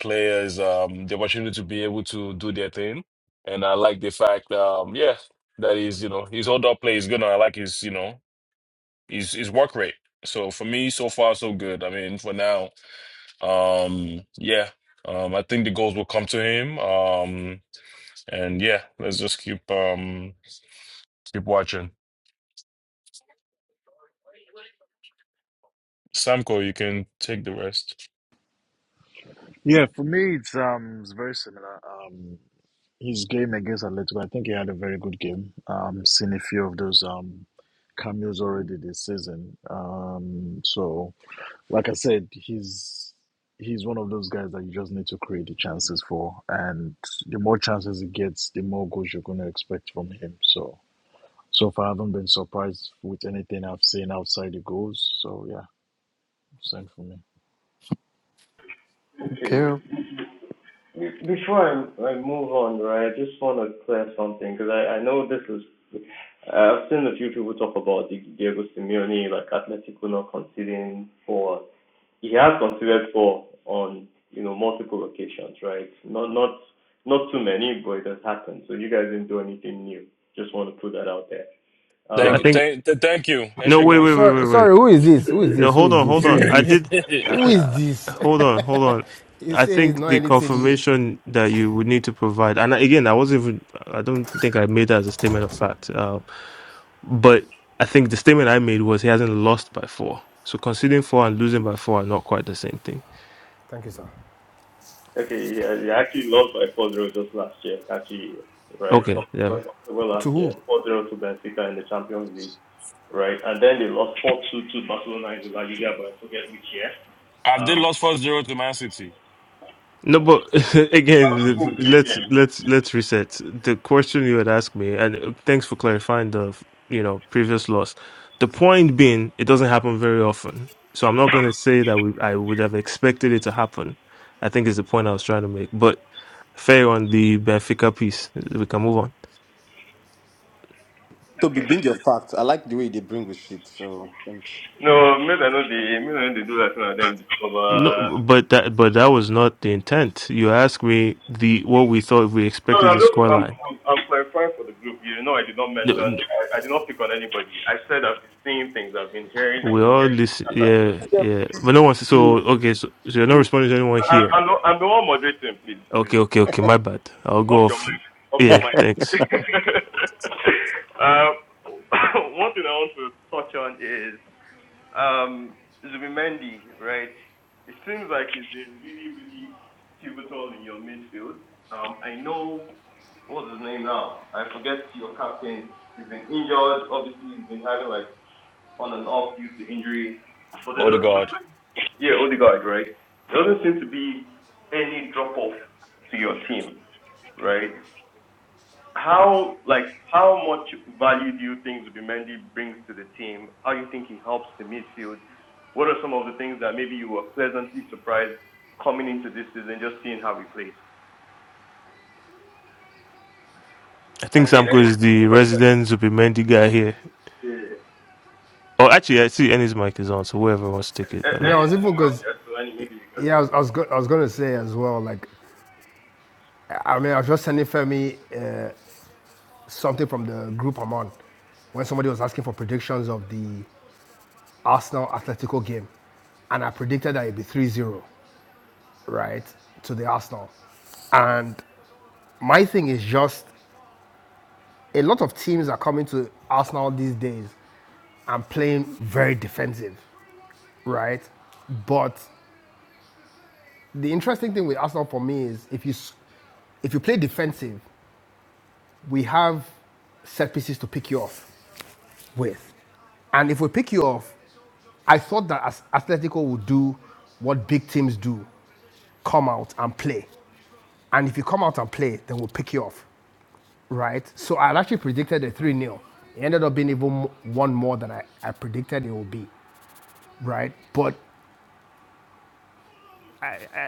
Speaker 2: players um, the opportunity to be able to do their thing. And I like the fact, um, yeah, that he's you know his hold up play is good. And I like his you know his his work rate. So for me, so far so good. I mean, for now, um, yeah, um, I think the goals will come to him. Um, and yeah, let's just keep um, keep watching. Samko, you can take the rest.
Speaker 6: Yeah, for me it's um it's very similar. Um, his game against Atletico, I think he had a very good game. Um, seen a few of those um, cameos already this season. Um, so, like I said, he's he's one of those guys that you just need to create the chances for, and the more chances he gets, the more goals you're going to expect from him. So, so far, I haven't been surprised with anything I've seen outside the goals. So, yeah, same for me.
Speaker 5: You know, not
Speaker 1: yeah. I
Speaker 2: Thank
Speaker 5: um,
Speaker 2: you.
Speaker 1: think
Speaker 2: Thank, th- thank you.
Speaker 1: no wait
Speaker 2: Eshegon.
Speaker 1: wait wait wait
Speaker 11: Sorry,
Speaker 1: wait.
Speaker 11: sorry, who is this? Who is
Speaker 1: No,
Speaker 11: this? Who
Speaker 1: hold
Speaker 11: is
Speaker 1: on,
Speaker 11: this?
Speaker 1: hold
Speaker 11: Who
Speaker 1: on.
Speaker 11: is
Speaker 1: I
Speaker 11: this?
Speaker 1: did.
Speaker 2: (laughs)
Speaker 11: Who is
Speaker 1: Uh,
Speaker 11: this? (laughs)
Speaker 1: hold on, hold on.
Speaker 11: you
Speaker 1: I
Speaker 11: say it's
Speaker 1: think
Speaker 11: not
Speaker 1: the
Speaker 11: anything new.
Speaker 1: confirmation that you would need to provide, and again, I wasn't even. I don't think I made that as a statement of fact. Uh, but I think the statement I made was he hasn't lost by four. So conceding four and losing by four are not quite the same thing.
Speaker 11: Thank you, sir.
Speaker 5: last year. Actually, right,
Speaker 1: Okay, yeah.
Speaker 5: October, October
Speaker 11: To
Speaker 5: last year,
Speaker 11: who?
Speaker 5: four zero to Benfica in the Champions League, right? And then they lost 4-2 to Bar-
Speaker 2: I've they
Speaker 5: Um,
Speaker 2: lost four zero to Man City.
Speaker 1: No, but (laughs) again, let's let's let's reset. The question you had asked me, and uh, thanks for clarifying the you know previous loss. The point being, it doesn't happen very often, so I'm not going to say that we, I would have expected it to happen. I think is the point I was trying to make. But fair on the Benfica piece, we can move on.
Speaker 3: Toby, bring your facts. I like the way they bring receipts. So thanks.
Speaker 5: No, maybe I know they make I know they do that now. Them discover.
Speaker 1: No, but that but that was not the intent. You asked me the what we thought we
Speaker 5: No,
Speaker 1: expected
Speaker 5: no,
Speaker 1: the
Speaker 5: look, I'm,
Speaker 1: scoreline.
Speaker 5: I'm I'm clarifying for the group. You know, I did not
Speaker 1: No,
Speaker 5: mention.
Speaker 1: n-
Speaker 5: I, I did not pick on anybody. I said I've been seeing things. I've been hearing. I've
Speaker 1: we
Speaker 5: been
Speaker 1: all
Speaker 5: hearing.
Speaker 1: listen. Yeah, yeah. But no one. So
Speaker 3: Now
Speaker 1: okay. So, so you're not responding to anyone
Speaker 5: And
Speaker 1: here.
Speaker 5: and the- and the one moderating, please,
Speaker 1: Okay,
Speaker 5: please,
Speaker 1: okay, okay. My bad. I'll
Speaker 5: off
Speaker 1: go
Speaker 5: your
Speaker 1: off.
Speaker 5: mic, off your
Speaker 1: Yeah,
Speaker 5: mic.
Speaker 1: thanks.
Speaker 5: (laughs) um, (coughs) (laughs) one thing I want to touch on is Um, Zubimendi, right? It seems like he's been really, really pivotal in your midfield. Um, I know what's his name now. I forget your captain. He's been injured. Obviously, he's been having like on and off due to injury. But
Speaker 2: Oh the God.
Speaker 5: yeah, Odegaard, right? There doesn't seem to be any drop off to your team, right? how like how much value do you think Zubimendi brings to the team? How do you think he helps the midfield? What are some of the things that maybe you were pleasantly surprised coming into this season, just seeing how he plays?
Speaker 1: I think Samko is the resident Zubimendi guy here. Oh, actually, I see Ennis mic is on. So whoever wants to take it, I
Speaker 11: I mean, I
Speaker 1: don't.
Speaker 11: was even because yeah, I was I was, go- I was going to say as well. Like, I I mean, I was just sending Femi uh, something from the group I'm on when somebody was asking for predictions of the Arsenal Atletico game, and I predicted that it'd be three zero, right, to the Arsenal. And my thing is just a lot of teams are coming to Arsenal these days I'm playing very defensive, right? But the interesting thing with Arsenal for me is if you if you play defensive, we have set pieces to pick you off with. And if we pick you off, I thought that as Atletico would do what big teams do come out and play. And if you come out and play, then we'll pick you off, right? So I had actually predicted a 3 nil It ended up being even mo- one more than I, I predicted it would be, right? But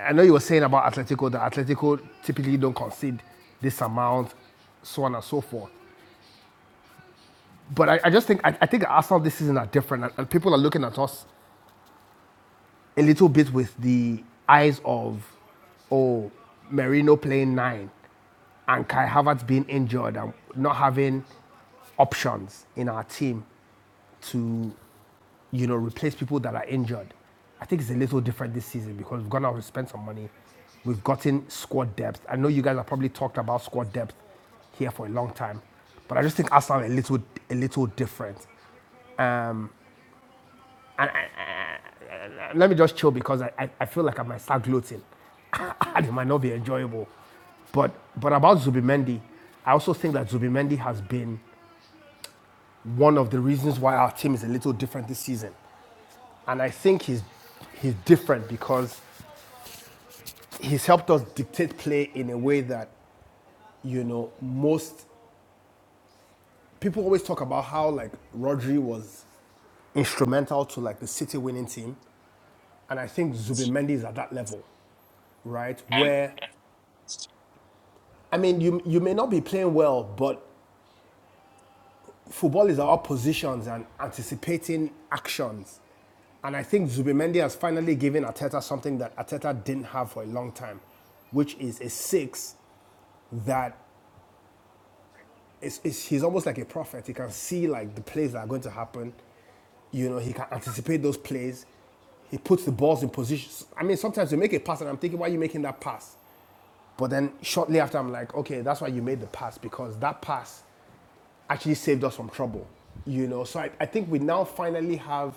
Speaker 11: I know you were saying about Atletico that Atletico typically don't concede this amount, so on and so forth. But I, I just think I, I think Arsenal this season are different, and, and people are looking at us a little bit with the eyes of, oh, Merino playing nine, and Kai Havertz being injured and not having options in our team to you know, replace people that are injured. I think it's a little different this season because we've gone out and spent some money. We've gotten squad depth. I know you guys have probably talked about squad depth here for a long time, but I just think Arsenal are a little, a little different. And I, I- I- let me just chill because I, I, I feel like I might start gloating, (laughs) and it might not be enjoyable. But but about Zubimendi, I also think that Zubimendi has been one of the reasons why our team is a little different this season. And I think he's he's different because he's helped us dictate play in a way that you know most people always talk about how like Rodri was instrumental to like the City winning team, and I think Zubimendi is at that level, right? Where I mean, you you may not be playing well, but football is about positions and anticipating actions, and I think Zubimendi has finally given Ateta something that Ateta didn't have for a long time, which is a six that is, is he's almost like a prophet. He can see like the plays that are going to happen, You know, he can anticipate those plays. He puts the balls in positions. I mean, sometimes you make a pass and I'm thinking, why are you making that pass? But then shortly after, I'm like, okay, that's why you made the pass because that pass actually saved us from trouble. You know, so I, I think we now finally have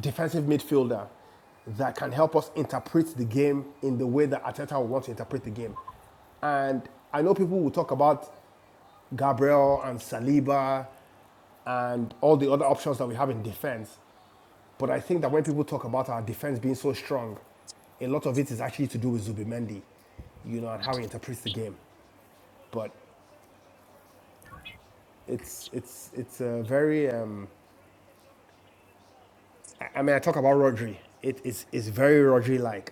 Speaker 11: defensive midfielder that can help us interpret the game in the way that Ateta will want to interpret the game. And I know people will talk about Gabriel and Saliba and all the other options that we have in defense. But I think that when people talk about our defense being so strong, a lot of it is actually to do with Zubimendi, you know, and how he interprets the game. But it's it's it's a very um, I I mean I talk about Rodri. It is is very Rodri like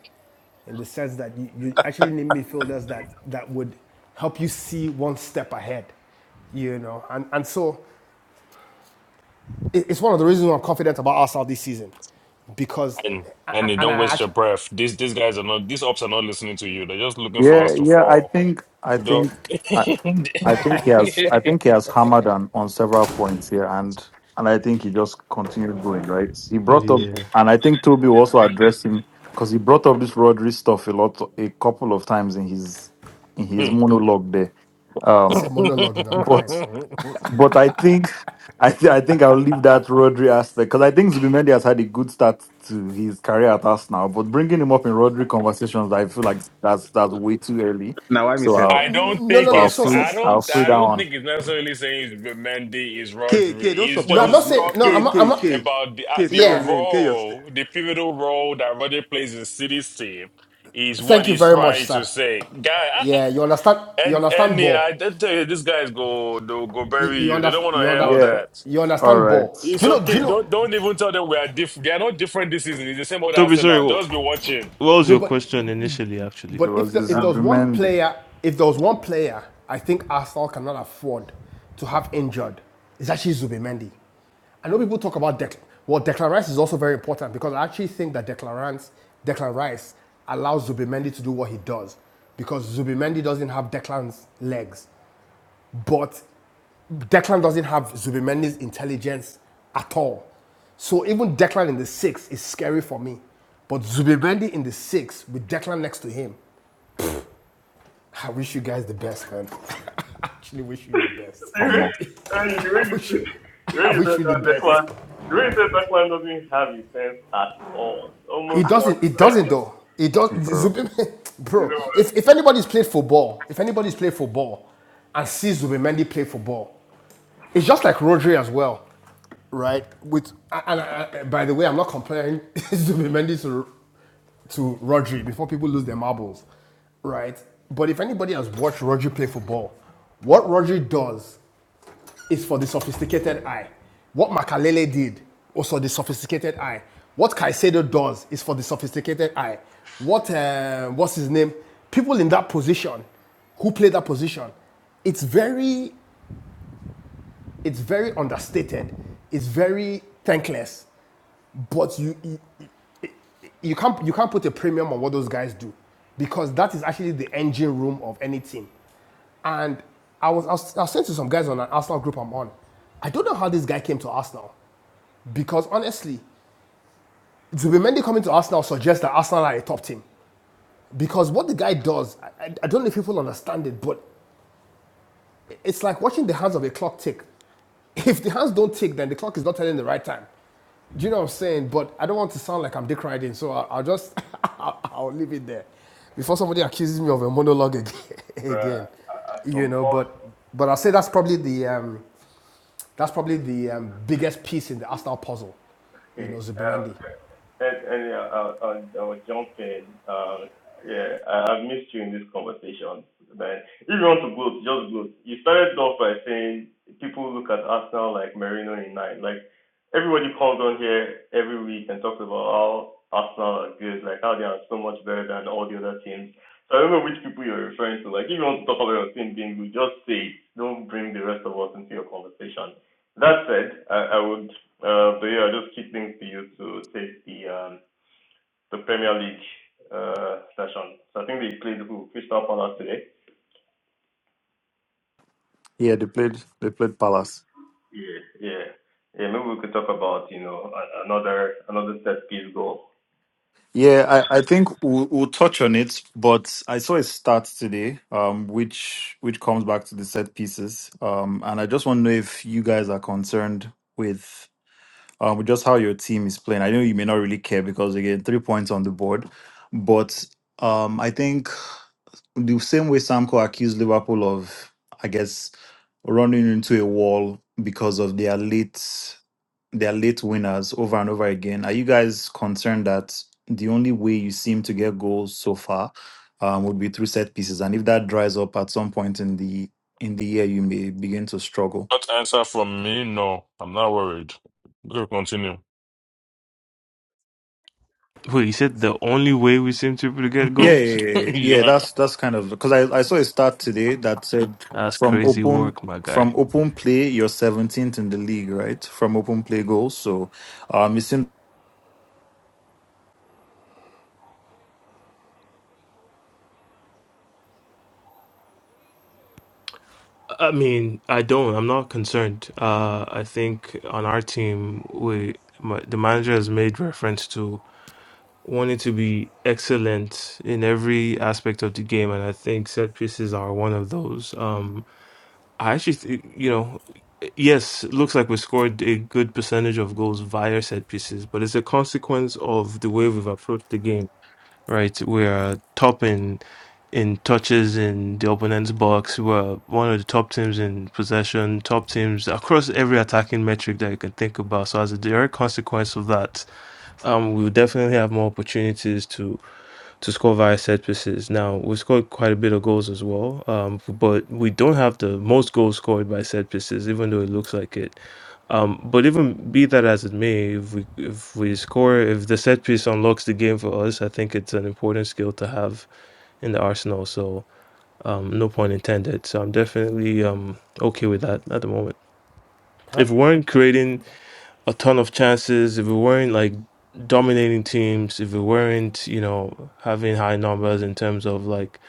Speaker 11: in the sense that you, you actually need midfielders that that would help you see one step ahead, you know. And and so it, it's one of the reasons why I'm confident about Arsenal this season, because
Speaker 2: And and you
Speaker 11: and I
Speaker 2: don't waste your
Speaker 11: actually
Speaker 2: breath. These these guys are not these ops are not listening to you. They're just looking for
Speaker 7: Yeah,
Speaker 2: us to
Speaker 7: yeah, I
Speaker 2: fall.
Speaker 7: think I think
Speaker 2: Don't
Speaker 7: I, I think he has. I think he has hammered on, on several points here, and and I think he just continued going right. He brought up,
Speaker 1: Yeah.
Speaker 7: and I think Toby will also addressed him because he brought up this Rodri stuff a lot, a couple of times in his in his monologue there.
Speaker 11: it's
Speaker 7: Um,
Speaker 11: a monologue, you know, I'm crying.
Speaker 7: but
Speaker 2: (laughs)
Speaker 7: but I think (laughs) I th- I think I'll leave that Rodri aspect because I think Zubimendi has had a good start to his career at us now, but bringing him up in Rodri conversations, I feel like that's that's way too early.
Speaker 3: I
Speaker 7: So
Speaker 3: miss
Speaker 7: I'll
Speaker 2: I
Speaker 3: everyone for
Speaker 2: don't
Speaker 11: No, no,
Speaker 7: so
Speaker 2: think
Speaker 11: no.
Speaker 7: I'll
Speaker 2: it's.
Speaker 11: So
Speaker 7: free
Speaker 2: I
Speaker 7: I'll
Speaker 2: don't.
Speaker 11: so
Speaker 7: free
Speaker 2: I
Speaker 7: that
Speaker 2: don't
Speaker 7: one.
Speaker 2: think it's necessarily saying it's Mendy is
Speaker 3: K K
Speaker 2: Rodri.
Speaker 3: don't
Speaker 2: He's
Speaker 3: support
Speaker 11: No, I'm
Speaker 3: this
Speaker 11: not
Speaker 2: just
Speaker 3: ma-
Speaker 11: saying. No, I'm
Speaker 3: K
Speaker 2: talking
Speaker 11: not. I'm
Speaker 3: K
Speaker 11: not.
Speaker 3: K
Speaker 2: about the uh,
Speaker 3: K
Speaker 2: the
Speaker 3: stay your
Speaker 11: Yeah.
Speaker 3: lane K your stay.
Speaker 2: role, the pivotal role that Rodri plays in City's team. Is what
Speaker 11: Thank you
Speaker 2: he's
Speaker 11: very much,
Speaker 2: trying to
Speaker 11: sir.
Speaker 2: say, guy. I, I-
Speaker 11: Yeah, you understand. You
Speaker 2: and
Speaker 11: understand
Speaker 2: and yeah, I
Speaker 11: ball.
Speaker 2: just tell you, these guys go they'll go
Speaker 11: You,
Speaker 2: bury
Speaker 11: you
Speaker 2: you. They don't
Speaker 11: understand.
Speaker 2: want to
Speaker 11: You
Speaker 2: hear
Speaker 11: under,
Speaker 2: all
Speaker 7: Yeah,
Speaker 2: that.
Speaker 11: You
Speaker 7: all
Speaker 11: understand
Speaker 7: right.
Speaker 11: ball.
Speaker 2: It's
Speaker 11: Do you know? Do you
Speaker 2: okay.
Speaker 11: know?
Speaker 2: Don't don't even tell them we are different. They are not different this season. It's the same old
Speaker 1: Toby, sorry.
Speaker 2: Arsenal.
Speaker 1: What,
Speaker 2: Just be watching.
Speaker 1: what was
Speaker 11: No,
Speaker 1: your
Speaker 11: but
Speaker 1: question initially? Actually,
Speaker 7: It
Speaker 11: but if
Speaker 7: was
Speaker 11: the, if there was one
Speaker 7: Zubimendi
Speaker 11: player, if there was one player, I think Arsenal cannot afford to have injured. It's actually Zubimendi. I know people talk about Declan. Well, Declan Rice is also very important because I actually think that Declan Rice, Declan Rice allows Zubimendi to do what he does because Zubimendi doesn't have Declan's legs. But Declan doesn't have Zubimendi's intelligence at all. So even Declan in the six is scary for me. But Zubimendi in the six with Declan next to him, I wish you guys the best, man. (laughs) I actually wish you the best.
Speaker 7: Omo,
Speaker 5: Rich, Rich,
Speaker 11: (laughs) I wish, I
Speaker 5: Rich,
Speaker 11: wish you the best.
Speaker 5: Rich doesn't have a sense at all.
Speaker 11: It doesn't. It doesn't though. It does.
Speaker 7: bro.
Speaker 11: Zubimendi, (laughs) bro. If if anybody's played football, if anybody's played football, and sees Zubimendi play football. It's just like Rodri as well, right? With and, and, and by the way, I'm not comparing (laughs) Zubimendi to to Rodri before people lose their marbles, right? But if anybody has watched Rodri play football, what Rodri does is for the sophisticated eye. What Makalele did was for the sophisticated eye. What Caicedo does is for the sophisticated eye. What uh, what's his name? People in that position who play that position, it's very it's very understated. It's very thankless. But you, you you can't you can't put a premium on what those guys do because that is actually the engine room of any team. And I was I was, I was saying to some guys on an Arsenal group I'm on, I don't know how this guy came to Arsenal because honestly, Zubimendi coming to Arsenal suggests that Arsenal are a top team because what the guy does, I, I- I don't know if people understand it, but it's like watching the hands of a clock tick. if the hands don't tick, then the clock is not telling the right time. Do you know what I'm saying? But I don't want to sound like I'm dick riding, so I'll, I'll just (laughs) I'll, I'll leave it there before somebody accuses me of a monologue again. (laughs) again. You know, but but I'll say that's probably the um, that's probably the um, biggest piece in the Arsenal puzzle.
Speaker 5: Okay.
Speaker 11: You know, Zubimendi.
Speaker 5: And, and yeah, I I on, on jumping, uh, yeah, I, I've missed you in this conversation. But if you want to gloat, just gloat. You started off by saying people look at Arsenal like Merino in nine. Like everybody comes on here every week and talks about how Arsenal are good, like how they are so much better than all the other teams. So I don't know which people you're referring to. Like if you want to talk about your team being good, just say it. Don't bring the rest of us into your conversation. That said, I I would, uh, but yeah, I'll just keep things for you to take the um, the Premier League uh, session. So I think they played who Crystal Palace today.
Speaker 7: Yeah, they played they played Palace.
Speaker 5: Yeah, yeah, yeah. Maybe we could talk about you know a- another another set piece goal.
Speaker 7: Yeah, I, I think we'll, we'll touch on it, but I saw a start today, um, which which comes back to the set pieces, um, and I just want to know if you guys are concerned with um, with just how your team is playing. I know you may not really care because again, three points on the board, but um, I think the same way Samco accused Liverpool of, I guess, running into a wall because of their late, their late winners over and over again. Are you guys concerned that the only way you seem to get goals so far um, would be through set pieces, and if that dries up at some point in the in the year, you may begin to struggle?
Speaker 2: Not answer from me. No, I'm not worried. Go continue.
Speaker 1: wait. You said the only way we seem to be able to get
Speaker 7: Yeah,
Speaker 1: goals.
Speaker 7: yeah, yeah. yeah,
Speaker 2: (laughs)
Speaker 7: yeah. Yeah,
Speaker 2: yeah.
Speaker 7: That's that's kind of because I, I saw a stat today that said
Speaker 1: That's
Speaker 7: from
Speaker 1: crazy
Speaker 7: open
Speaker 1: work, my guy.
Speaker 7: from open play you're seventeenth in the league, right? From open play goals. So um it seems
Speaker 1: I mean, I don't. I'm not concerned. Uh, I think on our team, we my, the manager has made reference to wanting to be excellent in every aspect of the game, and I think set pieces are one of those. Um, I actually, th you know, yes, it looks like we scored a good percentage of goals via set pieces, but it's a consequence of the way we've approached the game right? We're uh, top in in touches in the opponent's box. We're one of the top teams in possession, top teams across every attacking metric that you can think about. So as a direct consequence of that, um, we'll definitely have more opportunities to to score via set pieces. Now we scored quite a bit of goals as well, um, but we don't have the most goals scored by set pieces, even though it looks like it. Um, but even be that as it may, if we if we score, if the set piece unlocks the game for us, I think it's an important skill to have in the arsenal. So um, no point intended. So I'm definitely um okay with that at the moment.
Speaker 11: Can I,
Speaker 1: If we weren't
Speaker 11: can,
Speaker 1: creating a ton of chances. If we weren't like dominating teams, if we weren't, you know, having high numbers in terms of like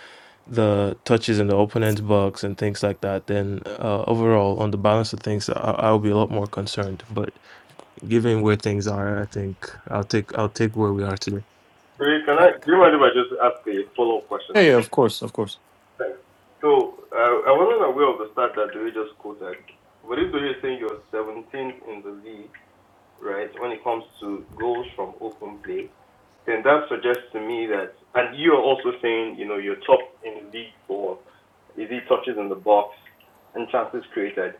Speaker 1: the touches in the opponent's box and things like that, then uh, overall, on the balance of things, I, I'll be a lot more concerned. But given where things are, I think I'll take I'll take where we are today.
Speaker 5: Ray, can
Speaker 11: I-
Speaker 5: I?
Speaker 11: can,
Speaker 5: Do you mind if I just ask a follow up
Speaker 7: yeah,
Speaker 5: question to
Speaker 7: yeah,
Speaker 5: that?
Speaker 7: of course, of course.
Speaker 5: (laughs) Thanks. So uh, I wasn't aware of the stat that Dory just quoted, but if Dory is saying you're 17th in the league, right, when it comes to goals from open play. then that suggests to me that, and you are also saying, you know, you're top in the league for is he touches in the box and chances created.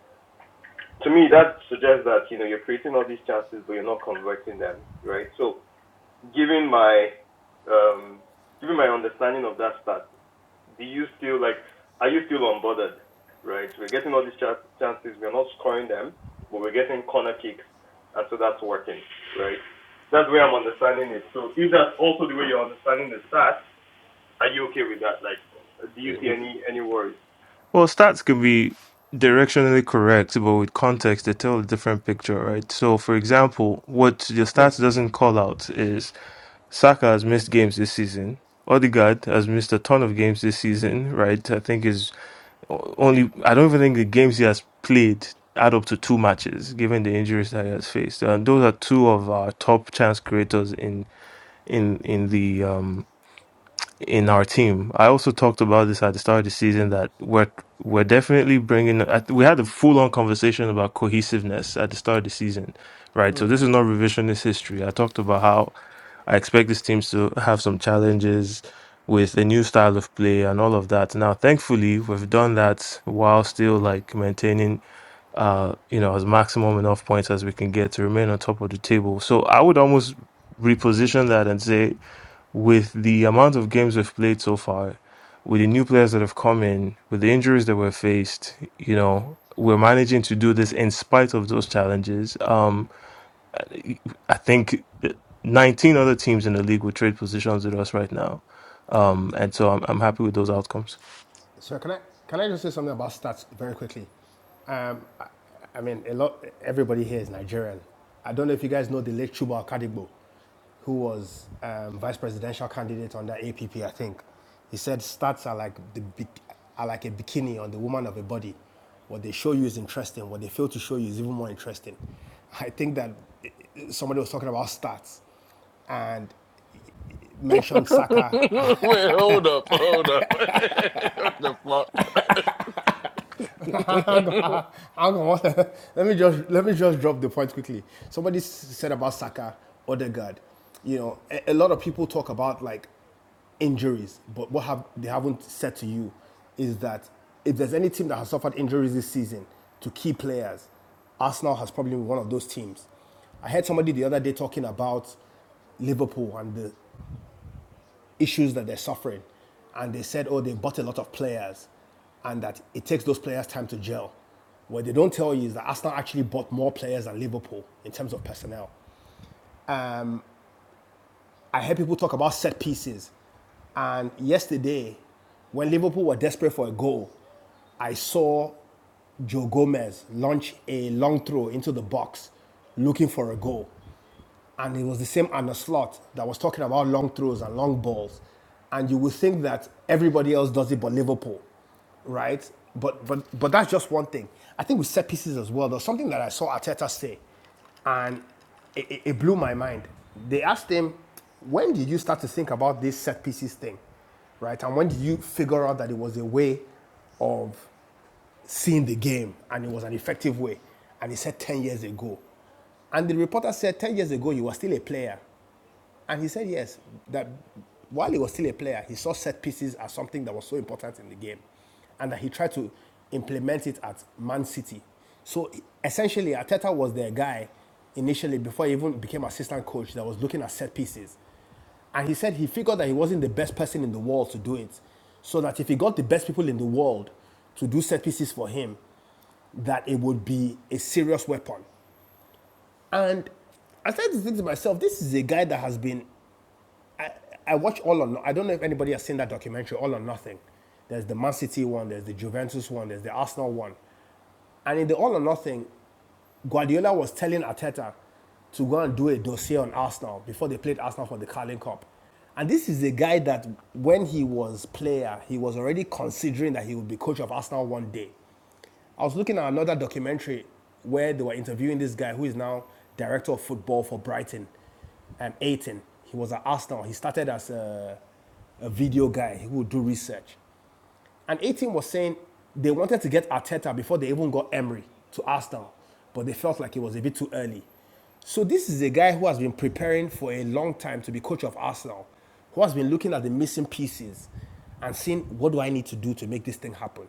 Speaker 5: To me, that suggests that you know you're creating all these chances, but you're not converting them, right? So, given my um, given my understanding of that stat, do you still like are you still unbothered right we're getting all these chance, chances we're not scoring them but we're getting corner kicks and so that's working right that's where i'm understanding it so if that's also the way you're understanding the stats are you okay with that like do you see
Speaker 1: Uh,
Speaker 5: any any worries
Speaker 1: Well, stats can be directionally correct, but with context, they tell a different picture, right? So, for example, what your stats doesn't call out is Saka has missed games this season. Odegaard has missed a ton of games this season, right? I think is only I don't even think the games he has played add up to two matches, given the injuries that he has faced. And those are two of our top chance creators in in in the um in our team. I also talked about this at the start of the season that we're we're definitely bringing. I th- We had a full on conversation about cohesiveness at the start of the season, right? So this is not revisionist history. I talked about how I expect these teams to have some challenges with a new style of play and all of that. Now, thankfully, we've done that while still like maintaining uh you know as maximum enough points as we can get to remain on top of the table so i would almost reposition that and say with the amount of games we've played so far, with the new players that have come in, with the injuries that we're faced, you know, we're managing to do this in spite of those challenges. Um, I think 19 other teams in the league will trade positions with us right now. Um, and so I'm, I'm happy with those outcomes.
Speaker 11: So can I can I just say something about stats very quickly? Um, I, I mean, a lot. Everybody here is Nigerian. I don't know if you guys know the late Chuba Akadigbo, who was um, vice presidential candidate under APP. I think he said stats are like the are like a bikini on the woman of a body. What they show you is interesting. What they fail to show you is even more interesting. (laughs) I think that eh, eh, somebody was talking about stats, and mentioned Saka
Speaker 2: Wait,
Speaker 11: (laughs)
Speaker 2: hold up, hold up. (laughs) what the fuck?
Speaker 11: (laughs) hang on, hang on. (laughs) let me just let me just drop the point quickly. Somebody said about Saka, Odegaard. You know, a, a lot of people talk about like injuries, but what have they haven't said to you is that if there's any team that has suffered injuries this season to key players, Arsenal has probably been one of those teams. I heard somebody the other day talking about Liverpool and the issues that they're suffering. And they said, oh, they bought a lot of players and that it takes those players time to gel. What they don't tell you is that Arsenal actually bought more players than Liverpool in terms of personnel. I heard people talk about set pieces. And yesterday, when Liverpool were desperate for a goal, I saw Joe Gomez launch a long throw into the box looking for a goal. And it was the same Anna Slot that was talking about long throws and long balls. And you would think that everybody else does it but Liverpool right? But but but that's just one thing. I think with set pieces as well, there's something that I saw Arteta say, and it, it, it blew my mind. They asked him, "When did you start to think about this set pieces thing, right? And when did you figure out that it was a way of seeing the game and it was an effective way?" And he said, 10 years ago." And the reporter said, 10 years ago, you were still a player." And he said yes, that while he was still a player, he saw set pieces as something that was so important in the game, and that he tried to implement it at Man City. So essentially, Arteta was their guy initially before he even became assistant coach that was looking at set pieces. And he said he figured that he wasn't the best person in the world to do it. So that if he got the best people in the world to do set pieces for him, that it would be a serious weapon. And I started to think to myself, this is a guy that has been I watch all or no, I don't know if anybody has seen that documentary, All or Nothing. There's the Man City one, there's the Juventus one, there's the Arsenal one. And in the All or Nothing, Guardiola was telling Arteta to go and do a dossier on Arsenal before they played Arsenal for the Carling Cup. And this is a guy that when he was player, he was already considering that he would be coach of Arsenal one day. I was looking at another documentary where they were interviewing this guy who is now director of football for Brighton um, 18. He was at Arsenal. He started as a a video guy who would do research. And a team was saying they wanted to get Arteta before they even got Emery to Arsenal, but they felt like it was a bit too early. So this is a guy who has been preparing for a long time to be coach of Arsenal, who has been looking at the missing pieces and seeing what do I need to do to make this thing happen.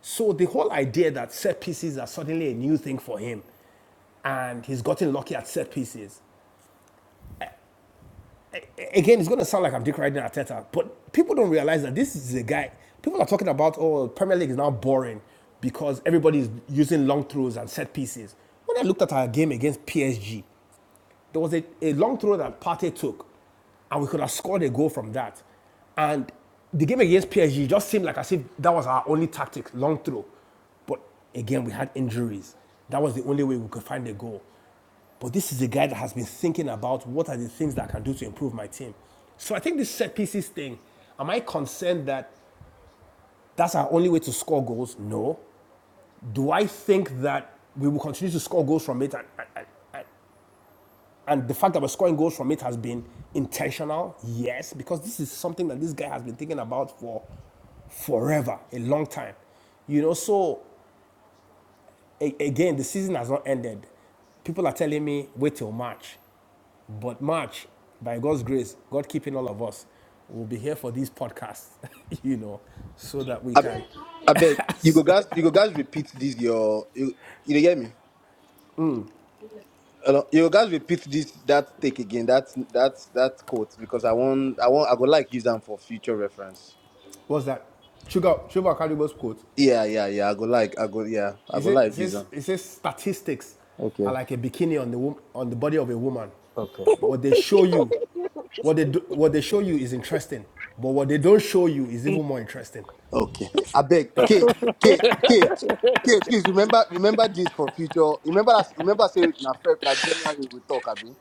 Speaker 11: So the whole idea that set pieces are suddenly a new thing for him and he's gotten lucky at set pieces again, it's going to sound like I'm decorating Arteta, but people don't realize that this is a guy. People are talking about, oh, Premier League is now boring because everybody is using long throws and set pieces. When I looked at our game against PSG, there was a, a long throw that Partey took, and we could have scored a goal from that. And the game against PSG just seemed like as if that was our only tactic, long throw. But again, we had injuries. That was the only way we could find a goal. But this is a guy that has been thinking about what are the things that I can do to improve my team. So I think this set pieces thing, am I concerned that that's our only way to score goals? No. Do I think that we will continue to score goals from it? And, and- and- the fact that we're scoring goals from it has been intentional? Yes, because this is something that this guy has been thinking about for forever, a long time. You know, so a- again, the season has not ended people are telling me wait till March. But March, by God's grace, God keeping all of us, will be here for these podcasts, (laughs) you know, so that we
Speaker 3: I,
Speaker 11: can.
Speaker 3: I beg you go guys you go guys repeat this your you you dey get me. Hello? You go guys repeat this that take again that that that quote because I want I want I go like use them for future reference.
Speaker 11: What's that? Sugar, Sugar Caribou's quote.
Speaker 3: Yeah yeah yeah I go like I go yeah I
Speaker 11: Is
Speaker 3: go
Speaker 11: It
Speaker 3: like
Speaker 11: says, it
Speaker 3: use
Speaker 11: says,
Speaker 3: them.
Speaker 11: it says statistics are
Speaker 3: Okay.
Speaker 11: like a bikini on the, wom- on the body of a woman.
Speaker 3: okay.
Speaker 11: What they show you, what they, do, what they show you is interesting, but what they don't show you is even more interesting.
Speaker 3: Okay. I beg K K K K please remember remember this for future. Remember that remember say na Feb na January we talk abi.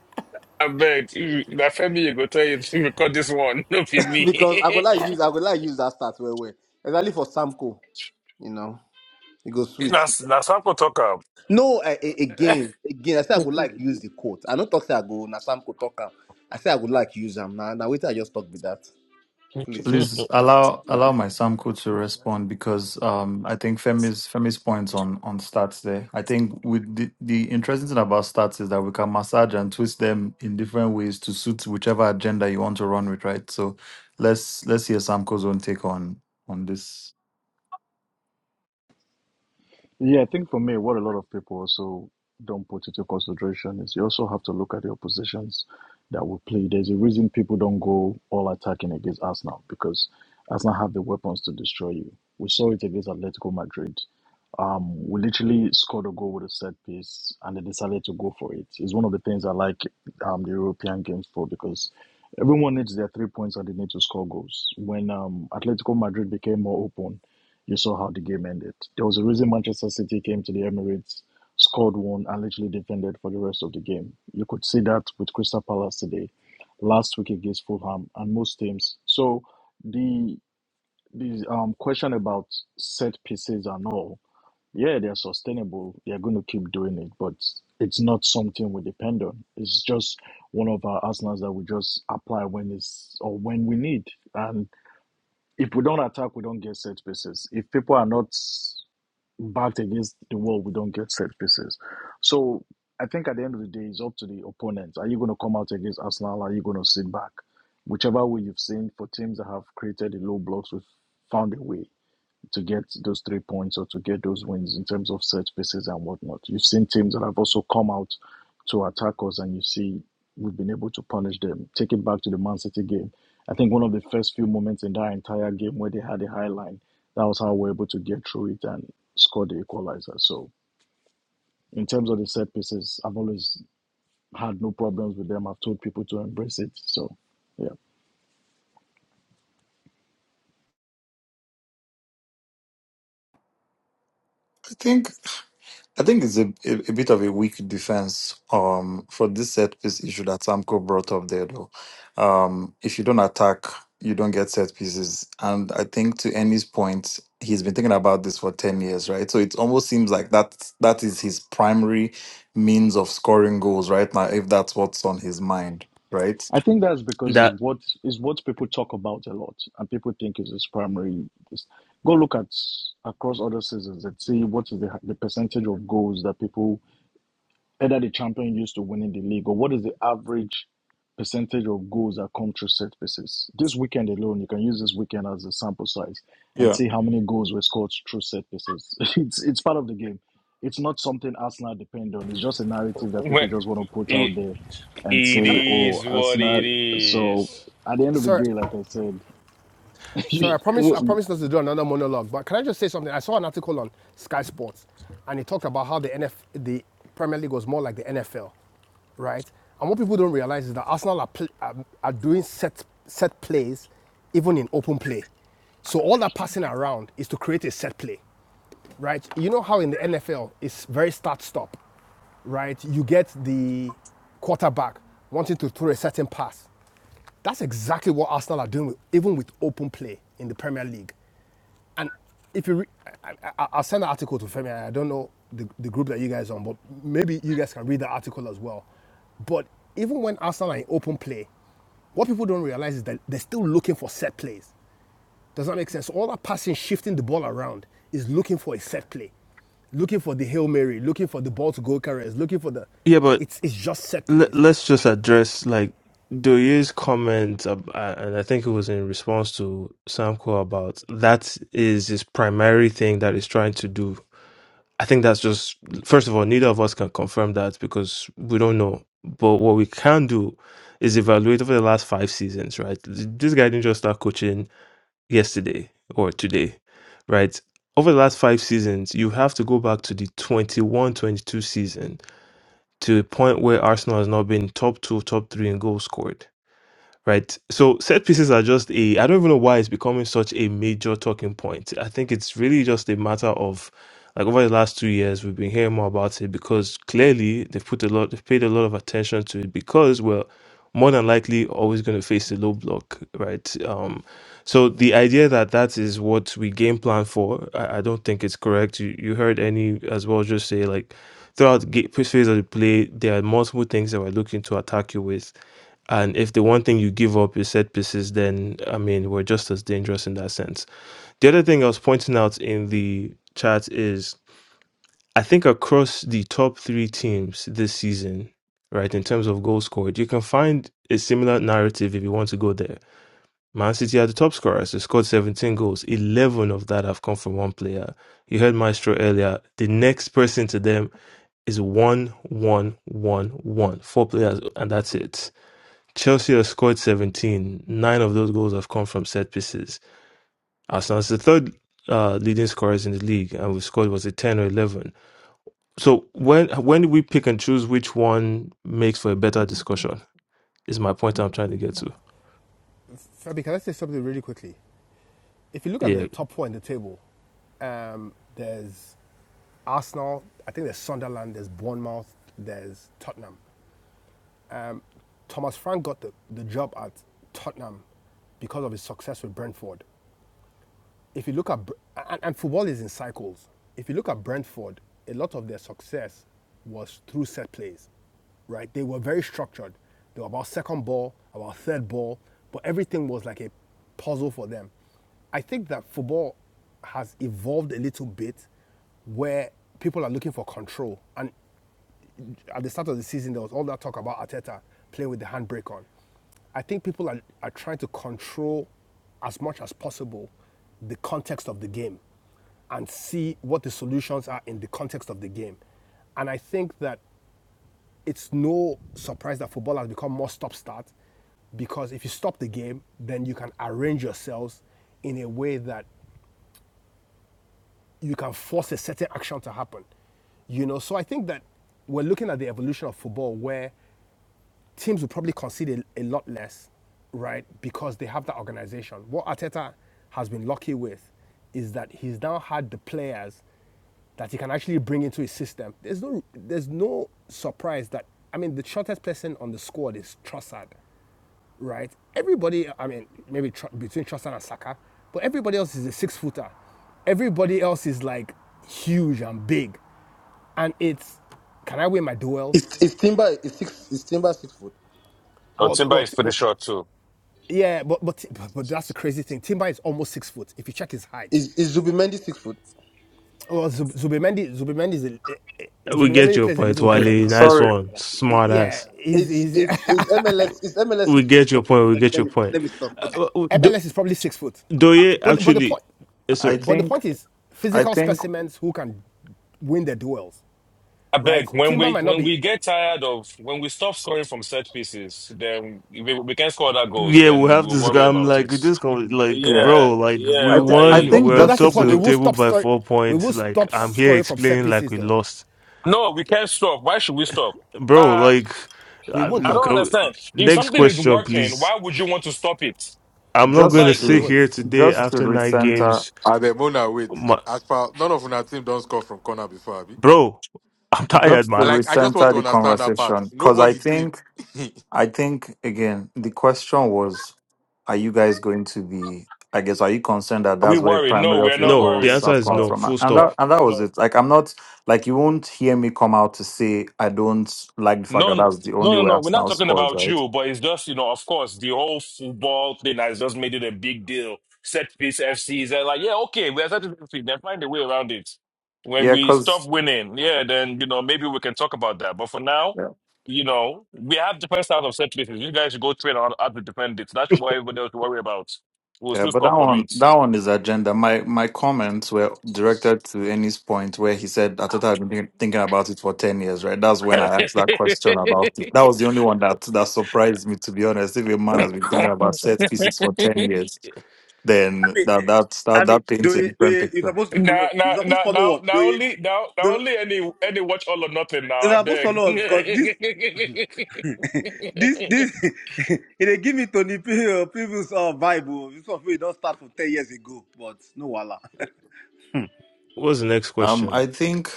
Speaker 2: I bet you, na Femi you go tell you to record this one, (laughs) no be
Speaker 3: (laughs) because I go
Speaker 2: me.
Speaker 3: like use I go like use that start well well. Exactly for Samco, you know. It goes
Speaker 2: (laughs)
Speaker 3: sweet.
Speaker 2: That's that's how talk up.
Speaker 3: No, I, I, again, again, I say I go like use the quote. I don't talk say I go na Samco talk am. I say I go like use them. Now now wait till I just talk with that. Please.
Speaker 7: Please
Speaker 2: (laughs)
Speaker 7: allow allow my Samko to respond because um I think Femi's Femi's points on on stats there. I think with the, the interesting thing about stats is that we can massage and twist them in different ways to suit whichever agenda you want to run with, right? So let's let's hear Samko's own take on on this
Speaker 6: Yeah, I think for me, what a lot of people also don't put into consideration is you also have to look at the oppositions that will play. There's a reason people don't go all attacking against Arsenal because Arsenal have the weapons to destroy you. We saw it against Atletico Madrid. Um, we literally scored a goal with a set piece and they decided to go for it. It's one of the things I like um, the European games for because everyone needs their three points and they need to score goals. When um, Atletico Madrid became more open, you saw how the game ended. There was a reason Manchester City came to the Emirates, scored one, and literally defended for the rest of the game. You could see that with Crystal Palace today, last week against Fulham, and most teams. So the the um, question about set pieces and all, yeah, they're sustainable. They're going to keep doing it, but it's not something we depend on. It's just one of our arsenals that we just apply when it's or when we need. and. If we don't attack, we don't get set pieces. If people are not backed against the wall, we don't get set pieces. So I think at the end of the day, it's up to the opponent. Are you going to come out against Arsenal? Are you going to sit back? Whichever way you've seen for teams that have created the low blocks, we've found a way to get those three points or to get those wins in terms of set pieces and whatnot. You've seen teams that have also come out to attack us, and you see we've been able to punish them. Take it back to the Man City game. I think one of the first few moments in that entire game where they had a high line, that was how we are able to get through it and score the equalizer. So, in terms of the set pieces, I've always had no problems with them. I've told people to embrace it. So, yeah.
Speaker 7: I think I think it's a, a, a bit of a weak defense um for this set piece issue that Samko brought up there though. Um if you don't attack, you don't get set pieces. And I think to Annie's point, he's been thinking about this for 10 years, right? So it almost seems like that that is his primary means of scoring goals right now, if that's what's on his mind, right?
Speaker 6: I think that's because it's
Speaker 1: That
Speaker 6: what is what people talk about a lot, and people think is its primary. It's, go look at across other seasons and see what is the the percentage of goals that people either the champion used to winning the league or what is the average percentage of goals that come through set pieces. This weekend alone, you can use this weekend as a sample size and
Speaker 7: Yeah.
Speaker 6: see how many goals were scored through set pieces. (laughs) It's it's part of the game. It's not something Arsenal depend on. It's just a narrative that people
Speaker 2: Well,
Speaker 6: just want to put
Speaker 2: it,
Speaker 6: out there and
Speaker 2: it
Speaker 6: say, "Oh,
Speaker 2: is what
Speaker 6: Arsenal."
Speaker 2: it
Speaker 6: So
Speaker 2: is.
Speaker 6: at the end of the
Speaker 11: Sorry,
Speaker 6: day, like I said, (laughs)
Speaker 11: Sorry,
Speaker 1: w-
Speaker 11: I promise.
Speaker 1: w-
Speaker 11: I
Speaker 6: we.
Speaker 11: promise not to do another monologue. But can I just say something? I saw an article on Sky Sports, and it talked about how the NF, the Premier League was more like the NFL, right? And what people don't realize is that Arsenal are, are, are doing set set plays, even in open play. So all that passing around is to create a set play, right? You know how in the NFL it's very start stop, right? You get the quarterback wanting to throw a certain pass, that's exactly what Arsenal are doing, with, even with open play in the Premier League. And if you, re- I, I, I'll send an article to Femi. I don't know the, the group that you guys are on, but maybe you guys can read the article as well. But even when Arsenal are in open play, what people don't realize is that they're still looking for set plays. Does that make sense? So All that passing, shifting the ball around, is looking for a set play, looking for the hail mary, looking for the ball to goal carriers, looking for the.
Speaker 1: yeah, but
Speaker 11: It's it's just set
Speaker 1: Let,
Speaker 11: plays.
Speaker 1: let's just address like Doye's comment, ab- uh, and I think it was in response to Samko about that is his primary thing that he's trying to do. I think that's just first of all, neither of us can confirm that because we don't know. But what we can do is evaluate over the last five seasons, right? This guy didn't just start coaching yesterday or today, right? Over the last five seasons, you have to go back to the 21 22 season to a point where Arsenal has now been top two, top three in goals scored right? So set pieces are just a I don't even know why it's becoming such a major talking point. I think it's really just a matter of like over the last two years we've been hearing more about it because clearly they've put a lot they've paid a lot of attention to it because we're more than likely always going to face a low block, right? Um, so the idea that that is what we game plan for, I, I don't think it's correct. You, you heard any as well just say like throughout the ga- phase of the play, there are multiple things that we're looking to attack you with and if the one thing you give up is set pieces, then I mean, we're just as dangerous in that sense. The other thing I was pointing out in the chat is I think across the top three teams this season, right, in terms of goals scored, you can find a similar narrative if you want to go there. Man City are the top scorers. They scored 17 goals. 11 of that have come from one player. You heard Maestro earlier. The next person to them is one, one, one, one. Four players, and that's it Chelsea have scored 17. Nine of those goals have come from set pieces. Arsenal is the third uh, leading scorers in the league, and we scored was it 10 or 11. So when when do we pick and choose which one makes for a better discussion? Is my point I'm trying to get to.
Speaker 11: Fabi, can I say something really quickly? if you look at
Speaker 1: Yeah,
Speaker 11: the top four in the table, um, there's Arsenal, I think there's Sunderland, there's Bournemouth, there's Tottenham. Um, Thomas Frank got the, the job at Tottenham because of his success with Brentford if you look at and, and football is in cycles. If you look at Brentford, a lot of their success was through set plays, right? They were very structured. They were about second ball, about third ball, but everything was like a puzzle for them. I think that football has evolved a little bit where people are looking for control. And at the start of the season, there was all that talk about Arteta playing with the handbrake on. I think people are, are trying to control as much as possible the context of the game and see what the solutions are in the context of the game. And I think that it's no surprise that football has become more stop start because if you stop the game, then you can arrange yourselves in a way that you can force a certain action to happen. You know, so I think that we're looking at the evolution of football where teams will probably concede a, a lot less, right? Because they have that organization. What Arteta has been lucky with is that he's now had the players that he can actually bring into his system. There's no there's no surprise that I mean the shortest person on the squad is Trossard, right? Everybody, I mean maybe tr- between Trossard and Saka, but everybody else is a six footer. Everybody else is like huge and big, and it's can I win my
Speaker 3: Is
Speaker 11: duels?
Speaker 3: is Timber is six is Timber six foot.
Speaker 2: Oh,
Speaker 11: Well, t-
Speaker 2: Timber
Speaker 11: well,
Speaker 2: is pretty
Speaker 11: well
Speaker 2: short too.
Speaker 11: Yeah, but but but, that's the crazy thing. Timber is almost six foot. If you check his height,
Speaker 3: Is is Zubimendi six foot?
Speaker 11: well, Zub- Zubimendi Zubimendi is a, eh, eh,
Speaker 1: we get
Speaker 11: Zubimendi
Speaker 1: your
Speaker 11: plays a
Speaker 1: point,
Speaker 11: little
Speaker 7: Okay.
Speaker 11: different
Speaker 1: Wale.
Speaker 11: because
Speaker 1: Nice
Speaker 11: he's,
Speaker 7: Sorry.
Speaker 1: one, smart
Speaker 11: yeah,
Speaker 1: ass.
Speaker 11: he's,
Speaker 3: Is
Speaker 11: he's
Speaker 3: is is MLS is MLS
Speaker 1: We
Speaker 3: six foot?
Speaker 1: get your
Speaker 3: Okay,
Speaker 1: point. We
Speaker 3: let me
Speaker 1: get
Speaker 3: let
Speaker 1: your
Speaker 3: me,
Speaker 1: point.
Speaker 3: let me stop. Okay,
Speaker 1: Uh, uh,
Speaker 11: (laughs)
Speaker 3: okay.
Speaker 1: Do-
Speaker 11: MLS is probably six foot,
Speaker 1: Doye
Speaker 11: but but the
Speaker 1: actually,
Speaker 11: point,
Speaker 1: yes,
Speaker 7: I
Speaker 1: sir.
Speaker 11: but the
Speaker 7: think
Speaker 11: point is
Speaker 7: I
Speaker 11: physical
Speaker 7: think
Speaker 11: specimens who can win the duels,
Speaker 2: I beg
Speaker 11: right?
Speaker 2: when
Speaker 11: Timber
Speaker 2: we
Speaker 11: might not
Speaker 2: when
Speaker 11: be,
Speaker 2: we get tired of when we stop scoring from set pieces, then we, we can score other goals.
Speaker 1: Yeah,
Speaker 2: Then
Speaker 1: we
Speaker 2: we
Speaker 1: have
Speaker 2: will
Speaker 1: this.
Speaker 2: worry
Speaker 1: I'm
Speaker 2: about
Speaker 1: like
Speaker 2: it.
Speaker 1: this. con- Like,
Speaker 7: yeah.
Speaker 2: Yeah,
Speaker 1: bro, like we
Speaker 7: I
Speaker 2: yeah.
Speaker 7: th- I
Speaker 2: like,
Speaker 1: won.
Speaker 11: but
Speaker 7: think
Speaker 1: We're
Speaker 11: but
Speaker 1: on
Speaker 11: that's the
Speaker 7: just
Speaker 1: top
Speaker 11: point.
Speaker 1: of
Speaker 11: We
Speaker 1: the
Speaker 7: to
Speaker 11: will
Speaker 1: table
Speaker 11: stop
Speaker 1: by
Speaker 11: start,
Speaker 1: four
Speaker 11: we will
Speaker 1: points. Like,
Speaker 11: stop
Speaker 1: I'm here
Speaker 11: scoring from set
Speaker 1: explaining like
Speaker 11: pieces
Speaker 1: we
Speaker 11: though.
Speaker 1: lost,
Speaker 2: No, we can't stop. Why should we stop?
Speaker 1: bro.
Speaker 2: Uh,
Speaker 1: Like,
Speaker 11: We won't
Speaker 2: I
Speaker 1: I-
Speaker 11: though.
Speaker 2: don't
Speaker 1: co-
Speaker 2: understand. If
Speaker 1: next
Speaker 2: something is
Speaker 1: question,
Speaker 2: working,
Speaker 1: please.
Speaker 2: why would you want to stop it?
Speaker 1: I'm not
Speaker 11: We,
Speaker 1: gonna
Speaker 7: just
Speaker 2: Like,
Speaker 11: we
Speaker 1: sit
Speaker 7: to
Speaker 11: would.
Speaker 1: here today
Speaker 7: just to
Speaker 1: after nine
Speaker 7: recenter
Speaker 1: games,
Speaker 13: Ademona, wait.
Speaker 1: my,
Speaker 13: As far none of una team don't score from corner before, Abi.
Speaker 1: bro. (laughs) I'm tired,
Speaker 7: Just to
Speaker 1: man.
Speaker 13: Like I just want
Speaker 7: recenter
Speaker 13: to
Speaker 7: the
Speaker 13: understand that part.
Speaker 7: conversation, because I
Speaker 13: Nobody team.
Speaker 7: think
Speaker 13: (laughs)
Speaker 7: I think again the question was, are you guys going to be? I guess are you concerned that
Speaker 2: are we
Speaker 7: that's where
Speaker 2: worried? No,
Speaker 7: primary of
Speaker 2: we're
Speaker 7: your
Speaker 2: not
Speaker 1: No, the
Speaker 7: goals
Speaker 2: worried.
Speaker 1: answer
Speaker 7: have
Speaker 1: is
Speaker 7: come
Speaker 2: No,
Speaker 1: no.
Speaker 7: from, A-
Speaker 1: Full
Speaker 7: and
Speaker 1: stop.
Speaker 2: no,
Speaker 7: that and that was
Speaker 2: no.
Speaker 7: it. Like I'm not like you won't hear me come out to say I don't like the fact
Speaker 2: No,
Speaker 7: that
Speaker 2: no,
Speaker 7: that's the only
Speaker 2: no,
Speaker 7: way
Speaker 2: no. We're not
Speaker 7: Arsenal
Speaker 2: talking
Speaker 7: scores,
Speaker 2: about
Speaker 7: right?
Speaker 2: you, but it's just, you know, of course, the whole football thing has just made it a big deal. Set piece FCs, they're like, yeah, okay, we're set piece. F C. Then find a way around it. When
Speaker 7: Yeah,
Speaker 2: we stop
Speaker 7: because
Speaker 2: winning, yeah, then, you know, maybe we can talk about that. But for now, you know, we have the first out of set pieces. You guys should go train on how to defend it. That's what everybody else to worry about. We'll
Speaker 7: Yeah,
Speaker 2: still
Speaker 7: but that
Speaker 2: score from
Speaker 7: one, that one is agenda. My my comments were directed to Eni's point where he said Ateta had been thinking thinking about it for ten years, right? That's when I asked that question about it.
Speaker 2: it.
Speaker 7: That was the only one that that surprised me, to be honest. If a man has been
Speaker 2: (laughs)
Speaker 7: thinking about set pieces for ten years,
Speaker 3: I
Speaker 7: then
Speaker 3: mean,
Speaker 7: that that
Speaker 3: I
Speaker 7: that,
Speaker 3: mean,
Speaker 7: that
Speaker 3: do
Speaker 7: paints a
Speaker 3: you, do
Speaker 7: different
Speaker 3: you, you're
Speaker 7: picture.
Speaker 3: supposed to follow
Speaker 2: Now,
Speaker 3: up.
Speaker 2: now,
Speaker 3: You're supposed to
Speaker 2: now,
Speaker 3: follow
Speaker 2: now,
Speaker 3: up. Do
Speaker 2: now
Speaker 3: you,
Speaker 2: only, now, now
Speaker 3: do,
Speaker 2: only any, any watch all or nothing. Now,
Speaker 3: you're
Speaker 2: I
Speaker 3: supposed to
Speaker 2: beg. (laughs)
Speaker 3: follow up because this,
Speaker 2: I
Speaker 3: this, this, (laughs) it give me Tony P- uh, previous uh, vibe. oh. This one we don't start from 10 years ago, but no, wala.
Speaker 1: What's the next
Speaker 7: Um,
Speaker 1: question?
Speaker 7: I think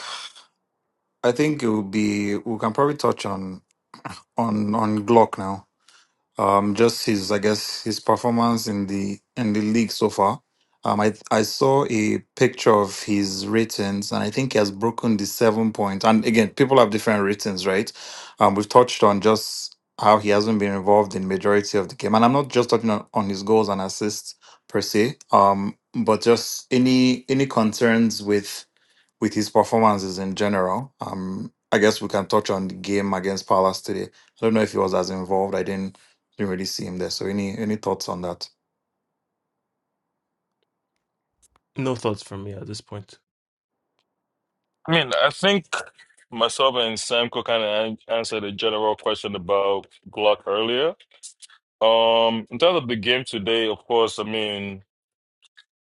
Speaker 7: I think it will be. We can probably touch on on on Glock now. Um, just his, I guess, his performance in the in the league so far. Um, I I saw a picture of his ratings, and I think he has broken the seven point. And again, people have different ratings, right? Um, we've touched on just how he hasn't been involved in majority of the game, and I'm not just touching on, on his goals and assists per se. Um, but just any any concerns with with his performances in general. Um, I guess we can touch on the game against Palace today. So I don't know if he was as involved. I didn't didn't really see him there. So any any thoughts on that?
Speaker 1: No thoughts from me at this point.
Speaker 2: mean, I think myself and Samko kind of answered a general question about Glock earlier. Um, in terms of the game today, of course, I mean,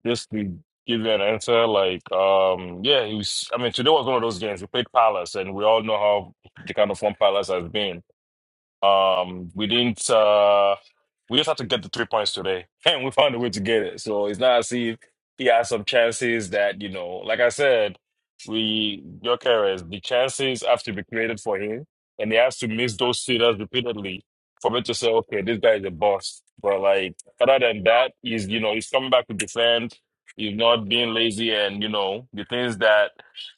Speaker 2: just to give you an answer, like, um, yeah, he was. I mean, today was one of those games. We played Palace, and we all know how the kind of form Palace has been. Um, we didn't. Uh, we just had to get the three points today, (laughs) and we found a way to get it. So it's not as if he had some chances that you know, like I said, we Gyökeres, the chances have to be created for him, and he has to miss those sitters repeatedly for me to say, okay, this guy is a boss. But like other than that, he's you know he's coming back to defend. He's not being lazy, and you know the things that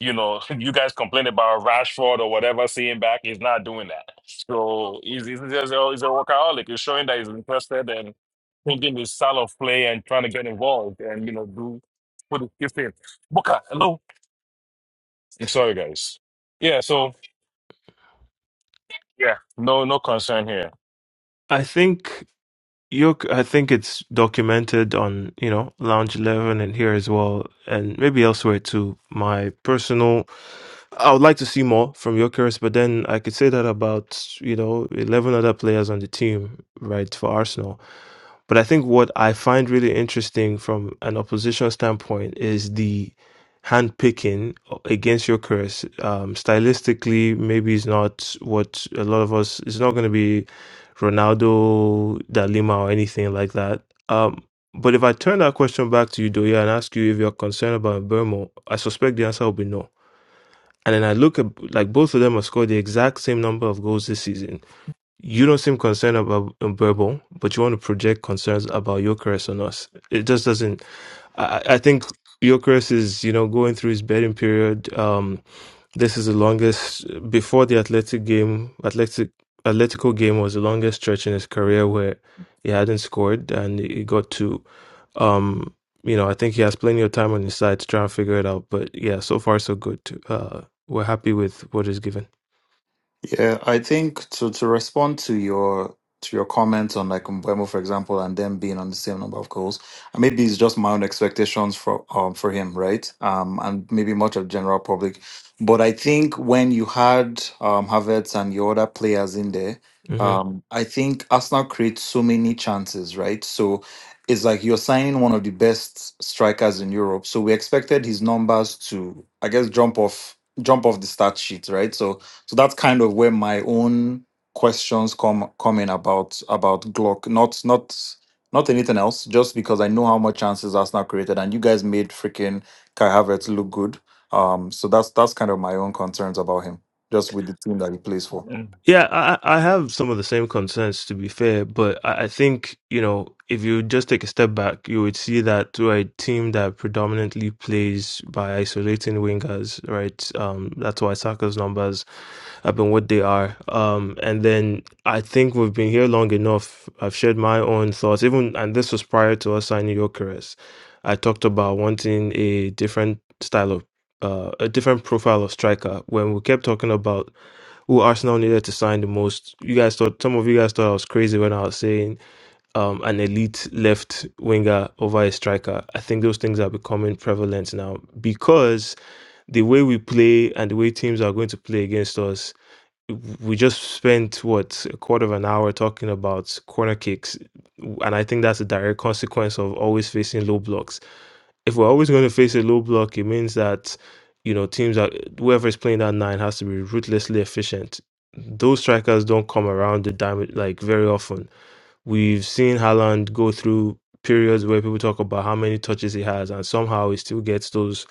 Speaker 2: you know, (laughs) you guys complain about Rashford or whatever, seeing back, he's not doing that. So he's, he's, just a, he's a workaholic. He's showing that he's interested and thinking his style of play and trying to get involved and, you know, do put his gift in. Booker, hello. I'm sorry, guys. Yeah, so, yeah, no no concern here.
Speaker 1: I think you I think it's documented on, you know, Lounge 11 and here as well and maybe elsewhere too. My personal I would like to see more from Jokeris, but then I could say that about, you know, 11 other players on the team, right, for Arsenal. But I think what I find really interesting from an opposition standpoint is the handpicking against your curse. Um, stylistically, maybe it's not what a lot of us, it's not going to be Ronaldo, Dalima, or anything like that. Um, but if I turn that question back to you, Doya, and ask you if you're concerned about Burmo, I suspect the answer will be no. And then I look at like both of them have scored the exact same number of goals this season you don't seem concerned about verbal, but you want to project concerns about Jokeres on us. It just doesn't. I, I I think Jokeres is, you know, going through his betting period. Um, this is the longest before the Athletic game. Athletic Atletico game was the longest stretch in his career where he hadn't scored, and he got to. Um, you know, I think he has plenty of time on his side to try and figure it out. But yeah, so far so good. Uh, we're happy with what is given.
Speaker 7: Yeah, I think to to respond to your to your comment on like Mbeumo, for example, and them being on the same number of goals, and maybe it's just my own expectations for um for him, right? Um, and maybe much of general public, but I think when you had um Havertz and your other players in there,
Speaker 1: Uh huh.
Speaker 7: um, I think Arsenal creates so many chances, right? So it's like you're signing one of the best strikers in Europe, so we expected his numbers to, I guess, jump off jump off the stat sheet, right? So so that's kind of where my own questions come come in about about Glock. Not not not anything else, just because I know how much chances Arsenal created and you guys made freaking Kai Havertz look good. Um so that's that's kind of my own concerns about him, just with the team that he plays for.
Speaker 2: Mm.
Speaker 1: Yeah, I, I have some of the same concerns to be fair, but I I think, you know, if you just take a step back, you would see that to a team that predominantly plays by isolating wingers, right? Um, that's why Saka's numbers have been what they are. Um, and then I think we've been here long enough. I've shared my own thoughts, even, and this was prior to us signing Jokeres. I talked about wanting a different style of, uh, a different profile of striker when we kept talking about who Arsenal needed to sign the most. You guys thought some of you guys thought I was crazy when I was saying um, an elite left winger over a striker. I think those things are becoming prevalent now because the way we play and the way teams are going to play against us. We just spent what a quarter of an hour talking about corner kicks, and I think that's a direct consequence of always facing low blocks if we're always going to face a low block, it means that you know teams are whoever is playing that nine has to be ruthlessly efficient. Those strikers don't come around the diamond like very often. We've seen Haaland go through periods where people talk about how many touches he has, and somehow he still gets those,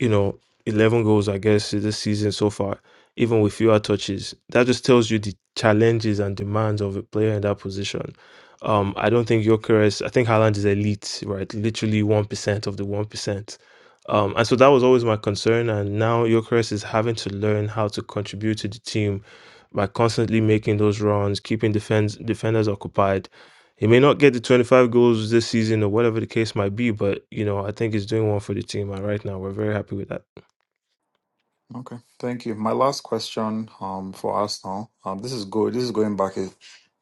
Speaker 1: you know, 11 goals, I guess, this season so far, even with fewer touches. That just tells you the challenges and demands of a player in that position. Um, I don't think Jokeres, I think Haaland is elite, right? Literally 1% of the 1%. Um, and so that was always my concern. And now Jokeres is having to learn how to contribute to the team by constantly making those runs, keeping defense defenders occupied. He may not get the 25 goals this season or whatever the case might be, but you know, I think he's doing one for the team and right now we're very happy with that.
Speaker 7: Okay, thank you. My last question um, for us now. Um, this is good. This is going back a,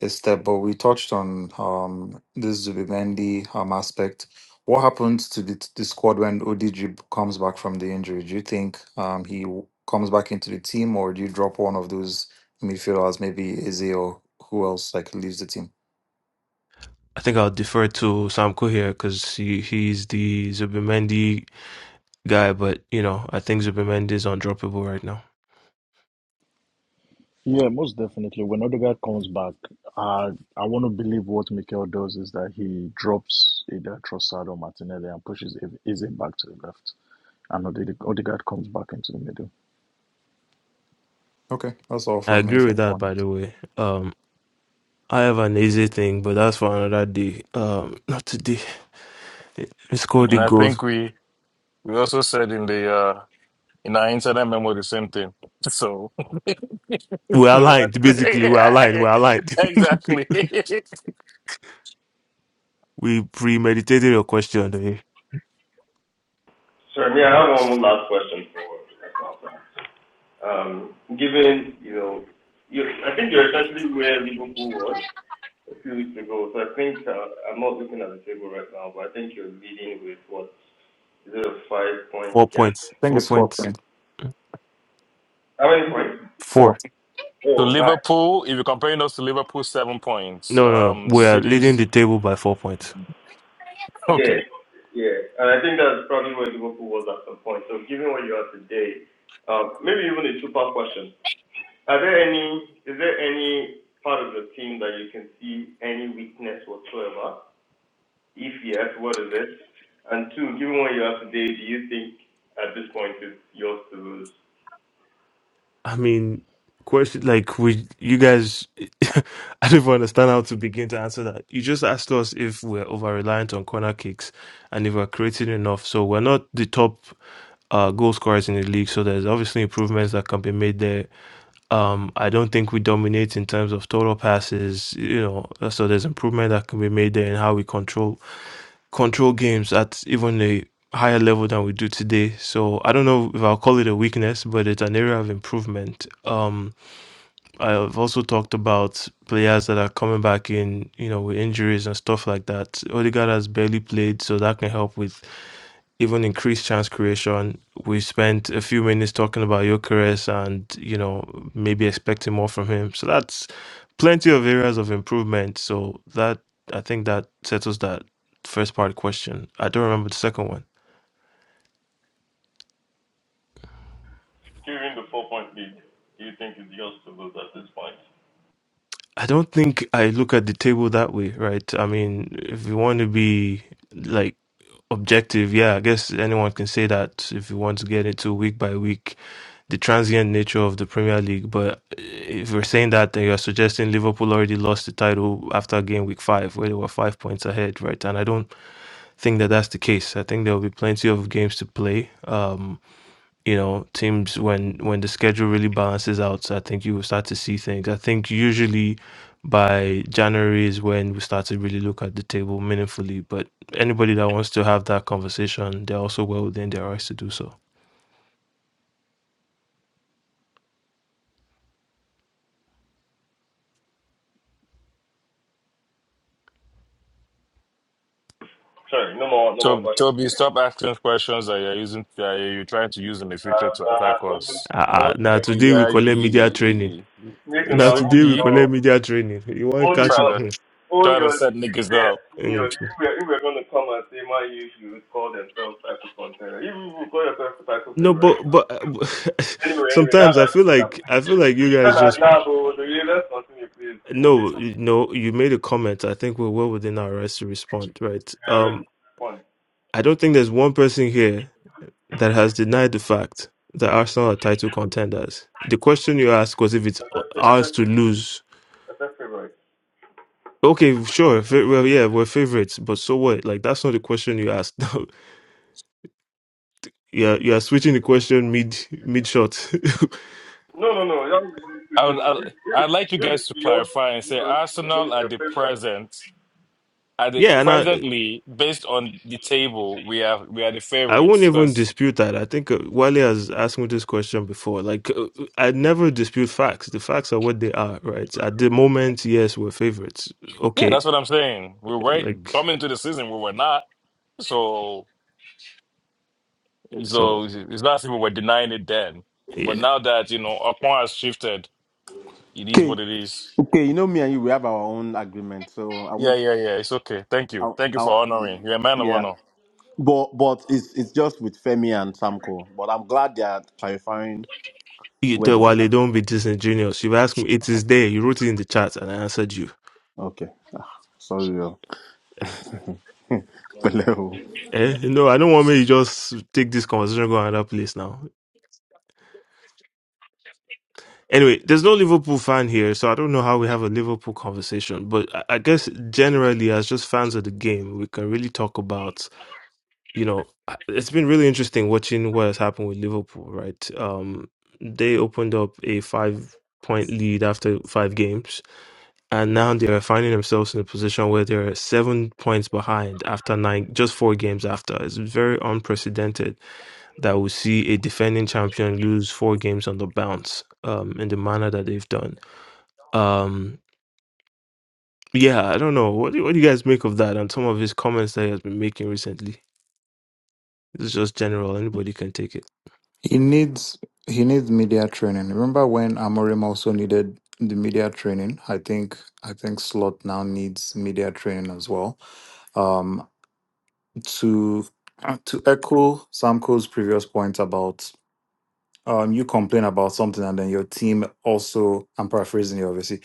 Speaker 7: a step, but we touched on um, this Zubimendi um, aspect. What happens to the, the squad when ODG comes back from the injury? Do you think um, he w- comes back into the team, or do you drop one of those midfielders, maybe Eze or who else, like leaves the team?
Speaker 1: I think I'll defer to Sam Coher because he, he's the Zubimendi guy, but you know, I think Zubimendi is undroppable right now.
Speaker 6: Yeah, most definitely. When Odegaard comes back, uh, I want to believe what Mikel does is that he drops either Trossard or Martinelli and pushes Eze back to the left, and Ode- Odegaard comes back into the middle.
Speaker 7: Okay, that's all
Speaker 1: I
Speaker 7: from me.
Speaker 1: agree
Speaker 7: If
Speaker 1: with that
Speaker 7: anyone,
Speaker 1: by the
Speaker 7: I
Speaker 1: way. Um I have an easy thing, but that's for another day. Um not today. Let's call the
Speaker 2: And I
Speaker 1: goal.
Speaker 2: think we we also said in the, uh, in our incident memo the same thing. So,
Speaker 1: We're aligned, basically. We're aligned. We're
Speaker 2: (laughs)
Speaker 1: aligned. (laughs)
Speaker 2: exactly. (laughs)
Speaker 1: We premeditated your question. eh?
Speaker 5: Yeah, I have one last question. Um, where Liverpool two weeks ago, so I think uh, I'm not looking at the table right now, but I think you're leading with what is it a five point
Speaker 1: Four
Speaker 5: gap?
Speaker 1: points.
Speaker 7: think
Speaker 1: Four
Speaker 7: it's four
Speaker 1: points.
Speaker 7: point
Speaker 5: How many points?
Speaker 7: four.
Speaker 1: Four.
Speaker 2: To Liverpool, if you're comparing us to Liverpool, seven points.
Speaker 1: No, no, no.
Speaker 2: Um,
Speaker 1: We are
Speaker 2: City,
Speaker 1: leading the
Speaker 2: six. (laughs)
Speaker 1: table by four points.
Speaker 2: Okay.
Speaker 1: I mean, question like we you guys, (laughs) I don't even understand how to begin to answer that. You just asked us if we're over reliant on corner kicks and if we're creating enough. So we're not the top uh, goal scorers in the league. So there's obviously improvements that can be made there um, I don't think we dominate in terms of total passes, you know, so there's improvement that can be made there in how we control control games at even a higher level than we do today. So I don't know if I'll call it a weakness, but it's an area of improvement. Um, I've also talked about players that are coming back in, you know, with injuries and stuff like that. Odegaard has barely played, so that can help with even increased chance creation. We spent a few minutes talking about Gyökeres and, you know, maybe expecting more from him. So that's plenty of areas of improvement. So that I think that settles that first part question. I don't remember the second one. I don't think I look at the table that way, right? I mean, if you want to be like objective, yeah, I guess anyone can say that if you want to get into week by week, the transient nature of the Premier League. But eh, if you're saying that, then you're suggesting Liverpool already lost the title after game week five, where they were five points ahead, right? And I don't think that that's the case. I think there will be plenty of games to play. Um, you know, teams when when the schedule really balances out, so I think you will start to see things. I think usually by January is when we start to really look at the table meaningfully. But anybody that wants to have that conversation, they're also well within their rights to do so.
Speaker 2: so Toby, stop asking us questions that you're using. Uh, you're trying to use in the future to
Speaker 5: Uh,
Speaker 2: attack us.
Speaker 1: Ah, ah, now
Speaker 5: okay.
Speaker 1: today we
Speaker 2: Yeah,
Speaker 1: call it media training.
Speaker 2: you,
Speaker 5: You can
Speaker 1: Now
Speaker 2: it's
Speaker 5: now.
Speaker 2: okay.
Speaker 1: today we
Speaker 2: you
Speaker 1: call
Speaker 5: know
Speaker 1: it media training. You want to
Speaker 5: own
Speaker 1: catch?
Speaker 2: trying
Speaker 5: your
Speaker 2: to
Speaker 1: Mm.
Speaker 5: own
Speaker 2: trying to
Speaker 5: your
Speaker 2: set
Speaker 5: lead with
Speaker 2: niggas up.
Speaker 5: Own your league.
Speaker 1: mm.
Speaker 5: if we're, if we're gonna come and say man, you should call themselves title contender. If you will call yourself a title
Speaker 1: no,
Speaker 5: favorite.
Speaker 1: but but (laughs)
Speaker 5: Anyway, anyway, that
Speaker 1: sometimes I feel
Speaker 5: that
Speaker 1: like
Speaker 5: was
Speaker 1: I feel like you guys just No, no, you made a comment. I think we're well within our rights to respond, right? Um,
Speaker 5: fun.
Speaker 1: I don't think there's one person here that has denied the fact that Arsenal are title contenders. The question you asked was if it's ours to lose. Okay, sure. fa- Well, yeah, we're favorites, but so what? Like, that's not the question you asked. (laughs) yeah, you are you are switching the question mid mid shot.
Speaker 5: No, no, no. That,
Speaker 2: I would, I, I'd like you guys to clarify and say Arsenal at the present, at
Speaker 1: (laughs)
Speaker 2: the
Speaker 1: yeah, and I,
Speaker 2: presently, based on the table, we have we are the
Speaker 1: I won't even
Speaker 2: favorites
Speaker 1: dispute that. I think uh, Wale has asked me this question before. Like, uh, uh, I never dispute facts. The facts are what they are, right? At the moment, yes, we're favorites.
Speaker 2: Yeah,
Speaker 1: Okay,
Speaker 2: that's what I'm saying. We're right
Speaker 1: like,
Speaker 2: coming into the season we were not. So
Speaker 1: so,
Speaker 2: so it's not as if we were denying it then. But
Speaker 1: yeah.
Speaker 2: now that, you know, upon has shifted, it is
Speaker 3: Okay,
Speaker 2: what it is.
Speaker 3: okay, you know me and you, we have our own agreement, so I
Speaker 2: Yeah,
Speaker 3: won't.
Speaker 2: yeah, yeah. It's okay. Thank you.
Speaker 3: I'll,
Speaker 2: Thank you
Speaker 3: i
Speaker 2: for honoring. You're a man of
Speaker 3: yeah,
Speaker 2: honor.
Speaker 3: but but it's it's just with Femi and Samko. But I'm glad they are clarifying
Speaker 1: You
Speaker 3: where
Speaker 1: tell
Speaker 3: they
Speaker 1: Wale,
Speaker 3: stand.
Speaker 1: don't be disingenuous. You've asked me, it is there. You wrote it in the chat, and I answered you.
Speaker 3: Okay. Ah, sorry, uh, Peleu. (laughs)
Speaker 1: Eh? No, I don't want me to just take this conversation and go another place now. Anyway, there's no Liverpool fan here, so I don't know how we have a Liverpool conversation. But I I guess generally, as just fans of the game, we can really talk about you know, I- it's been really interesting watching what has happened with Liverpool, right? Um, they opened up a five point lead after five games, and now they're finding themselves in a position where they're seven points behind after nine, just four games after. It's very unprecedented that we see a defending champion lose four games on the bounce, um, in the manner that they've done. Um, yeah, I don't know. What do, what do you guys make of that and some of his comments that he has been making recently? It's just general. Anybody can take it.
Speaker 7: He needs he needs media training. Remember when Amorim also needed the media training? I think I think Slot now needs media training as well. Um, to to echo Samko's previous point about um, you complain about something and then your team also. I'm paraphrasing here, obviously.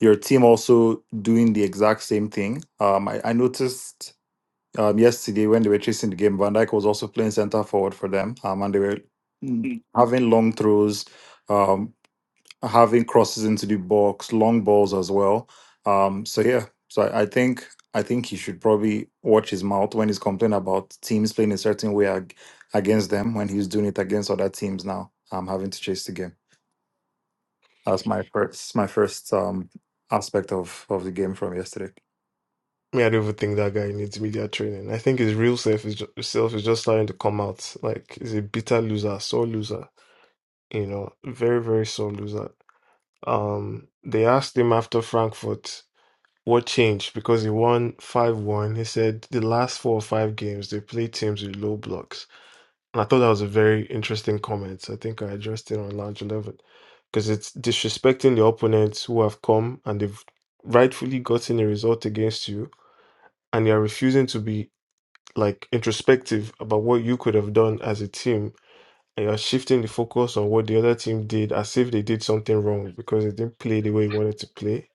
Speaker 7: Your team also doing the exact same thing. Um, I, I noticed um, yesterday, when they were chasing the game, Van Dijk was also playing centre forward for them, um, and they were mm, having long throws, um, having crosses into the box, long balls as well. Um, so yeah, so I, I think I think he should probably watch his mouth when he's complaining about teams playing a certain way ag- against them when he's doing it against other teams now. Um, having to chase the game. That's my first my first um aspect of of the game from yesterday.
Speaker 1: Me, I don't even think that guy needs media training. I think his real self is just, self is just starting to come out. Like he's a bitter loser, sore loser. You know, very very sore loser. Um, they asked him after Frankfurt what changed because he won five one. He said the last four or five games they played teams with low blocks. And I thought that was a very interesting comment. I think I addressed it on Lounge 11 because it's disrespecting the opponents who have come and they've rightfully gotten a result against you, and you're refusing to be like introspective about what you could have done as a team, and you're shifting the focus on what the other team did as if they did something wrong because they didn't play the way you wanted to play.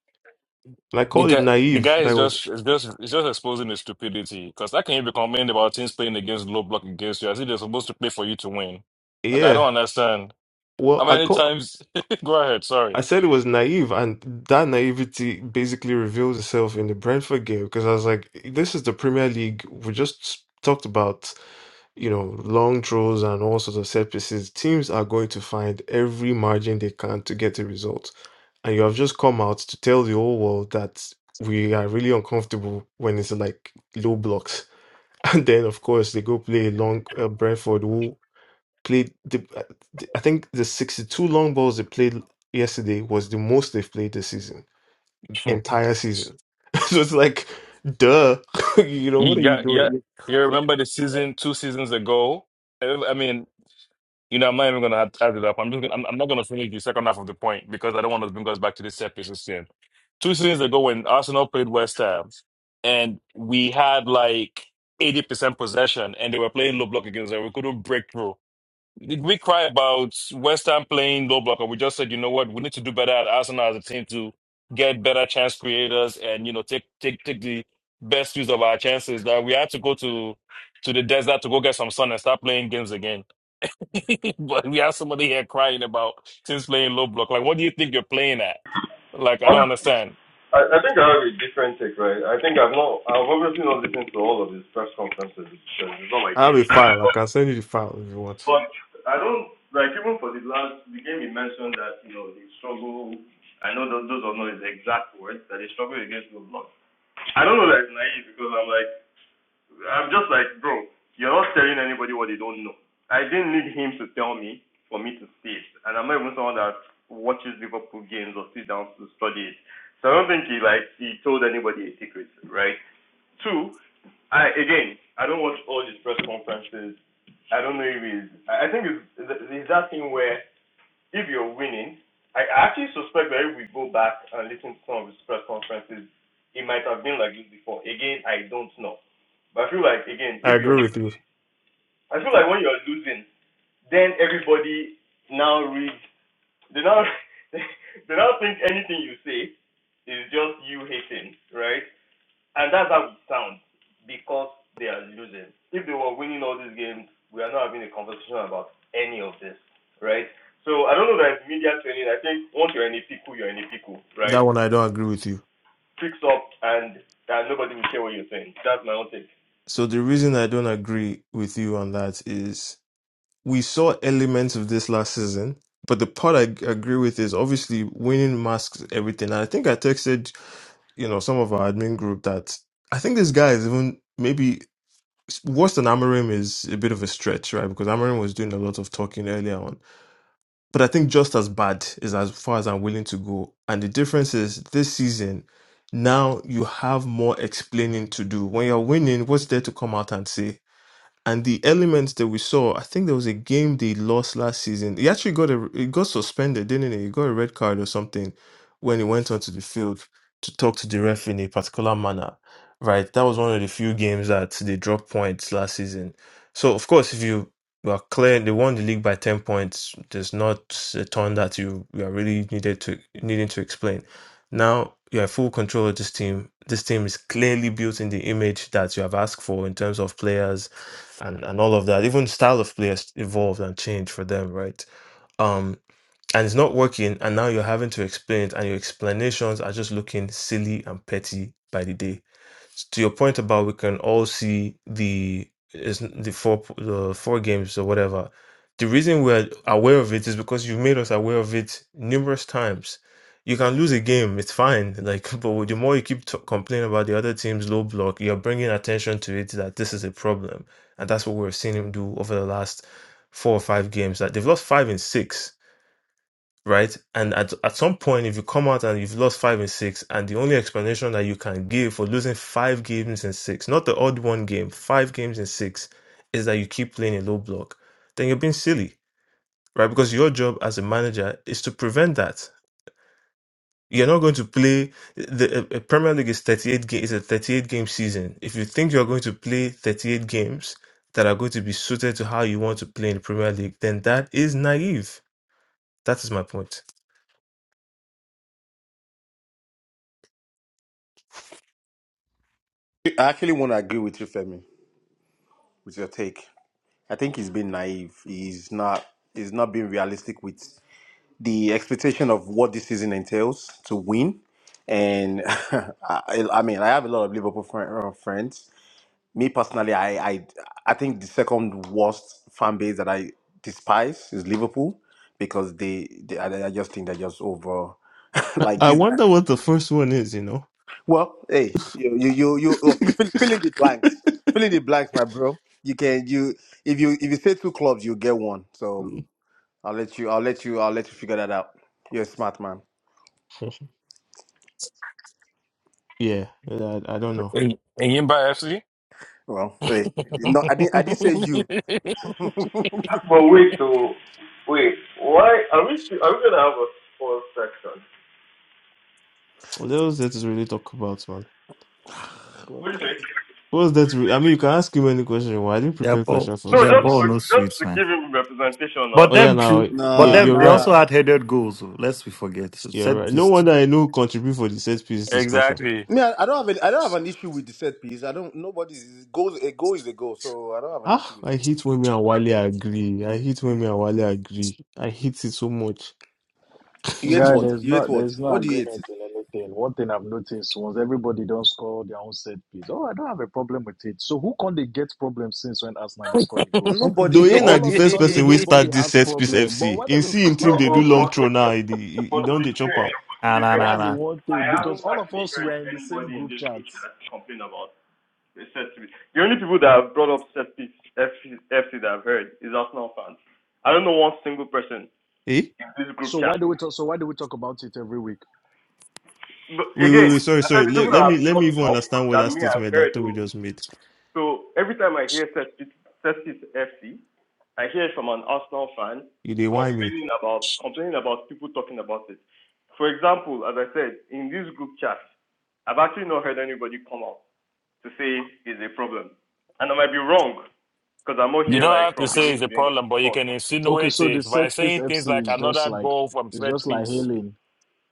Speaker 1: And I
Speaker 2: The
Speaker 1: called it
Speaker 2: guy, the
Speaker 1: naive.
Speaker 2: guy is
Speaker 1: That was,
Speaker 2: just is just is just exposing his stupidity. Because how can you be complaining about teams playing against low block against you as if they're supposed to play for you to win? Like I
Speaker 1: yeah.
Speaker 2: don't understand. How
Speaker 1: Well, I
Speaker 2: many
Speaker 1: call.
Speaker 2: times (laughs) go ahead,
Speaker 1: I
Speaker 2: sorry.
Speaker 1: said it was naive, and that naivety basically reveals itself in the Brentford game because I was like, this is the Premier League. We just talked about, you know, long throws and all sorts of set pieces. Teams are going to find every margin they can to get a result. And you have just come out to tell the whole world that we are really uncomfortable when it's like low blocks. (laughs) And then, of course, they go play long uh, Brentford, who played the, uh, th- I think the 62 long balls they played yesterday was the most they've played this season,
Speaker 2: (laughs)
Speaker 1: entire season. (laughs) so it's like, duh, (laughs) you know, what are you
Speaker 2: Yeah, yeah.
Speaker 1: doing?
Speaker 2: You remember the season two seasons ago? I I mean, you know, I'm not even gonna add, add it up. I'm just gonna, I'm, I'm not gonna finish the second half of the point because I don't want to bring us back to this set piece again. Two seasons ago, when Arsenal played West Ham, and we had like 80% possession, and they were playing low block against us, and we couldn't break through we cry about West Ham playing low block, and we just said, you know what, we need to do better at Arsenal as a team to get better chance creators and you know take take take the best use of our chances. That we had to go to to the desert to go get some sun and start playing games again. (laughs) but we have somebody here crying about teams playing low block. Like, what do you think you're playing at? Like, I
Speaker 5: I'm,
Speaker 2: don't understand.
Speaker 5: I, I think I have a different take, right? I think I've not I've obviously not listened to all of his press conferences because it's not my
Speaker 1: I have
Speaker 5: thing.
Speaker 1: a file. I can send you the file if you want.
Speaker 5: But I don't like even for the last the game he mentioned that, you know, they struggle I know tho- those are not his exact words, that they struggle against the block. I don't know that it's naive because I'm like I'm just like, bro, you're not telling anybody what they don't know. I didn't need him to tell me for me to see it, and I'm not even someone that watches Liverpool games or sits down to study it. So I don't think he like he told anybody a secret, right? Two, I again, I don't watch all these press conferences. I don't know if he's. I think it's, it's that thing where if you're winning, I actually suspect that if we go back and listen to some of his press conferences, it might have been like this before. Again, I don't know. But I feel like again,
Speaker 1: I
Speaker 5: if you're
Speaker 1: agree with
Speaker 5: lo-
Speaker 1: you.
Speaker 5: I feel like when you're losing, then everybody now reads they now (laughs) they now think anything you say is just you hating, right? And that's how it sounds because they are losing. If they were winning all these games, we are not having a conversation about any of this, right? So I don't know that it's media training. I think once you're in a pickle, you're in a pickle, right?
Speaker 1: That one I don't agree with you.
Speaker 5: Fix up and and nobody will care what you're saying. That's my own take.
Speaker 1: So the reason I don't agree with you on that is we saw elements of this last season, but the part I g- agree with is obviously winning masks everything. And I think I texted, you know, some of our admin group that I think this guy is even maybe worse than Amarim is a bit of a stretch, right? Because Amarim was doing a lot of talking earlier on. But I think just as bad is as far as I'm willing to go. And the difference is this season, now you have more explaining to do. When you're winning, what's there to come out and say? and the elements that we saw, I think there was a game they lost last season. He actually got a he got suspended, didn't he? He got a red card or something when he went onto the field to talk to the ref in a particular manner. Right, that was one of the few games that they dropped points last season. So of course, if you you are clear, they won the league by ten points. There's not a ton that you you are really needed to needing to explain. Now you have full control of this team. This team is clearly built in the image that you have asked for in terms of players and and all of that. Even style of play has evolved and changed for them, right? Um, and it's not working, and now you're having to explain it, and your explanations are just looking silly and petty by the day so to your point about we can all see the is the four the four games or whatever. The reason we're aware of it is because you've made us aware of it numerous times. You can lose a game, it's fine. (laughs) Like, but the more you keep t- complaining about the other team's low block, you're bringing attention to it that this is a problem, and that's what we're seeing him do over the last four or five games. That they've lost five and six right? And at, at some point, if you come out and you've lost five in six, and the only explanation that you can give for losing five games in six, not the odd one game, five games in six, is that you keep playing a low block, then you're being silly, right? Because your job as a manager is to prevent that. You're not going to play the uh, uh, Premier League is 38 ga- is a 38 game season. If you think you're going to play 38 games that are going to be suited to how you want to play in the Premier League, then that is naive. That is my point.
Speaker 3: I actually want to agree with you, Femi, with your take. I think he's been naive. He's not. He's not being realistic with the expectation of what this season entails to win. And (laughs) I, I mean, I have a lot of Liverpool friend, uh, friends. Me personally, I, I I think the second worst fan base that I despise is Liverpool because they, they I, I just think they're just over. (laughs)
Speaker 1: I
Speaker 3: like
Speaker 1: I
Speaker 3: this.
Speaker 1: wonder what the first one is, you know?
Speaker 3: Well, hey, you you you you oh, fill, fill fill in the blanks. Fill in the blanks, my bro. You can you if you if you say two clubs, you get one. So I'll let you I'll let you I'll let you figure that out. You're a smart man.
Speaker 1: (laughs) yeah, I, I don't know.
Speaker 2: And, and you buy FC?
Speaker 3: Well, hey, no, I didn't I didn't say you.
Speaker 1: What else that is really talk about, man?
Speaker 3: (laughs)
Speaker 5: What do you say?
Speaker 1: What's that? Re- I mean, you can ask him any question. Why I didn't
Speaker 7: Their
Speaker 1: prepare
Speaker 7: ball,
Speaker 1: question for us
Speaker 5: No,
Speaker 7: their
Speaker 5: just
Speaker 7: ball,
Speaker 1: first.
Speaker 7: no
Speaker 5: just
Speaker 7: sweets,
Speaker 5: to give him representation now,
Speaker 7: But
Speaker 1: Oh
Speaker 5: because.
Speaker 1: yeah,
Speaker 7: them
Speaker 1: now
Speaker 7: too.
Speaker 1: yeah,
Speaker 7: But
Speaker 3: nah,
Speaker 1: you're
Speaker 7: them they
Speaker 1: right.
Speaker 7: also
Speaker 3: nah.
Speaker 7: had headed goals. oh, Lest we forget. So
Speaker 1: You're
Speaker 7: set
Speaker 1: right. No
Speaker 7: this.
Speaker 1: wonder I know contribute for the set piece discussion.
Speaker 2: Exactly.
Speaker 3: Me, I, I don't have any, I don't have an issue with the set piece. I don't. Nobody's goes a goal is a goal, so I don't have an issue
Speaker 1: Ah,
Speaker 3: with
Speaker 1: I
Speaker 3: it.
Speaker 1: hate when me and Wale agree. I hate when me and Wale agree. I hate it so much. (laughs)
Speaker 3: You ate
Speaker 6: Guy,
Speaker 3: what?
Speaker 6: there's
Speaker 3: You ate
Speaker 6: not
Speaker 3: what?
Speaker 6: there's no
Speaker 3: What do you eat?
Speaker 6: agreement in anything. One thing I've noticed once everybody don't score their own set piece. Oh, I don't have a problem with it. So who can they get problems since when Arsenal they scored the
Speaker 2: you
Speaker 6: goals?
Speaker 3: Nobody.
Speaker 1: Doyen na
Speaker 3: Nobody.
Speaker 6: All
Speaker 1: the
Speaker 6: of a
Speaker 1: first person
Speaker 6: sudden,
Speaker 1: we start
Speaker 6: nobody
Speaker 1: this
Speaker 6: has
Speaker 1: set piece
Speaker 6: problem. But
Speaker 1: FC.
Speaker 6: when they
Speaker 1: In
Speaker 6: go
Speaker 1: see in
Speaker 5: No,
Speaker 1: team
Speaker 6: score,
Speaker 1: they
Speaker 6: (laughs)
Speaker 1: do
Speaker 5: but,
Speaker 1: long
Speaker 5: but,
Speaker 1: throw now. He, he, he
Speaker 5: but to
Speaker 1: don't
Speaker 5: be
Speaker 1: they chop
Speaker 5: fair,
Speaker 1: out.
Speaker 5: to
Speaker 7: Ah,
Speaker 5: be
Speaker 7: nah,
Speaker 5: fair,
Speaker 7: nah,
Speaker 6: that's the
Speaker 7: nah.
Speaker 6: one
Speaker 5: I
Speaker 6: thing because
Speaker 5: haven't
Speaker 6: all of
Speaker 5: actually
Speaker 6: us were
Speaker 5: heard
Speaker 6: in the same
Speaker 5: anybody in
Speaker 6: group
Speaker 5: this
Speaker 6: chat.
Speaker 5: group that complain about the set piece. The only people that have brought up set piece FC, that I've heard is Arsenal fans. I don't know one single person
Speaker 1: Eh?
Speaker 5: in this group
Speaker 6: So why
Speaker 5: chat.
Speaker 6: do we talk? So why do we talk about it every week?
Speaker 5: But
Speaker 1: Wait, wait,
Speaker 5: again,
Speaker 1: wait. Sorry,
Speaker 5: I
Speaker 1: sorry.
Speaker 5: said the
Speaker 1: Let,
Speaker 5: people that
Speaker 1: let me
Speaker 5: have
Speaker 1: let me
Speaker 5: brought it
Speaker 1: even
Speaker 5: up
Speaker 1: understand what
Speaker 5: that
Speaker 1: that
Speaker 5: me I've
Speaker 1: statement that
Speaker 5: heard.
Speaker 1: Toby
Speaker 5: oh.
Speaker 1: just made.
Speaker 5: So every time I hear set set piece FC, I hear it from an Arsenal fan
Speaker 1: You dey whine me.
Speaker 5: complaining about complaining about people talking about it. For example, as I said, in this group chat, I've actually not heard anybody come out to say it's a problem. And I might be wrong, because I'm not
Speaker 2: don't
Speaker 5: here
Speaker 2: have
Speaker 5: like
Speaker 2: to
Speaker 5: from
Speaker 2: say it's
Speaker 5: beginning
Speaker 2: a
Speaker 5: to the end of the
Speaker 2: problem, but you
Speaker 5: report.
Speaker 2: can
Speaker 6: Okay,
Speaker 2: insinuate
Speaker 6: so the
Speaker 2: it
Speaker 6: set
Speaker 2: by
Speaker 6: piece
Speaker 2: saying things
Speaker 6: FC
Speaker 2: like
Speaker 6: is just
Speaker 2: another
Speaker 6: like
Speaker 2: goal from
Speaker 6: it's
Speaker 2: set
Speaker 6: just like
Speaker 2: piece.
Speaker 6: hailing.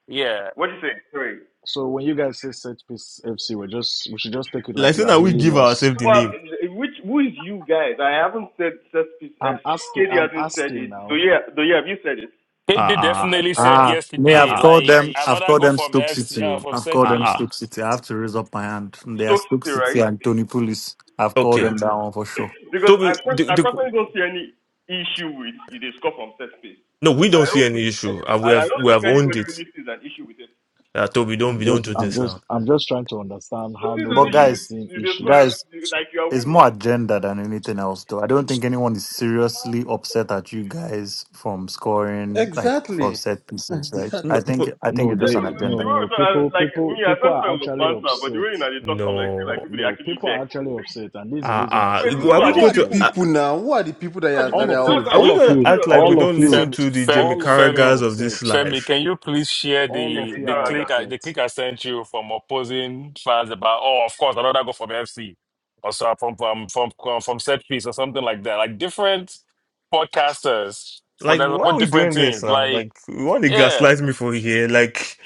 Speaker 2: Yeah.
Speaker 5: What do you say? Sorry.
Speaker 6: So when you guys say set piece FC, we just we should just take it
Speaker 1: Like
Speaker 6: like you
Speaker 1: saying
Speaker 6: are
Speaker 1: that we
Speaker 6: hailing
Speaker 1: give
Speaker 6: us.
Speaker 1: ourselves the
Speaker 5: Well,
Speaker 1: name.
Speaker 5: which who is you guys? I haven't said Cespedes
Speaker 6: I'm
Speaker 5: FC.
Speaker 6: asking.
Speaker 5: KD
Speaker 6: I'm
Speaker 5: hasn't said
Speaker 6: asking
Speaker 5: it. Do
Speaker 6: now.
Speaker 5: you do you have you said it?
Speaker 1: Ah
Speaker 2: KD
Speaker 1: ah
Speaker 2: definitely
Speaker 5: I- I-
Speaker 2: said
Speaker 5: i
Speaker 7: Ah, me,
Speaker 1: ah
Speaker 7: I've
Speaker 2: yesterday,
Speaker 1: ah
Speaker 7: called
Speaker 2: like
Speaker 7: them. I've
Speaker 2: another
Speaker 7: called
Speaker 2: goal
Speaker 7: them
Speaker 2: from
Speaker 7: Stoke
Speaker 2: FC
Speaker 7: City.
Speaker 2: uh,
Speaker 7: oh.
Speaker 2: from
Speaker 7: I've
Speaker 2: set
Speaker 7: called
Speaker 1: ah
Speaker 7: them
Speaker 2: piece.
Speaker 1: ah.
Speaker 7: Stoke City. I have to raise up my hand. They are
Speaker 5: Stoke
Speaker 7: Stoke
Speaker 5: City,
Speaker 7: City
Speaker 5: right?
Speaker 7: and Tony Pulis. I've called
Speaker 1: Okay,
Speaker 7: them that one for sure.
Speaker 5: Because I
Speaker 1: Toby.
Speaker 5: pers-
Speaker 1: The,
Speaker 5: I
Speaker 1: the,
Speaker 5: personally don't see any issue with you they score from set space.
Speaker 1: no, we
Speaker 5: And I
Speaker 1: don't see
Speaker 5: don't think
Speaker 1: any
Speaker 5: any
Speaker 1: issue. And we
Speaker 5: and I
Speaker 1: have
Speaker 5: don't
Speaker 1: we
Speaker 5: think
Speaker 1: have owned
Speaker 5: anybody
Speaker 1: it.
Speaker 5: really sees an issue with it.
Speaker 1: Uh, Toby, don't
Speaker 6: I'm
Speaker 1: we don't
Speaker 6: just.
Speaker 1: do
Speaker 6: I'm
Speaker 1: this
Speaker 6: just.
Speaker 1: now.
Speaker 6: I'm just trying to understand
Speaker 5: Who
Speaker 6: how
Speaker 5: sees an
Speaker 7: But
Speaker 5: issue
Speaker 6: nobody is
Speaker 5: with
Speaker 7: guys,
Speaker 6: seeing
Speaker 5: you they score
Speaker 6: issues.
Speaker 7: guys,
Speaker 5: if- like you are
Speaker 7: it's more
Speaker 5: winning?
Speaker 7: agenda than anything else, though. I don't think anyone is seriously upset at you guys from scoring, like from
Speaker 3: Exactly.
Speaker 7: set pieces,
Speaker 1: N-
Speaker 7: right?
Speaker 3: (laughs)
Speaker 1: No,
Speaker 7: I think
Speaker 1: but,
Speaker 7: I think
Speaker 6: No,
Speaker 7: it's
Speaker 5: Yeah,
Speaker 7: just an
Speaker 6: they. No,
Speaker 5: The
Speaker 7: agenda.
Speaker 6: no,
Speaker 5: way we
Speaker 6: no.
Speaker 5: talk, I-
Speaker 6: People.
Speaker 5: like
Speaker 6: People.
Speaker 5: me, I
Speaker 6: People
Speaker 5: first
Speaker 6: are
Speaker 5: thought it was
Speaker 6: actually
Speaker 5: banter, but the
Speaker 6: upset.
Speaker 5: way you know they talk, from like, like
Speaker 1: no.
Speaker 5: people they
Speaker 6: No,
Speaker 5: actually
Speaker 6: people are
Speaker 5: vex.
Speaker 6: actually
Speaker 5: (laughs)
Speaker 6: upset, and this is the
Speaker 1: Ah
Speaker 6: reason I say
Speaker 5: Wait,
Speaker 1: ah.
Speaker 5: who
Speaker 1: Are
Speaker 6: people
Speaker 5: are
Speaker 1: we
Speaker 6: are
Speaker 5: the
Speaker 3: Who
Speaker 1: going
Speaker 3: are the
Speaker 1: to?
Speaker 6: upset.
Speaker 5: people? Who
Speaker 3: people now? Who are the people that
Speaker 5: are
Speaker 3: are
Speaker 5: the
Speaker 3: that
Speaker 6: All
Speaker 5: people?
Speaker 6: of
Speaker 3: are
Speaker 5: That's,
Speaker 6: you.
Speaker 1: Are
Speaker 5: I'm
Speaker 3: upset?
Speaker 6: All
Speaker 1: we
Speaker 6: of
Speaker 1: gonna
Speaker 5: actually
Speaker 6: you.
Speaker 1: act
Speaker 5: curious. Who
Speaker 1: like
Speaker 5: are
Speaker 1: we
Speaker 5: the
Speaker 6: All of
Speaker 1: don't
Speaker 5: people?
Speaker 6: you.
Speaker 1: listen
Speaker 2: Femi,
Speaker 1: to the
Speaker 2: Femi,
Speaker 1: Jamie
Speaker 6: All of you are
Speaker 2: Femi,
Speaker 1: Carragher's of
Speaker 6: upset
Speaker 1: this
Speaker 2: Femi, can
Speaker 1: life?
Speaker 2: you please share
Speaker 6: All
Speaker 5: James
Speaker 6: of
Speaker 2: the
Speaker 6: you
Speaker 2: the
Speaker 6: are
Speaker 5: Taraga.
Speaker 2: click I,
Speaker 6: upset.
Speaker 2: the click I sent you from opposing fans about? Oh, of course, another go from FC or so from from from from from set piece or something like that. Like different podcasters for
Speaker 1: Like,
Speaker 2: that
Speaker 1: why
Speaker 2: for
Speaker 1: are we
Speaker 2: different
Speaker 1: doing this
Speaker 2: teams.
Speaker 1: now?
Speaker 2: Like
Speaker 1: Like, you want to
Speaker 2: yeah,
Speaker 1: gaslight me for here? Like,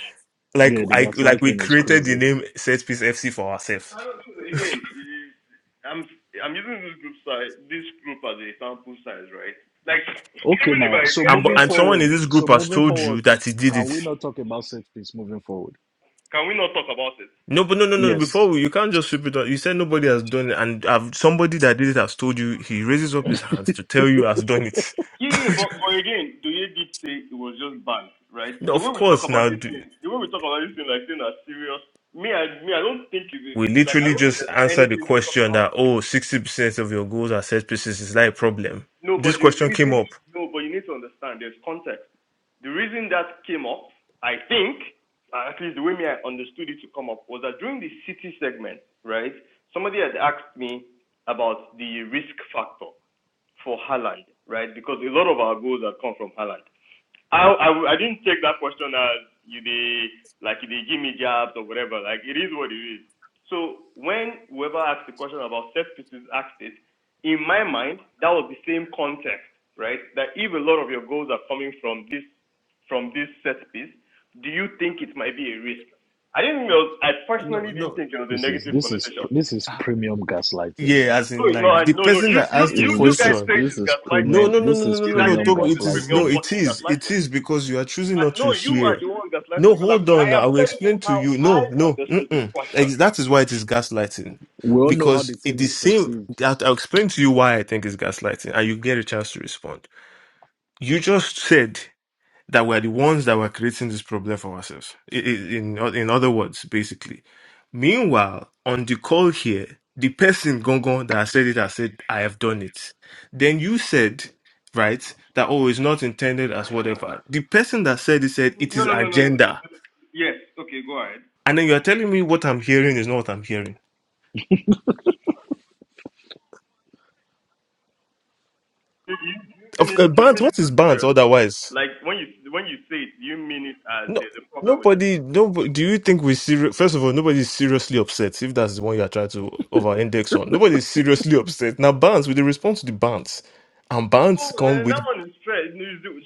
Speaker 1: like
Speaker 6: Yeah, the
Speaker 1: I like we
Speaker 6: gaslighting is
Speaker 1: created the
Speaker 6: crazy.
Speaker 1: name Set Piece FC for
Speaker 5: I
Speaker 1: ourselves,
Speaker 5: don't think
Speaker 1: (laughs)
Speaker 5: again. It is, I'm I'm using this group size, this group as a sample size, right? Like
Speaker 6: Okay,
Speaker 5: even if
Speaker 6: now,
Speaker 5: I
Speaker 6: so
Speaker 1: and but-
Speaker 5: question
Speaker 6: moving
Speaker 1: and someone
Speaker 6: forward,
Speaker 1: in this
Speaker 6: so
Speaker 1: group has
Speaker 6: moving
Speaker 1: told you
Speaker 6: forward,
Speaker 1: that he did
Speaker 6: can we
Speaker 1: it.
Speaker 6: not talk about set piece moving forward?
Speaker 5: can we not talk about it?
Speaker 1: No, but no, no, no. no,
Speaker 6: Yes.
Speaker 1: Before we- you can't just sweep it on. You said nobody has done it, and i somebody that did it has told you. He raises up his hands to tell you has done it.
Speaker 5: Yeah, yeah, but
Speaker 1: (laughs)
Speaker 5: but again, Doye did say it was just banned, right?
Speaker 1: No,
Speaker 5: The
Speaker 1: of
Speaker 5: way we talk
Speaker 1: course, now.
Speaker 5: about this thing, the way we talk about this thing, like thing as serious. Me, I me, I don't think it is.
Speaker 1: We
Speaker 5: Like I
Speaker 1: literally
Speaker 5: don't think
Speaker 1: just
Speaker 5: there's
Speaker 1: answered the
Speaker 5: anything to talk
Speaker 1: question
Speaker 5: about.
Speaker 1: that, oh, 60% of your goals are set pieces. Is that a problem?
Speaker 5: No,
Speaker 1: This
Speaker 5: but the
Speaker 1: question came
Speaker 5: reason,
Speaker 1: up.
Speaker 5: no, but you need to understand there's context. The reason that came up, I think, uh, at least the way me I understood it to come up, was that during the city segment, right, somebody had asked me about the risk factor for Haaland, right, because a lot of our goals have come from Haaland. I, I I didn't take that question as you they like they give me jobs or whatever. Like it is what it is. So when whoever asked the question about set pieces asked it, in my mind that was the same context, right? That if a lot of your goals are coming from this from this set piece, do you think it might be a risk? I didn't know. I
Speaker 1: No,
Speaker 5: personally didn't
Speaker 1: no.
Speaker 5: think it was a
Speaker 6: This is
Speaker 5: negative
Speaker 6: this is
Speaker 5: connotation.
Speaker 6: this is premium gaslighting,
Speaker 1: Yeah,
Speaker 6: man.
Speaker 1: as
Speaker 5: No,
Speaker 1: in
Speaker 5: it's
Speaker 1: like the
Speaker 5: not. No, no.
Speaker 1: person
Speaker 5: You
Speaker 1: that
Speaker 5: you
Speaker 1: asked the
Speaker 5: you
Speaker 6: Is
Speaker 5: you
Speaker 6: this
Speaker 5: guys
Speaker 6: is
Speaker 1: question.
Speaker 5: saying
Speaker 6: this
Speaker 5: it's
Speaker 6: is
Speaker 1: No,
Speaker 5: gaslighting
Speaker 6: premium
Speaker 1: no, no,
Speaker 6: this
Speaker 1: no, no,
Speaker 6: is
Speaker 1: no,
Speaker 5: is
Speaker 1: no, no.
Speaker 6: premium
Speaker 5: actually
Speaker 1: Toby,
Speaker 5: what
Speaker 1: it
Speaker 5: is
Speaker 1: is no,
Speaker 5: premium
Speaker 6: gaslighting.
Speaker 1: it
Speaker 5: fucking
Speaker 1: is. It
Speaker 5: gaslighting.
Speaker 1: is because you are choosing
Speaker 5: I,
Speaker 1: not to
Speaker 5: no, you are
Speaker 1: hear.
Speaker 5: the one that's gaslighting
Speaker 1: No,
Speaker 5: because I'm,
Speaker 1: hold
Speaker 5: I
Speaker 1: on. I
Speaker 5: am
Speaker 1: will
Speaker 5: telling you
Speaker 1: explain to
Speaker 5: how
Speaker 1: you.
Speaker 5: I
Speaker 1: No, no.
Speaker 5: understood the
Speaker 1: Mm-mm.
Speaker 5: question.
Speaker 1: Ex- That is why it is gaslighting.
Speaker 6: We all know how
Speaker 1: Because
Speaker 6: the
Speaker 1: it
Speaker 6: thing is
Speaker 1: is same
Speaker 6: perceived.
Speaker 1: that I'll explain to you why I think it's gaslighting and you get a chance to respond. You just said that were the ones that were creating this problem for ourselves. I- i- In in other words, basically. Meanwhile, on the call here, the person Gongon that said it has said, I have done it. Then you said, right, that oh, it's not intended as whatever. The person that said it said it
Speaker 5: No,
Speaker 1: is
Speaker 5: no, no, no, no. no.
Speaker 1: agenda.
Speaker 5: Yes. Okay, go ahead.
Speaker 1: And then you're telling me what I'm hearing is not what I'm hearing.
Speaker 5: You, you, you mean
Speaker 1: Of
Speaker 5: it?
Speaker 1: uh,
Speaker 5: You
Speaker 1: Bant,
Speaker 5: mean it
Speaker 1: what is
Speaker 5: as
Speaker 1: Bant
Speaker 5: serious?
Speaker 1: otherwise?
Speaker 5: Like when you when you say it, you mean it as
Speaker 1: No,
Speaker 5: there's a problem with it?
Speaker 1: nobody. No, do you think we serious? First of all, nobody's seriously upset if that's the one you are trying to over-index on. Nobody's seriously upset. Now, bans with the response to the bans, and bans
Speaker 5: Oh,
Speaker 1: come
Speaker 5: then that
Speaker 1: with.
Speaker 5: one is straight.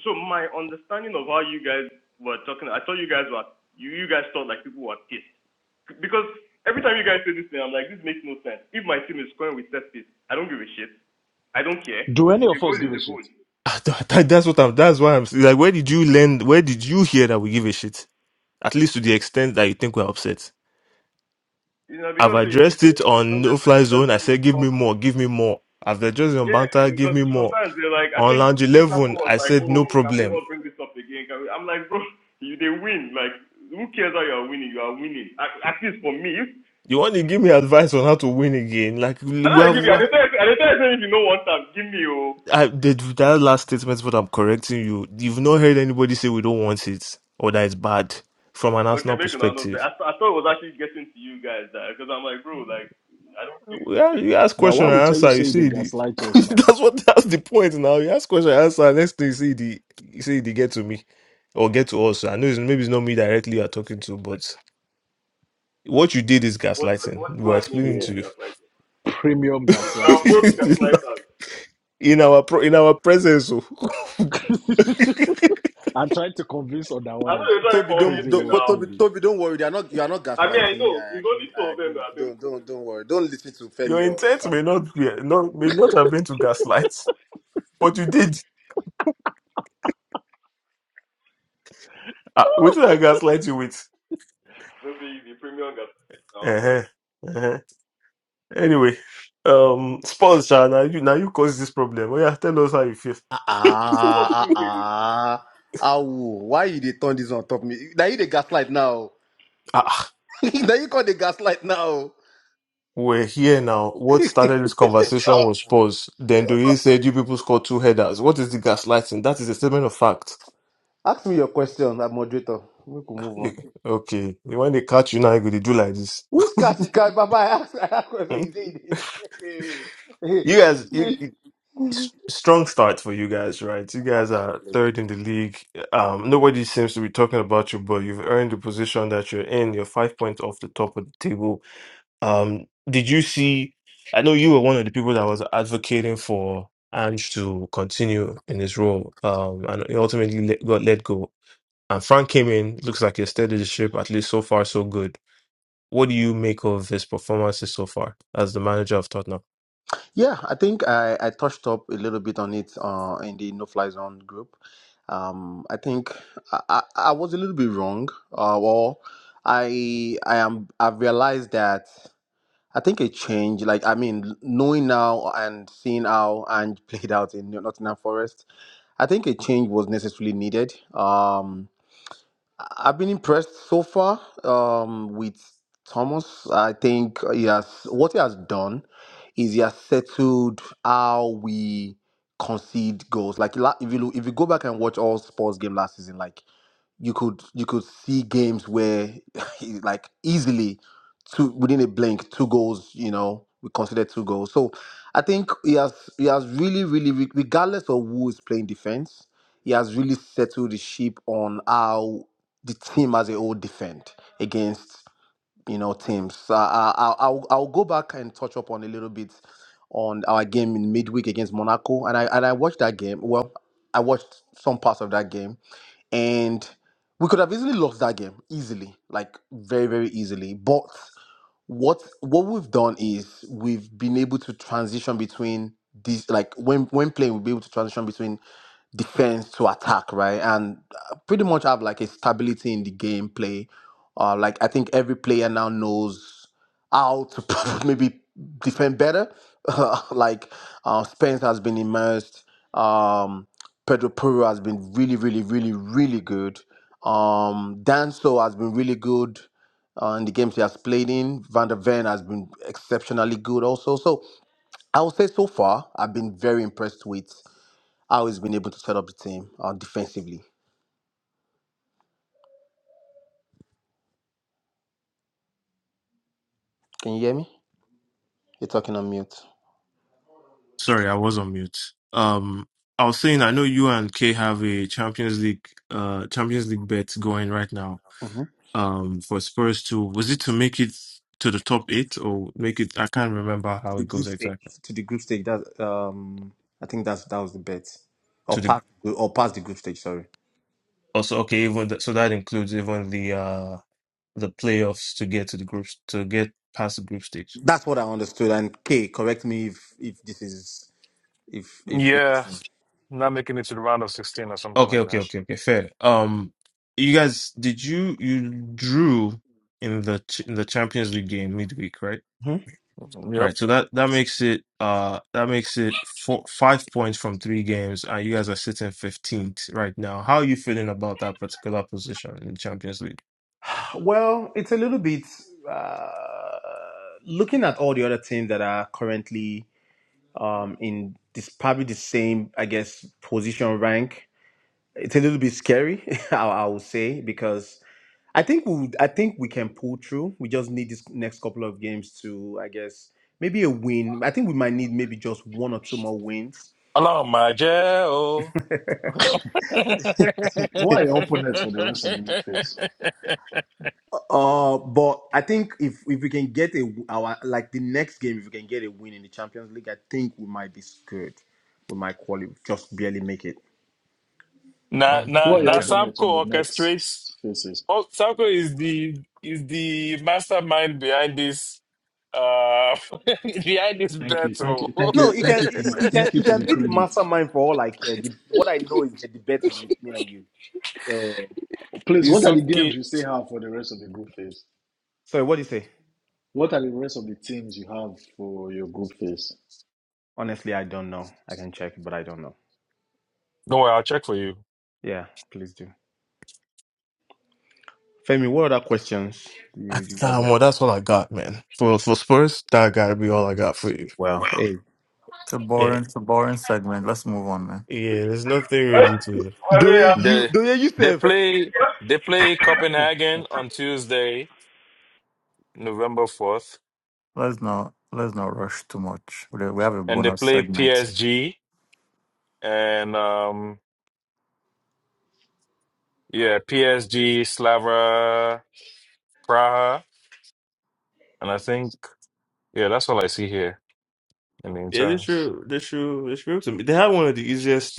Speaker 5: So my understanding of how you guys were talking, I thought you guys were you you guys thought like people were pissed because every time you guys say this thing, I'm like this makes no sense. If my team is scoring with set piece, I don't give a shit. I don't care.
Speaker 6: Do any
Speaker 5: The
Speaker 6: of us
Speaker 5: goal
Speaker 6: give
Speaker 5: is
Speaker 6: a
Speaker 5: the goal.
Speaker 6: shit?
Speaker 1: (laughs) That- That's what I'm. That's why I'm saying, like. Where did you learn? Where did you hear that we give a shit? At least to the extent that you think we're upset.
Speaker 5: You know,
Speaker 1: I've
Speaker 5: because they they
Speaker 1: addressed it on
Speaker 5: don't
Speaker 1: No
Speaker 5: let
Speaker 1: Fly
Speaker 5: don't let
Speaker 1: Zone. I
Speaker 5: bring this
Speaker 1: said, give
Speaker 5: up.
Speaker 1: me more, give me more. I've addressed it on
Speaker 5: Yeah,
Speaker 1: Banter, give
Speaker 5: because
Speaker 1: me more.
Speaker 5: sometimes they're like, I
Speaker 1: On
Speaker 5: think
Speaker 1: Lounge
Speaker 5: I think
Speaker 1: 11,
Speaker 5: Sapo was
Speaker 1: I
Speaker 5: like,
Speaker 1: said,
Speaker 5: oh,
Speaker 1: no
Speaker 5: can we
Speaker 1: problem.
Speaker 5: not bring this up again? Can we? I'm like, bro, you they win. Like, who cares how you're winning? You are winning. At, at least for me, if,
Speaker 1: You want to give me advice on how to win again? Like,
Speaker 5: I
Speaker 1: we
Speaker 5: don't give
Speaker 1: have.
Speaker 5: you. I didn't tell you. I didn't tell you if you know one time, give me oh.
Speaker 1: I, the, that last statement is what I'm correcting you. You've not heard anybody say we don't want it or that it's bad from an
Speaker 5: Okay,
Speaker 1: Arsenal
Speaker 5: make an announcement.
Speaker 1: perspective.
Speaker 5: I, th- I thought it was actually getting to you guys that because I'm like, bro, like I don't think
Speaker 1: We
Speaker 5: those
Speaker 1: a-
Speaker 5: things.
Speaker 1: You ask
Speaker 6: Now,
Speaker 1: question
Speaker 6: why
Speaker 1: and
Speaker 6: would tell you
Speaker 1: answer, you
Speaker 6: say they
Speaker 1: see the. (laughs)
Speaker 6: gaslight us now?
Speaker 1: that's what that's the point now. You ask question and answer, next thing you see the you see the get to me or get to us. I know it's, maybe it's not me directly you're talking to, but what you did is
Speaker 5: What like,
Speaker 1: gaslighting.
Speaker 5: what what you
Speaker 1: We're
Speaker 5: are doing to
Speaker 1: explaining
Speaker 6: Yeah,
Speaker 5: me, is
Speaker 1: to
Speaker 5: gaslighting?
Speaker 6: premium
Speaker 1: you
Speaker 5: You are
Speaker 6: gaslighting,
Speaker 5: both gaslighters.
Speaker 1: (laughs) in our pro, in our presence. oh.
Speaker 6: bro.
Speaker 1: (laughs)
Speaker 6: (laughs) I trying to convince
Speaker 5: I know
Speaker 6: otherwise.
Speaker 5: you're trying to
Speaker 3: Toby, don't,
Speaker 6: Crazy
Speaker 5: convince you
Speaker 3: don't
Speaker 6: work
Speaker 3: but
Speaker 6: to
Speaker 5: now.
Speaker 3: Toby,
Speaker 6: me.
Speaker 3: Toby, don't worry. They are not. You are not
Speaker 5: I mean,
Speaker 3: gaslighting
Speaker 5: I
Speaker 3: me.
Speaker 5: know
Speaker 3: I
Speaker 5: it's
Speaker 3: agree.
Speaker 5: only two
Speaker 3: I
Speaker 5: of them
Speaker 3: agree
Speaker 5: that
Speaker 3: with.
Speaker 5: are
Speaker 3: Don't, don't, don't worry. Don't listen to
Speaker 1: Your
Speaker 3: Femi or
Speaker 1: intent may
Speaker 3: Samko.
Speaker 1: not be not may not have been to gaslight, but you did. Ah, what did I gaslight you with? Uh-huh. Uh-huh. Anyway, um, Spurs, Sha, now you now you caused this problem. Oh yeah, tell us how you feel.
Speaker 3: Ah, ah, ah, ah. Awo, Why you they turn this on top me? Now you the gaslight now.
Speaker 1: Ah,
Speaker 3: (laughs) now you call the gaslight now.
Speaker 1: we're here now. What started this
Speaker 3: (laughs)
Speaker 1: conversation
Speaker 3: Ah,
Speaker 1: was Spurs. Then Doye said you people scored two headers. What is the gaslighting? That is a statement of fact.
Speaker 3: Ask me your question, uh, moderator. We can move
Speaker 1: You-
Speaker 3: on.
Speaker 1: Okay, when they catch you now, you go to do like this.
Speaker 3: Which cash you can, Baba? I ask, I ask question.
Speaker 1: Hmm?
Speaker 3: You say you
Speaker 1: You guys, you, s- strong start for you guys, right? You
Speaker 3: (laughs)
Speaker 1: guys are
Speaker 3: Absolutely.
Speaker 1: third in the league. Um, nobody seems to be talking about you, but you've earned the position that you're in. You're five points off the top of the table. Um, did you see? I know you were one of the people that was advocating for Ange to continue in his role, um, and he ultimately let, got let go. And Frank came in. Looks like he steadied the ship. At least so far, so good. What do you make of his performances so far as the manager of Tottenham?
Speaker 3: Yeah, I think I, I touched up a little bit on it uh, in the No Fly Zone group. Um, I think I, I, I was a little bit wrong. Uh, well, I I am I've realized that I think a change, like I mean, knowing now and seeing how and (laughs) played out in Nottingham Forest, I think a change was necessarily needed. Um, I've been impressed so far um, with Thomas. I think he has what he has done is he has settled how we concede goals. Like la- if you look, if you go back and watch all sports game last season, like you could you could see games where (laughs) he, like easily two within a blink two goals you know we consider two goals so i think he has he has really really re- regardless of who is playing defense he has really settled the ship on how the team as a whole defend against you know teams. So I, I, I'll I'll go back and touch up on a little bit on our game in midweek against Monaco, and I and I watched that game. Well, I watched some parts of that game, and we could have easily lost that game easily, like very very easily, but what what we've done is we've been able to transition between these like when when playing we'll be able to transition between defense to attack right and uh, pretty much have like a stability in the gameplay uh like i think every player now knows how to (laughs) maybe defend better (laughs) like uh, spence has been immersed um pedro Puro has been really really really really good um danso has been really good uh, in the games he has played in. Van der Ven has been exceptionally good also. So I would say so far, I've been very impressed with how he's been able to set up the team uh, defensively. Can you hear me? You're talking on mute.
Speaker 1: Sorry, I was on mute. Um, I was saying I know you and Kay have a Champions League, uh, Champions League bet going right now.
Speaker 3: Mhm.
Speaker 1: Um, for Spurs to was it to make it to the top eight or make it? I can't remember
Speaker 3: to
Speaker 1: how
Speaker 3: the
Speaker 1: it
Speaker 3: group
Speaker 1: goes
Speaker 3: stage.
Speaker 1: exactly.
Speaker 3: To the group stage. That um, I think that's that was the bet,
Speaker 1: To
Speaker 3: or
Speaker 1: the
Speaker 3: past or past the group stage. Sorry,
Speaker 1: also okay, even the, so that includes even the uh the playoffs to get to the groups to get past the group stage.
Speaker 3: that's what I understood. And K, correct me if if this is if if,
Speaker 2: yeah, not making it to the round of sixteen or something
Speaker 1: Okay,
Speaker 2: like
Speaker 1: okay,
Speaker 2: that.
Speaker 1: okay, okay. Fair. Um, you guys, did you you drew in the ch- in the Champions League game midweek, right?
Speaker 3: if
Speaker 2: Yep.
Speaker 1: Right, so that that makes it uh that makes it four, five points from three games, and you guys are sitting fifteenth right now. How are you feeling about that particular position in the Champions League?
Speaker 3: Well, it's a little bit uh, looking at all the other teams that are currently um, in this probably the same, I guess, position rank. It's a little bit scary, (laughs) I, I would say, because I think we I think we can pull through. We just need this next couple of games to, I guess, maybe a win. I think we might need maybe just one or two more wins
Speaker 2: Hello, my jail.
Speaker 6: Who are your opponents for the rest of the league phase?
Speaker 2: (laughs)
Speaker 3: Uh, but I think if if we can get a our like the next game, if we can get a win in the Champions League, I think we might be good. We might qualify, just barely make it.
Speaker 2: Na
Speaker 1: Mm,
Speaker 6: Who
Speaker 2: na
Speaker 6: are your
Speaker 2: na
Speaker 1: okay,
Speaker 6: opponents on the
Speaker 2: Samco orchestrates.
Speaker 6: next phases?
Speaker 2: Oh, Samco is the is the mastermind behind this uh (laughs) behind this
Speaker 6: Thank you, thank
Speaker 2: battle.
Speaker 6: you, thank
Speaker 3: No,
Speaker 6: you,
Speaker 2: (laughs)
Speaker 3: you
Speaker 6: thank
Speaker 3: can
Speaker 6: you for
Speaker 3: you
Speaker 6: my
Speaker 3: you can
Speaker 6: thank you
Speaker 3: you
Speaker 6: for
Speaker 3: can
Speaker 6: the
Speaker 3: be the
Speaker 6: credit.
Speaker 3: mastermind for all I care. The, what I know is that the bet is with me and you. So
Speaker 6: Please,
Speaker 2: it's
Speaker 6: what are the games
Speaker 2: okay.
Speaker 6: you still have for the rest of the group phase?
Speaker 3: sorry, what do you say?
Speaker 6: What are the rest of the teams you have for your group phase?
Speaker 3: Honestly, I don't know. I can check, but I don't know.
Speaker 2: Don't worry, I'll check for you.
Speaker 3: Yeah, please do. Femi, what other questions do you, do you
Speaker 1: That's,
Speaker 3: have?
Speaker 1: nah, well, that's all I got, man. For for Spurs, that gotta be all I got for you.
Speaker 3: Well,
Speaker 1: wow.
Speaker 3: hey,
Speaker 7: It's a
Speaker 1: Yeah,
Speaker 7: boring, it's a boring segment. Let's move on, man.
Speaker 1: yeah. There's nothing really to.
Speaker 3: do you
Speaker 2: They
Speaker 3: do you
Speaker 2: they
Speaker 3: yourself?
Speaker 2: play they play Copenhagen on Tuesday, November fourth,
Speaker 7: Let's not let's not rush too much. We we have a
Speaker 2: and they
Speaker 7: bonus
Speaker 2: play
Speaker 7: segment.
Speaker 2: PSG and um yeah PSG Slava Praha, and I think yeah that's all I see here in the
Speaker 1: Yeah, they
Speaker 2: insurance.
Speaker 1: true. they true. they true. be able They had one of the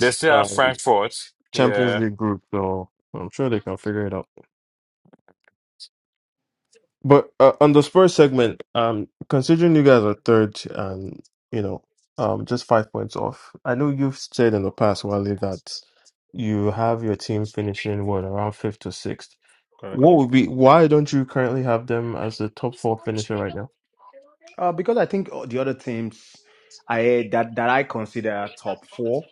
Speaker 2: They still have
Speaker 1: um
Speaker 2: Frankfurt. Yeah.
Speaker 1: Champions League groups, so I'm sure they can figure it out. But uh, on the Spurs segment, um, considering you guys are third and you know, um, just five points off. I know you've said in the past, Wally, that you have your team finishing what around fifth or sixth. What would be why don't you currently have them as the top four finisher right now?
Speaker 3: Uh, because I think uh, the other teams I that that I consider top four,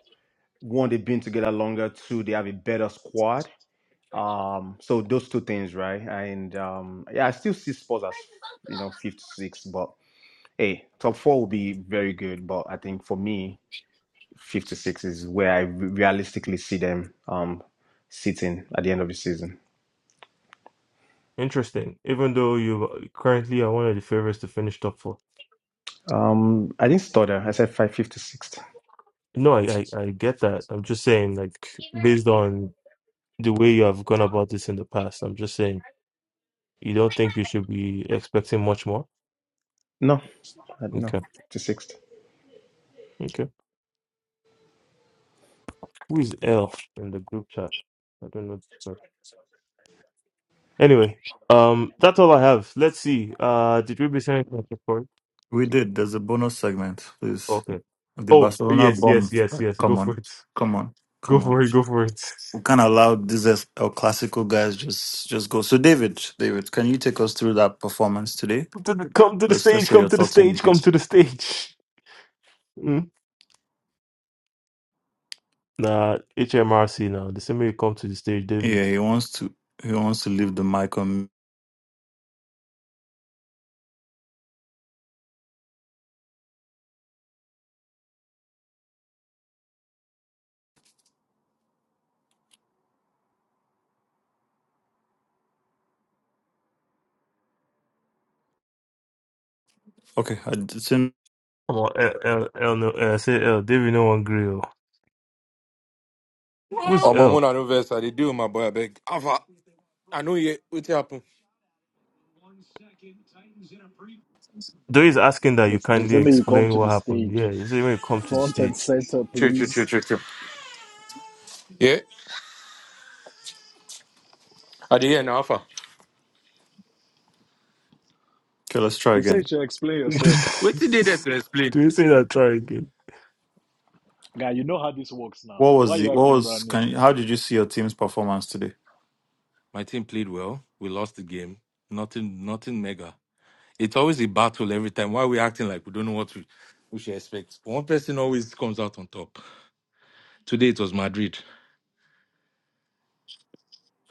Speaker 3: one they've been together longer, two they have a better squad. Um, so those two things, right? And um, yeah, I still see Spurs as you know fifth, sixth, but hey, top four will be very good. But I think for me, fifth to is where I re- realistically see them um sitting at the end of the season.
Speaker 1: Interesting. Even though you currently are one of the favorites to finish top four.
Speaker 3: Um, I didn't stutter. I said five, fifth sixth.
Speaker 1: No, I, I, I get that. I'm just saying, like, based on the way you have gone about this in the past, I'm just saying. You don't think you should be expecting much more?
Speaker 3: No, I, no,
Speaker 1: Okay.
Speaker 3: fifth sixth.
Speaker 1: Okay. Who is L in the group chat? I don't know this person. Anyway, um, that's all I have. Let's see. Uh, did we be sending a report?
Speaker 7: We did. There's a bonus segment. Please,
Speaker 1: Okay.
Speaker 7: the
Speaker 1: Oh
Speaker 7: Barcelona
Speaker 1: yes, yes,
Speaker 7: bombs.
Speaker 1: yes, yes. Go
Speaker 7: Come
Speaker 1: for
Speaker 7: on,
Speaker 1: it.
Speaker 7: come on,
Speaker 1: Go
Speaker 7: come on.
Speaker 1: for it. Go for it.
Speaker 7: We can't allow these as- El Clasico guys just just go. So David, David, can you take us through that performance today?
Speaker 1: Come to the, come to the
Speaker 7: Let's let's
Speaker 1: stage.
Speaker 7: hear
Speaker 1: Come
Speaker 7: your
Speaker 1: to the
Speaker 7: thoughts on it.
Speaker 1: stage. Come
Speaker 7: Yes.
Speaker 1: to the stage. Mm. Nah, HMRC now. The same way you come to the stage,
Speaker 7: Yeah,
Speaker 1: David.
Speaker 7: he wants to he wants to leave the mic on. Okay, I didn't.
Speaker 1: Come on, L, L, L, no, uh, say L. David, no one grill. Who's
Speaker 13: Oh, my
Speaker 1: L?
Speaker 13: moon, no know verse. I did do my boy, I beg. Alpha, I know you. What happened?
Speaker 1: Though he's asking that you
Speaker 6: Let's, let's
Speaker 1: kindly
Speaker 6: let me you come
Speaker 1: explain
Speaker 6: to
Speaker 1: what
Speaker 6: the
Speaker 1: happened.
Speaker 6: stage,
Speaker 1: Yeah, he said when you come to the
Speaker 6: front and
Speaker 1: stage.
Speaker 6: center,
Speaker 13: True, true, true,
Speaker 6: please.
Speaker 13: true, true. Yeah, I did hear now, Alpha.
Speaker 7: Okay, let's try
Speaker 6: They say you
Speaker 7: again.
Speaker 6: should explain yourself.
Speaker 13: What did they there
Speaker 1: (laughs)
Speaker 13: to explain?
Speaker 1: Do you say that? Try again.
Speaker 6: Guy, you know how this works now.
Speaker 7: What
Speaker 6: Why
Speaker 7: was the
Speaker 6: you
Speaker 7: what
Speaker 6: acting
Speaker 7: was?
Speaker 6: brand new?
Speaker 7: Can you, how did you see your team's performance today?
Speaker 13: My team played well. We lost the game. Nothing, nothing mega. It's always a battle every time. Why are we acting like we don't know what we, we should expect? One person always comes out on top. Today it was Madrid.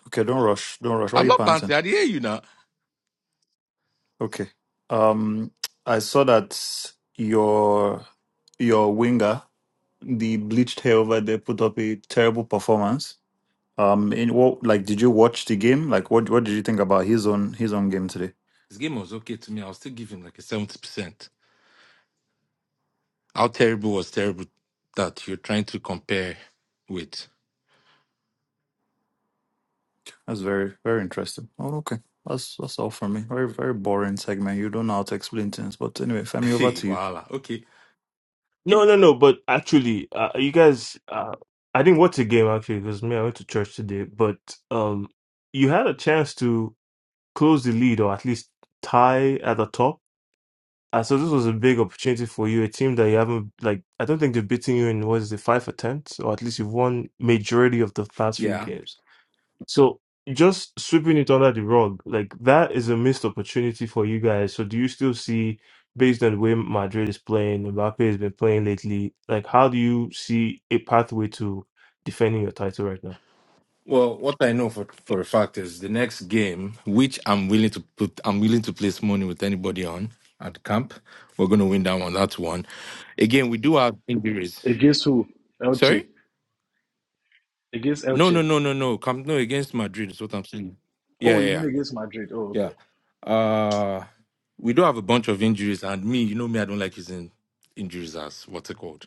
Speaker 7: Okay, don't rush, don't rush. Why are
Speaker 13: I'm
Speaker 7: you
Speaker 13: not
Speaker 7: panting?
Speaker 13: panting. I did hear you now.
Speaker 7: Okay. Um, I saw that your your winger, the bleached hair over there, put up a terrible performance. Um, in what like did you watch the game? Like, what what did you think about his own his own game today?
Speaker 13: This game was okay to me. I'll still give him like a 70%. How terrible was terrible that you're trying to compare with? (laughs)
Speaker 7: That's very very interesting. Oh, okay. That's that's all for me. Very very boring segment. You don't know how to explain things, but anyway, Femi, over
Speaker 13: Hey,
Speaker 7: to you.
Speaker 13: voila. Okay.
Speaker 1: No, no, no. But actually, uh, you guys, uh, I didn't watch the game actually because me, I went to church today. But um, you had a chance to close the lead or at least tie at the top. Uh, so this was a big opportunity for you, a team that you haven't like. I don't think they've beaten you in what is it, five attempts, or at least you've won majority of the past few
Speaker 13: Yeah.
Speaker 1: games. So just sweeping it under the rug, like that is a missed opportunity for you guys. So do you still see, based on the way Madrid is playing, Mbappe has been playing lately, like how do you see a pathway to defending your title right now?
Speaker 13: Well, what I know for, for a fact is the next game, which I'm willing to put, I'm willing to place money with anybody on at the camp. We're going to win that one. That's one. Again, we do have injuries.
Speaker 6: Against who?
Speaker 13: Sorry?
Speaker 6: Elche. Against
Speaker 13: No,
Speaker 6: Elche.
Speaker 13: no, no, no, no. Camp no against Madrid is what I'm saying. Yeah,
Speaker 6: Oh,
Speaker 13: yeah,
Speaker 6: you
Speaker 13: yeah.
Speaker 6: mean against Madrid? Oh,
Speaker 13: Yeah.
Speaker 6: okay.
Speaker 13: Uh we do have a bunch of injuries and me, you know me, I don't like using injuries as what's it called.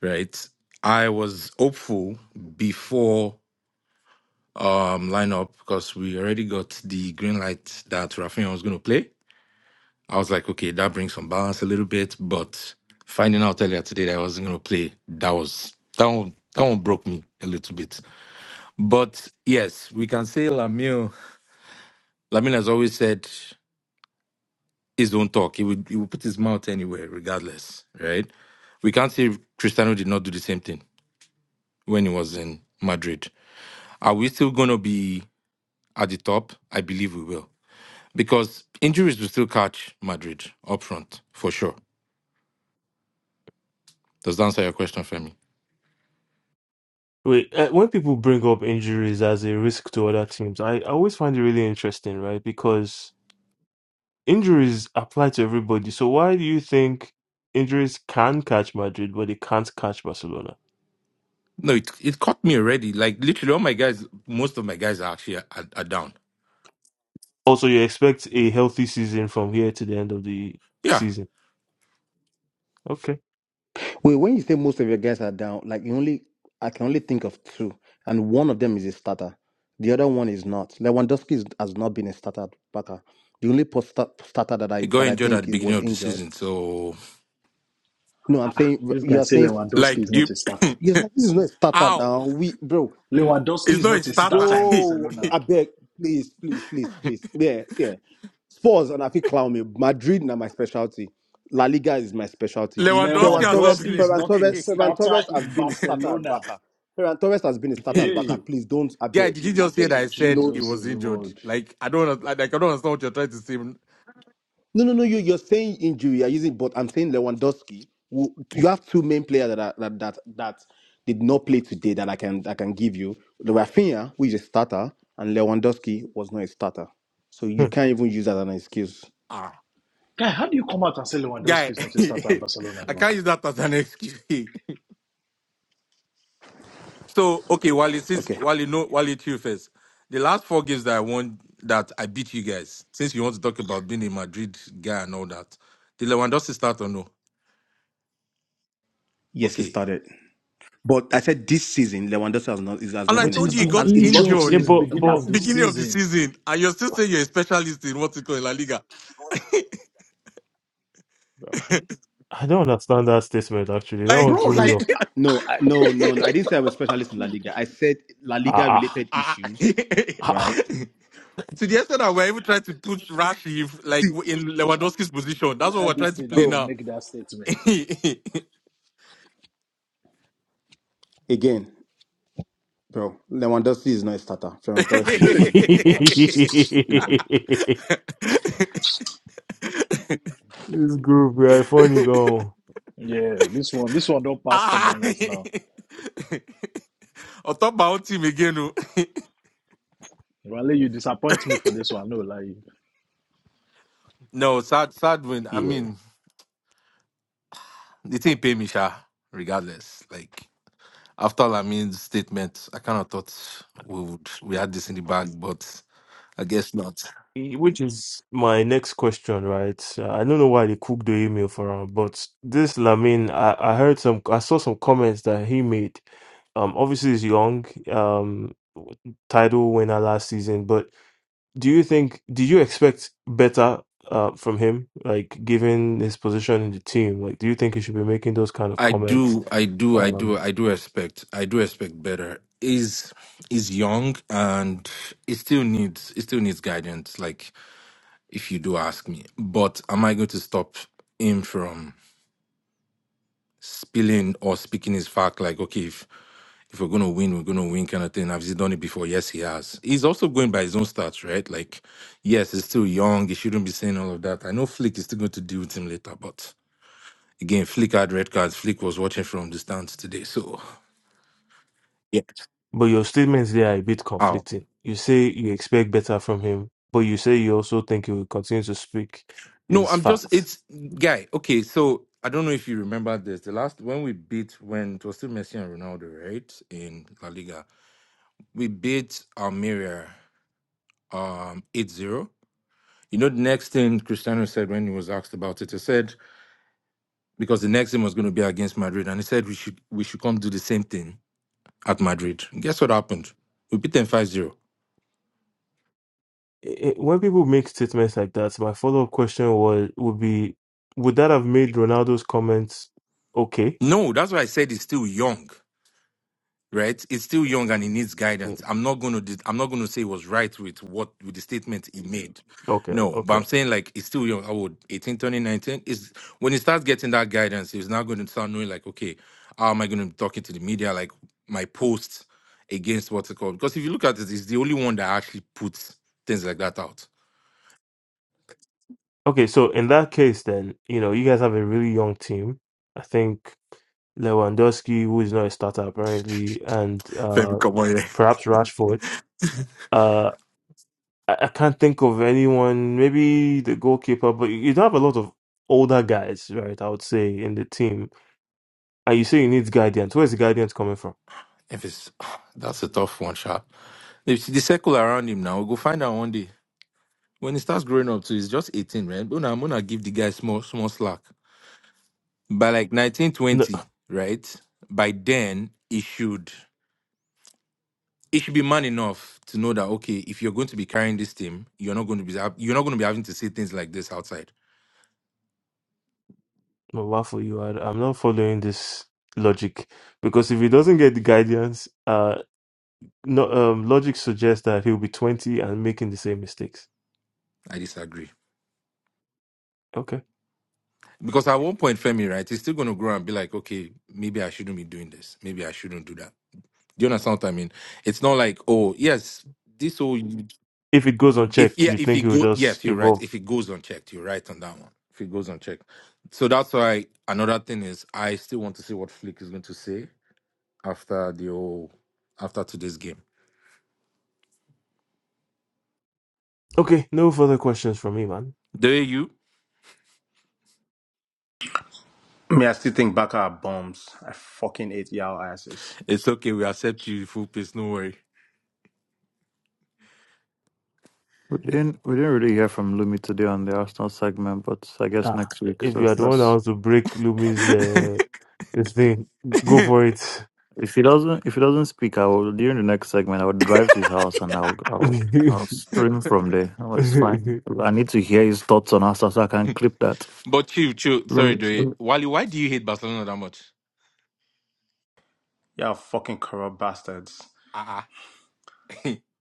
Speaker 13: Right. I was hopeful before um lineup because we already got the green light that Rafinha was gonna play. I was like, okay, that brings some balance a little bit, but finding out earlier today that I wasn't gonna play, that was that one that one broke me a little bit. But yes, we can say Lamille Lamine has always said is don't talk. He would he would put his mouth anywhere, regardless, right? We can't say Cristiano did not do the same thing when he was in Madrid. Are we still gonna be at the top? I believe we will. Because injuries will still catch Madrid up front, for sure. Does that answer your question for me?
Speaker 1: Wait, uh, when people bring up injuries as a risk to other teams, I, I always find it really interesting, right? Because injuries apply to everybody. So why do you think injuries can catch Madrid, but they can't catch Barcelona?
Speaker 13: No, it, it caught me already. Like literally all my guys most of my guys are actually are, are down.
Speaker 1: Also, you expect a healthy season from here to the end of the
Speaker 13: Yeah.
Speaker 1: season. Okay.
Speaker 3: Wait, when you say most of your guys are down, like you only I can only think of two, and one of them is a starter. The other one is not. Lewandowski is, has not been a starter backer. The only post starter that
Speaker 13: He
Speaker 3: I
Speaker 13: got
Speaker 3: that I
Speaker 13: injured at
Speaker 3: think
Speaker 13: the
Speaker 3: it
Speaker 13: beginning
Speaker 3: was
Speaker 13: of the
Speaker 3: injured.
Speaker 13: season. So
Speaker 3: No, I'm saying
Speaker 6: This guy
Speaker 3: you're
Speaker 6: say
Speaker 3: saying
Speaker 6: Lewandowski
Speaker 13: like
Speaker 6: is
Speaker 13: do you
Speaker 6: not a starter.
Speaker 13: (laughs)
Speaker 3: yes.
Speaker 13: (coughs)
Speaker 3: This is not a starter
Speaker 13: Ow!
Speaker 3: now. We bro,
Speaker 6: Lewandowski
Speaker 13: It's
Speaker 6: is
Speaker 13: not a
Speaker 6: not a starter
Speaker 13: starter.
Speaker 6: in
Speaker 3: Bro,
Speaker 6: Barcelona.
Speaker 3: I beg, please, please, please,
Speaker 13: (laughs)
Speaker 3: please. Yeah, yeah. Spurs and I think clown me. Madrid now my specialty. La Liga is my specialty.
Speaker 13: Lewandowski
Speaker 3: Ferran
Speaker 13: has not
Speaker 3: Torres,
Speaker 6: Lewandowski
Speaker 13: been.
Speaker 6: is
Speaker 3: Ferran
Speaker 6: not a
Speaker 3: Torres, Ferran
Speaker 6: starter
Speaker 3: Torres has
Speaker 6: in
Speaker 3: been a starter at
Speaker 6: Barcelona.
Speaker 3: backer. Ferran Torres has been a starter at backer.
Speaker 13: in-
Speaker 6: Hey,
Speaker 3: Please don't, I
Speaker 13: (laughs) Guy,
Speaker 3: beg,
Speaker 13: did you
Speaker 3: I
Speaker 13: just hear that
Speaker 3: beg.
Speaker 13: I said
Speaker 3: No,
Speaker 13: he
Speaker 6: Jesus
Speaker 13: was
Speaker 6: is
Speaker 13: injured?
Speaker 6: Lord.
Speaker 13: Like I don't like I don't understand what you're trying to say.
Speaker 3: No, no, no. You, you're saying injury. You're using, but I'm saying Lewandowski. who- You have two main players that are, that, that that did not play today that I can I can give you. The Rafinha, who is a starter, and Lewandowski was not a starter, so you
Speaker 1: Hmm.
Speaker 3: can't even use that as an excuse.
Speaker 13: Ah,
Speaker 6: Guy, how do you come out and say Lewandowski
Speaker 13: guy,
Speaker 6: is not a starter at Barcelona?
Speaker 13: (laughs) I
Speaker 3: No.
Speaker 13: can't use that as an excuse. (laughs) so okay, while Wally, since
Speaker 3: Okay.
Speaker 13: Wally, no, Wally, to you first. The last four games that I won, that I beat you guys. Since you want to talk about being a Madrid guy and all that, did Lewandowski start or no?
Speaker 3: Yes, it
Speaker 13: Okay,
Speaker 3: started, but I said this season Lewandowski has not is- has
Speaker 13: and
Speaker 3: not
Speaker 13: I
Speaker 3: been
Speaker 6: But
Speaker 3: a
Speaker 13: told
Speaker 6: he's
Speaker 13: you he
Speaker 3: starter.
Speaker 6: been
Speaker 3: Sa-
Speaker 13: got
Speaker 3: He lost his
Speaker 6: injured
Speaker 1: Yeah,
Speaker 13: injured
Speaker 3: starting
Speaker 6: since the
Speaker 1: but
Speaker 3: position
Speaker 6: beginning
Speaker 1: but
Speaker 3: last
Speaker 6: of the
Speaker 3: season.
Speaker 13: beginning of the
Speaker 6: season.
Speaker 13: season, and you're still saying you're a specialist in what's it called La Liga. (laughs)
Speaker 3: Bro.
Speaker 1: I don't understand that statement actually. That one
Speaker 6: Bro,
Speaker 13: Like,
Speaker 1: threw me
Speaker 6: like,
Speaker 1: off.
Speaker 13: (laughs)
Speaker 3: No, I, no, no, no. I didn't say I'm a specialist in La Liga. I said La Liga
Speaker 1: Ah ah.
Speaker 3: related
Speaker 13: ah. (laughs) to
Speaker 3: issues,
Speaker 1: ah.
Speaker 3: right?
Speaker 13: the extent that we're even trying to put Rashi like
Speaker 3: See,
Speaker 13: in Lewandowski's position. That's
Speaker 6: I
Speaker 13: what we're
Speaker 6: heard
Speaker 13: trying
Speaker 6: this
Speaker 13: to
Speaker 6: thing
Speaker 13: play
Speaker 6: and you
Speaker 3: bro.
Speaker 13: now.
Speaker 6: make that statement.
Speaker 3: Again. Bro, Lewandowski is not a starter. Ferran Torres
Speaker 1: (laughs)
Speaker 3: is a
Speaker 6: Hey,
Speaker 3: starter.
Speaker 1: this
Speaker 6: God
Speaker 3: But
Speaker 6: have mercy.
Speaker 13: (laughs)
Speaker 1: group we are funny go.
Speaker 6: Yeah, this one, this one don't pass
Speaker 13: ah. (laughs)
Speaker 6: stubbornness now.
Speaker 13: On top of my own team again. oh.
Speaker 6: Raleigh, you disappoint me for this one. No, like,
Speaker 13: No, sad, sad win. I
Speaker 1: Yeah.
Speaker 13: mean, the thing pay me, sha, regardless. Like, after Lamin's statement, I kind of thought we would, we had this in the bag, but. I guess not.
Speaker 1: Which is my next question, right? Uh, I don't know why they cooked the email for him, but this Lamine, I, I heard some, I saw some comments that he made. Um, obviously he's young, um, title winner last season, but do you think, did you expect better uh from him? Like given his position in the team, like do you think he should be making those kind of
Speaker 13: I
Speaker 1: comments?
Speaker 13: do, I do, I do,
Speaker 1: Um,
Speaker 13: I do expect, I do expect better. Is is young and it still needs it still needs guidance. Like if you do ask me, but am I going to stop him from spilling or speaking his fact? Like okay, if if we're gonna win, we're gonna win, kind of thing. Has he done it before? Yes, he has. He's also going by his own stats, right? Like yes, he's still young. He shouldn't be saying all of that. I know Flick is still going to deal with him later, but Again, Flick had red cards. Flick was watching from the stands today. So, yeah.
Speaker 1: But your statements there are a bit
Speaker 13: Ow.
Speaker 1: conflicting. You say you expect better from him, but you say you also think he will continue to speak
Speaker 13: No,
Speaker 1: his
Speaker 13: I'm just,
Speaker 1: facts.
Speaker 13: it's, guy, okay. So, I don't know if you remember this. The last, when we beat, when it was still Messi and Ronaldo, right? In La Liga, we beat Almeria um, eight zero. You know, the next thing Cristiano said when he was asked about it, he said, because the next game was going to be against Madrid, and he said we should we should come do the same thing at Madrid. Guess what happened? We beat them five zero.
Speaker 1: i- I- when people make statements like that, my follow up question was would be would that have made Ronaldo's comments okay?
Speaker 13: No, that's why I said he's still young. right? It's still young and it needs guidance.
Speaker 1: Mm,
Speaker 13: I'm not going to dis- I'm not going to say it was right with what with the statement he made.
Speaker 1: Okay,
Speaker 13: No, but
Speaker 1: okay.
Speaker 13: I'm saying like it's still young. I would 18, turning 19 is when he starts getting that guidance, he's now going to start knowing like, okay, how am I going to be talking to the media? Like my posts against what's it called? Because if you look at it, it's the only one that actually puts things like that out.
Speaker 1: Okay, so in that case then, you know, you guys have a really young team. I think Lewandowski, who is not a starter apparently, and
Speaker 13: Femi,
Speaker 1: uh
Speaker 13: come on here.
Speaker 1: perhaps Rashford. Uh I, I can't think of anyone, maybe the goalkeeper, but you you don't have a lot of older guys, right? I would say in the team. And you say you need guidance. Where's the guidance coming from?
Speaker 13: If it's (sighs) that's a tough one, sharp. If the circle around him now, we'll go find out one day. When he starts growing up too, he's just 18, right? But now I'm gonna give the guy small small slack. By like 19,
Speaker 1: No,
Speaker 13: 20, right? By then he should he should be man enough to know that okay, if you're going to be carrying this team, you're not going to be you're not going to be having to say things like this outside.
Speaker 1: Well, waffle, you are. I'm not following this logic because if he doesn't get the guidance, uh, no, um, logic suggests that he'll be 20 and making the same mistakes.
Speaker 13: I disagree.
Speaker 1: Okay.
Speaker 13: Because at one point, Femi, right, he's still gonna grow and be like, okay, maybe I shouldn't be doing this. Maybe I shouldn't do that. Do you understand what I mean? It's not like, oh, yes, this whole
Speaker 1: If it goes
Speaker 13: If
Speaker 1: unchecked,
Speaker 13: yeah,
Speaker 1: you
Speaker 13: if
Speaker 1: think
Speaker 13: it
Speaker 1: he'll
Speaker 13: go
Speaker 1: just
Speaker 13: yes, you're right.
Speaker 1: evolve.
Speaker 13: If it goes unchecked, you're right on that one. If it goes unchecked, so that's why another thing is I still want to see what Flick is going to say after the whole after today's game.
Speaker 1: Okay, no further questions from me, man.
Speaker 13: Do you?
Speaker 3: Me, I still think Barca are bombs. I fucking hate y'all asses.
Speaker 13: It's okay. We accept you full pace. No worry.
Speaker 7: We didn't we didn't really hear from Lumi today on the Arsenal segment, but I guess
Speaker 1: Ah,
Speaker 7: next week.
Speaker 1: if
Speaker 7: So
Speaker 1: you are the one that
Speaker 7: that's
Speaker 1: wants to break Lumi's
Speaker 13: (laughs)
Speaker 1: uh, this thing, go for it.
Speaker 7: If he doesn't, if he doesn't speak, I will during the next segment. I will drive to his house and I'll,
Speaker 1: (laughs)
Speaker 7: I'll, I'll stream from there. Oh, it's fine.
Speaker 1: yeah,
Speaker 7: I need to hear his thoughts on us so I can clip that.
Speaker 13: but chill, chill.
Speaker 7: Let
Speaker 13: Sorry,
Speaker 7: me.
Speaker 13: Doye.
Speaker 7: let me-
Speaker 13: Wally, why do you hate Barcelona that much?
Speaker 3: Y'all fucking corrupt bastards.
Speaker 13: Ah, uh-uh.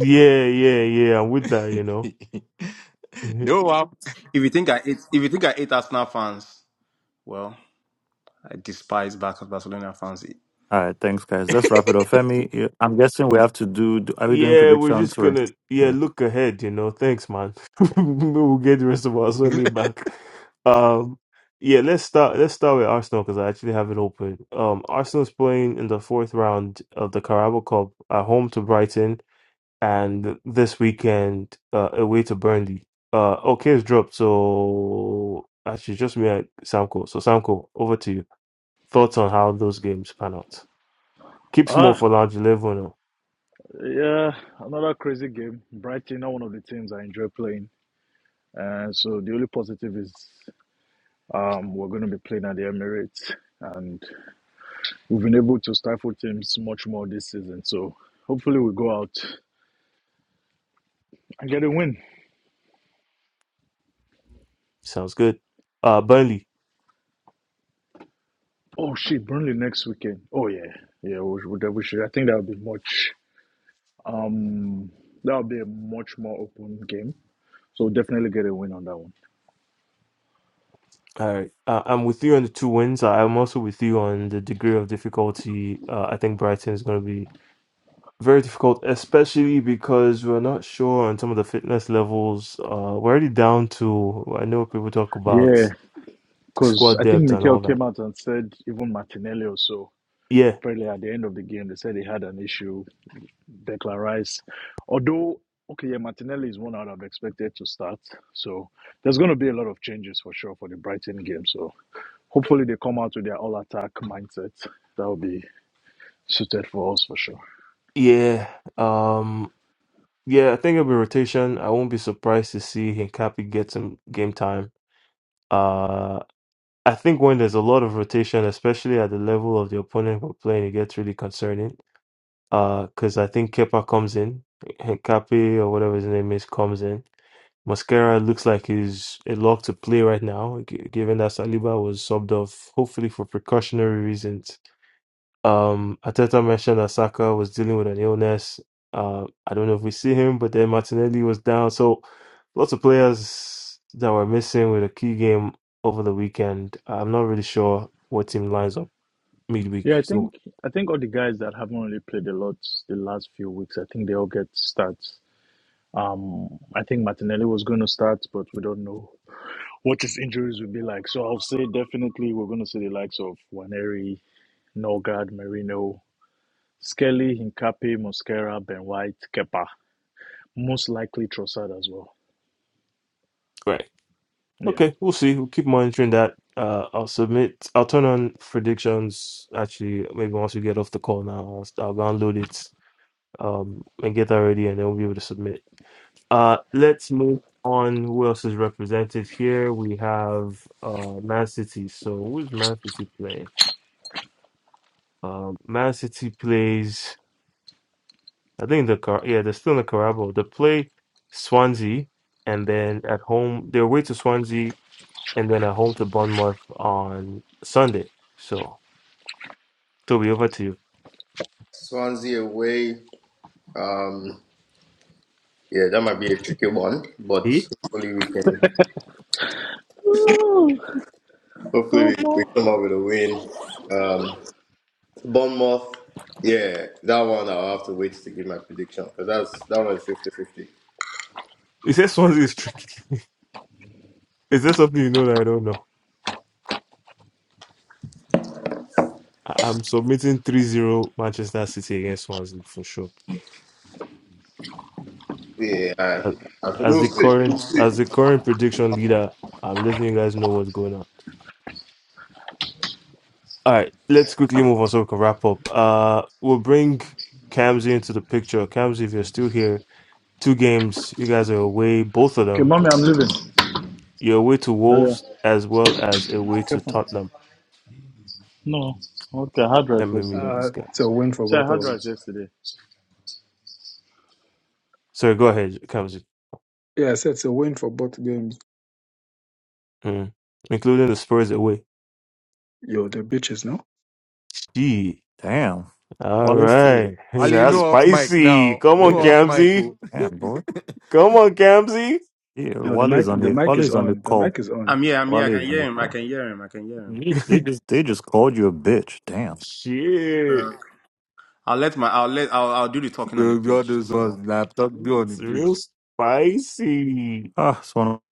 Speaker 1: yeah, yeah. I'm with that, you know. (laughs)
Speaker 13: (laughs)
Speaker 1: Mhm.
Speaker 13: no off.
Speaker 3: If you think I hate, if you think I hate Arsenal fans, well, I despise Barca Barcelona fans.
Speaker 7: All right, thanks, guys. Let's wrap it up. Femi, you- I'm guessing we have to do. do are we doing
Speaker 1: yeah, we're just
Speaker 7: predictions or?
Speaker 1: gonna yeah
Speaker 7: Yeah.
Speaker 1: look ahead, you know. Thanks, man. (laughs) we'll get the rest of our
Speaker 13: (laughs)
Speaker 1: Sunday back. Um, yeah, let's start. Let's start with Arsenal because I actually have it open. Um, Arsenal's playing in the fourth round of the Carabao Cup at home to Brighton. and this weekend uh, away to Burnley. Uh, okay, it's dropped. So actually, just me and Samko. So Samko, over to you. Thoughts on how those games pan out? Keep small
Speaker 6: ah.
Speaker 1: for large level. oh.
Speaker 6: Yeah, another crazy game. Brighton are one of the teams I enjoy playing. Uh, so the only positive is um, we're going to be playing at the Emirates, and we've been able to stifle teams much more this season. So hopefully we go out and get a win.
Speaker 1: Sounds good. Uh, Burnley.
Speaker 6: Oh shit, Burnley next weekend. Oh yeah, yeah, we, should- we, we should. I think that will be much. Um, that will be a much more open game. So definitely get a win on that one.
Speaker 1: All right, uh, I'm with you on the two wins. I- I'm also with you on the degree of difficulty. Uh, I think Brighton is going to be very difficult, especially because we're not sure on some of the fitness levels. Uh, we're already down to. I know people talk about
Speaker 6: Yeah, because
Speaker 1: squad
Speaker 6: I think
Speaker 1: depth and
Speaker 6: Mikel
Speaker 1: all that
Speaker 6: came out and said even Martinelli also.
Speaker 1: Yeah,
Speaker 6: Apparently, at the end of the game, they said he had an issue. Declan Rice, although okay, yeah, Martinelli is one I'd have expected to start. So there's going to be a lot of changes for sure for the Brighton game. So hopefully they come out with their all attack mindset. That will be suited for us for sure.
Speaker 1: yeah. Um, yeah, I think it'll be rotation. I won't be surprised to see Hincapi get some game time. Uh, I think when there's a lot of rotation, especially at the level of the opponent we're playing, it gets really concerning. Uh, because I think Kepa comes in, Hincapi or whatever his name is comes in. Mascara looks like he's a lock to play right now, g- given that Saliba was subbed off, hopefully for precautionary reasons. Um, Ateta mentioned that Saka was dealing with an illness. Uh, I don't know if we see him, but then Martinelli was down. So lots of players that were missing with a key game over the weekend. I'm not really sure what team lines up midweek.
Speaker 6: Yeah, I
Speaker 1: So
Speaker 6: think I think all the guys that haven't really played a lot the last few weeks, I think they all get starts. Um, I think Martinelli was going to start, but we don't know What his injuries will be like. So I'll say definitely we're going to see the likes of Waneri. Norgard, Merino, Skelly, Hincapi, Mosquera, Ben White, Kepa. Most likely Trossard as well.
Speaker 1: right,
Speaker 6: Yeah.
Speaker 1: okay, we'll see. We'll keep monitoring that. Uh, I'll submit. I'll turn on predictions. Actually, maybe once we get off the call now, I'll, I'll download it um and get that ready, and then we'll be able to submit. Uh, let's move on. Who else is represented here? We have uh Man City. So who's Man City playing? Um, Man City plays. I think the car. Yeah, they're still in the Carabao. They play Swansea, and then at home they're away to Swansea, and then at home to Bournemouth on Sunday. So Toby, over to you.
Speaker 5: Swansea away. Um, yeah, that might be a tricky one, but
Speaker 1: See?
Speaker 5: hopefully we can
Speaker 6: Ooh,
Speaker 5: hopefully we,
Speaker 6: oh, boy.
Speaker 5: come up with a win. Um, Bournemouth. Yeah, that one I'll have to wait to give my prediction because that's that one's fifty-fifty.
Speaker 1: You said Swansea is tricky. (laughs) is there something you know that I don't know? I- I'm submitting three zero Manchester City against Swansea for sure.
Speaker 5: Yeah, I-
Speaker 1: As,
Speaker 5: I-
Speaker 1: as
Speaker 5: we'll
Speaker 1: the
Speaker 5: see. We'll
Speaker 1: current
Speaker 5: see.
Speaker 1: as the current prediction leader, I'm letting you guys know what's going on. All right, let's quickly move on so we can wrap up. Uh, we'll bring Kamzi into the picture. Kamzi, if you're still here, two games you guys are away, both of
Speaker 6: Okay,
Speaker 1: them.
Speaker 6: mommy, I'm leaving.
Speaker 1: You're away to
Speaker 6: Oh, yeah.
Speaker 1: Wolves as well as away to
Speaker 6: Careful.
Speaker 1: Tottenham.
Speaker 6: No. Okay, I had
Speaker 1: Let
Speaker 6: rice
Speaker 1: me mute
Speaker 6: yesterday.
Speaker 1: this
Speaker 8: uh,
Speaker 1: guy.
Speaker 8: it's a win for
Speaker 6: So I
Speaker 8: both of
Speaker 6: had
Speaker 8: them.
Speaker 6: rice yesterday.
Speaker 1: So go ahead, Kamzi.
Speaker 8: Yeah, I said it's a win for both games.
Speaker 1: Mm. Including the Spurs away.
Speaker 8: Yo, the bitches, no,
Speaker 1: Gee,
Speaker 7: Damn,
Speaker 1: all
Speaker 7: Wally's
Speaker 1: right,
Speaker 7: too.
Speaker 1: (laughs)
Speaker 13: Wally,
Speaker 1: that's
Speaker 13: no
Speaker 7: Shit.
Speaker 13: off mic
Speaker 1: spicy.
Speaker 13: now.
Speaker 1: Come on,
Speaker 13: No
Speaker 7: Yeah.
Speaker 13: off mic.
Speaker 1: Kamzi.
Speaker 13: oh. (laughs)
Speaker 7: Damn, boy.
Speaker 1: Come on, Kamzi.
Speaker 7: Yeah,
Speaker 8: no, the
Speaker 7: Wally's
Speaker 8: mic,
Speaker 7: on
Speaker 8: the
Speaker 7: the
Speaker 8: mic is
Speaker 7: Wally's on the
Speaker 8: on. The
Speaker 7: call.
Speaker 8: mic is on.
Speaker 3: I'm here. I'm here. I can
Speaker 7: Wally's on
Speaker 3: hear
Speaker 7: the
Speaker 3: him. I
Speaker 7: call.
Speaker 3: can hear him. I can hear him.
Speaker 7: They just,
Speaker 1: (laughs)
Speaker 7: they just they just called you a bitch. Damn.
Speaker 3: Uh,
Speaker 1: Shit,
Speaker 3: I'll let my. I'll let. I'll. I'll do the talking
Speaker 13: We
Speaker 3: on the
Speaker 13: will all
Speaker 3: pitch.
Speaker 13: those ones.
Speaker 3: So
Speaker 13: Laptop be on the
Speaker 1: it's real
Speaker 13: pitch.
Speaker 1: spicy.
Speaker 7: Ah, so no-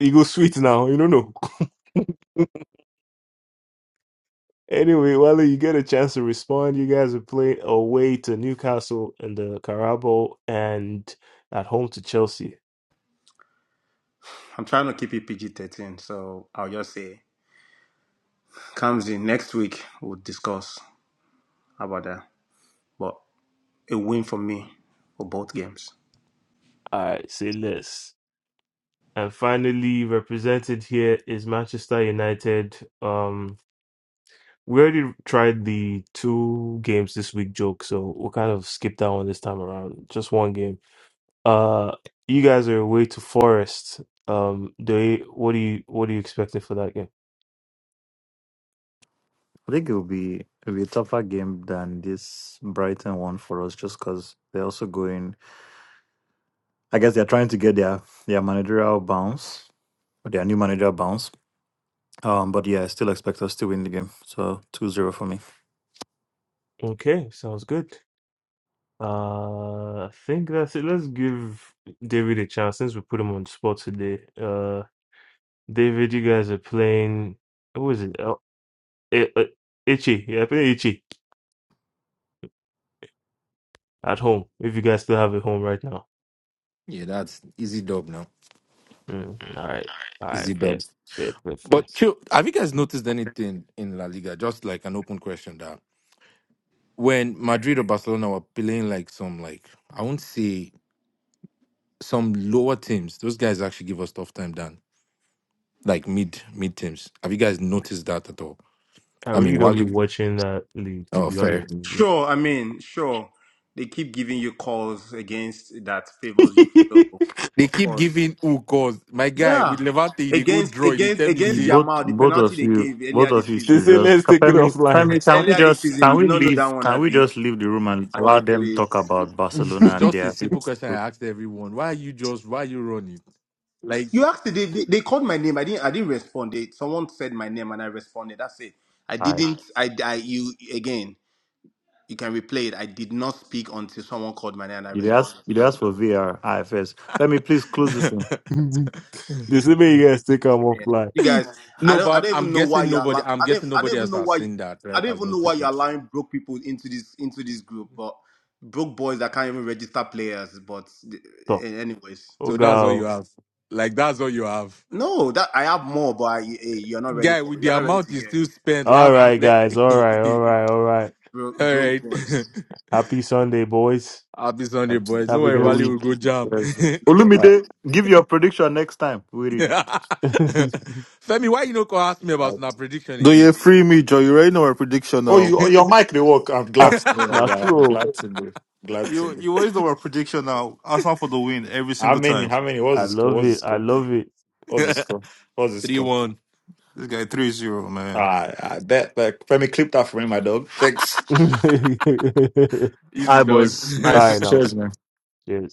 Speaker 1: You go sweet now, you don't know. Anyway, Wale, you get a chance to respond. You guys are playing away to Newcastle in the Carabao and at home to Chelsea.
Speaker 3: I'm trying to keep it PG thirteen. So I'll just say, comes in next week. We'll discuss about that. But. a win for me for both games.
Speaker 1: All right, say less. And finally, represented here is Manchester United. Um, we already tried the two games this week joke, so we'll kind of skip that one this time around. Just one game. Uh, you guys are away to Forest. Um, do you, what do you what are you expecting for that game?
Speaker 7: I think it'll be it'll be a tougher game than this Brighton one for us, just because they're also going. I guess they're trying to get their their managerial bounce, or their new managerial bounce. Um, but yeah, I still expect us to win the game. So two zero for me.
Speaker 1: Okay, sounds good. Uh, I think that's it. Let's give David a chance since we put him on the spot today. Uh, David, you guys are playing. Who is it? Oh, I- I- Ichi. Yeah, playing Ichi at home. If you guys still have a home right now.
Speaker 13: Yeah, that's easy dub now.
Speaker 1: Mm, all right. All right.
Speaker 13: Easy
Speaker 1: Fair.
Speaker 13: dubs.
Speaker 1: Fair. Fair. Fair.
Speaker 13: But chill, have you guys noticed anything in La Liga? Just like an open question that when Madrid or Barcelona were playing like some like I won't say some lower teams, those guys actually give us tough time than like mid mid teams. Have you guys noticed that at all?
Speaker 1: I
Speaker 13: I mean,
Speaker 1: really don't
Speaker 13: while
Speaker 1: be
Speaker 13: you
Speaker 1: watching that league, to
Speaker 13: oh
Speaker 1: be
Speaker 13: fair,
Speaker 1: honest with
Speaker 3: Sure, I mean, sure, they keep giving you calls against that favors you. So,
Speaker 1: you.
Speaker 13: they
Speaker 3: of
Speaker 13: keep
Speaker 3: course,
Speaker 13: giving who cause my guy with
Speaker 3: yeah,
Speaker 13: Levante, they go
Speaker 3: against
Speaker 13: draw. They
Speaker 3: against
Speaker 13: tell me
Speaker 7: You
Speaker 3: against
Speaker 13: say
Speaker 7: both
Speaker 3: Jamal, the
Speaker 7: both
Speaker 3: penalty
Speaker 7: of
Speaker 3: they
Speaker 7: you
Speaker 3: gave earlier
Speaker 7: both
Speaker 3: this
Speaker 7: of you
Speaker 1: (laughs)
Speaker 3: season.
Speaker 1: they
Speaker 7: should
Speaker 1: say
Speaker 7: just
Speaker 1: let's take it
Speaker 7: Kapemi,
Speaker 1: offline.
Speaker 7: Kapemi, can we
Speaker 3: Earlier this
Speaker 7: just
Speaker 3: season,
Speaker 7: can
Speaker 3: you did
Speaker 7: we
Speaker 3: not know that
Speaker 7: leave
Speaker 3: one,
Speaker 7: can we
Speaker 3: Abi
Speaker 7: just leave the room and allow
Speaker 3: boy,
Speaker 7: them talk
Speaker 3: please.
Speaker 7: about Barcelona
Speaker 13: it's
Speaker 1: (laughs)
Speaker 7: and
Speaker 13: just a
Speaker 7: their
Speaker 13: simple question I asked everyone: Why are you just why are you running like?
Speaker 3: You asked, they, they they called my name. I didn't I didn't respond. They, someone said my name and I responded. That's it. I didn't. I, I you again. You can replay it. I did not speak until someone called my name and I
Speaker 7: You dey ask,
Speaker 3: responded.
Speaker 7: you dey
Speaker 3: So.
Speaker 7: ask for VR, IFS. Femi, please close this one.
Speaker 1: (laughs)
Speaker 13: (laughs)
Speaker 1: this is me, you guys think I'm offline.
Speaker 3: Yeah.
Speaker 1: fly.
Speaker 3: You guys, I
Speaker 13: No,
Speaker 3: don't I
Speaker 13: but
Speaker 3: don't
Speaker 13: I'm
Speaker 3: even know why
Speaker 13: guessing
Speaker 3: you're
Speaker 13: nobody.
Speaker 3: allow-
Speaker 13: I'm
Speaker 3: I don't
Speaker 13: guessing
Speaker 3: I don't
Speaker 13: nobody
Speaker 3: even
Speaker 13: else
Speaker 3: know
Speaker 13: has
Speaker 3: why
Speaker 13: seen that,
Speaker 3: I
Speaker 13: right?
Speaker 3: don't
Speaker 13: Has
Speaker 3: even know why
Speaker 13: noticed
Speaker 3: you're
Speaker 13: it.
Speaker 3: allowing broke people into this into this group, but broke boys that can't even register players. But th-
Speaker 1: So,
Speaker 3: eh, anyways,
Speaker 1: oh,
Speaker 13: So that's all you
Speaker 1: go.
Speaker 13: have. Like that's all you have,
Speaker 3: no, that I have more, but I, eh, you're not ready
Speaker 13: guy.
Speaker 3: for
Speaker 13: With the
Speaker 3: you're not ready
Speaker 13: amount
Speaker 3: to
Speaker 13: you
Speaker 3: hear
Speaker 13: still
Speaker 3: it.
Speaker 13: spent
Speaker 1: All
Speaker 13: last.
Speaker 1: right,
Speaker 13: le-
Speaker 1: guys. All right, all
Speaker 13: (laughs)
Speaker 1: right, all right.
Speaker 3: broke
Speaker 13: all
Speaker 3: broke
Speaker 13: right.
Speaker 3: boys.
Speaker 13: (laughs)
Speaker 1: Happy Sunday, boys.
Speaker 13: Happy Sunday, boys. No
Speaker 1: Have a
Speaker 13: worry,
Speaker 1: good
Speaker 13: Wally
Speaker 7: Yes,
Speaker 13: will
Speaker 1: week.
Speaker 13: go jam. (laughs)
Speaker 7: yes.
Speaker 1: Uh,
Speaker 7: Olumide, give your prediction next time. We read.
Speaker 1: (laughs)
Speaker 13: Femi, why you no go ask me about
Speaker 7: Alright.
Speaker 13: snap prediction
Speaker 14: Do you
Speaker 13: again?
Speaker 14: free me, Joe? You already know our prediction
Speaker 7: Oh,
Speaker 14: now.
Speaker 7: you, your mic they work. I'm
Speaker 1: ah,
Speaker 7: glad to know, my
Speaker 1: not
Speaker 7: guy. I'm
Speaker 1: true.
Speaker 7: glad to know. Glad to
Speaker 14: You
Speaker 7: know.
Speaker 14: you always know our prediction now. Arsenal for the win every
Speaker 7: How
Speaker 14: single
Speaker 7: many?
Speaker 14: time.
Speaker 7: How many? What's
Speaker 1: I
Speaker 7: the score?
Speaker 1: love
Speaker 7: What's the
Speaker 1: it. I
Speaker 7: score?
Speaker 1: love it.
Speaker 7: What's the score?
Speaker 13: (laughs)
Speaker 7: What's the
Speaker 13: Three
Speaker 7: score?
Speaker 13: one,
Speaker 14: This guy three zero, man.
Speaker 7: Ah, I bet. Like, Femi, clip that for me, my dog. Thanks.
Speaker 1: (laughs)
Speaker 13: easy
Speaker 7: Hi,
Speaker 13: dogs.
Speaker 7: boys.
Speaker 1: all
Speaker 7: Nice.
Speaker 1: right,
Speaker 13: (laughs)
Speaker 1: now.
Speaker 7: Cheers, man.
Speaker 1: Cheers.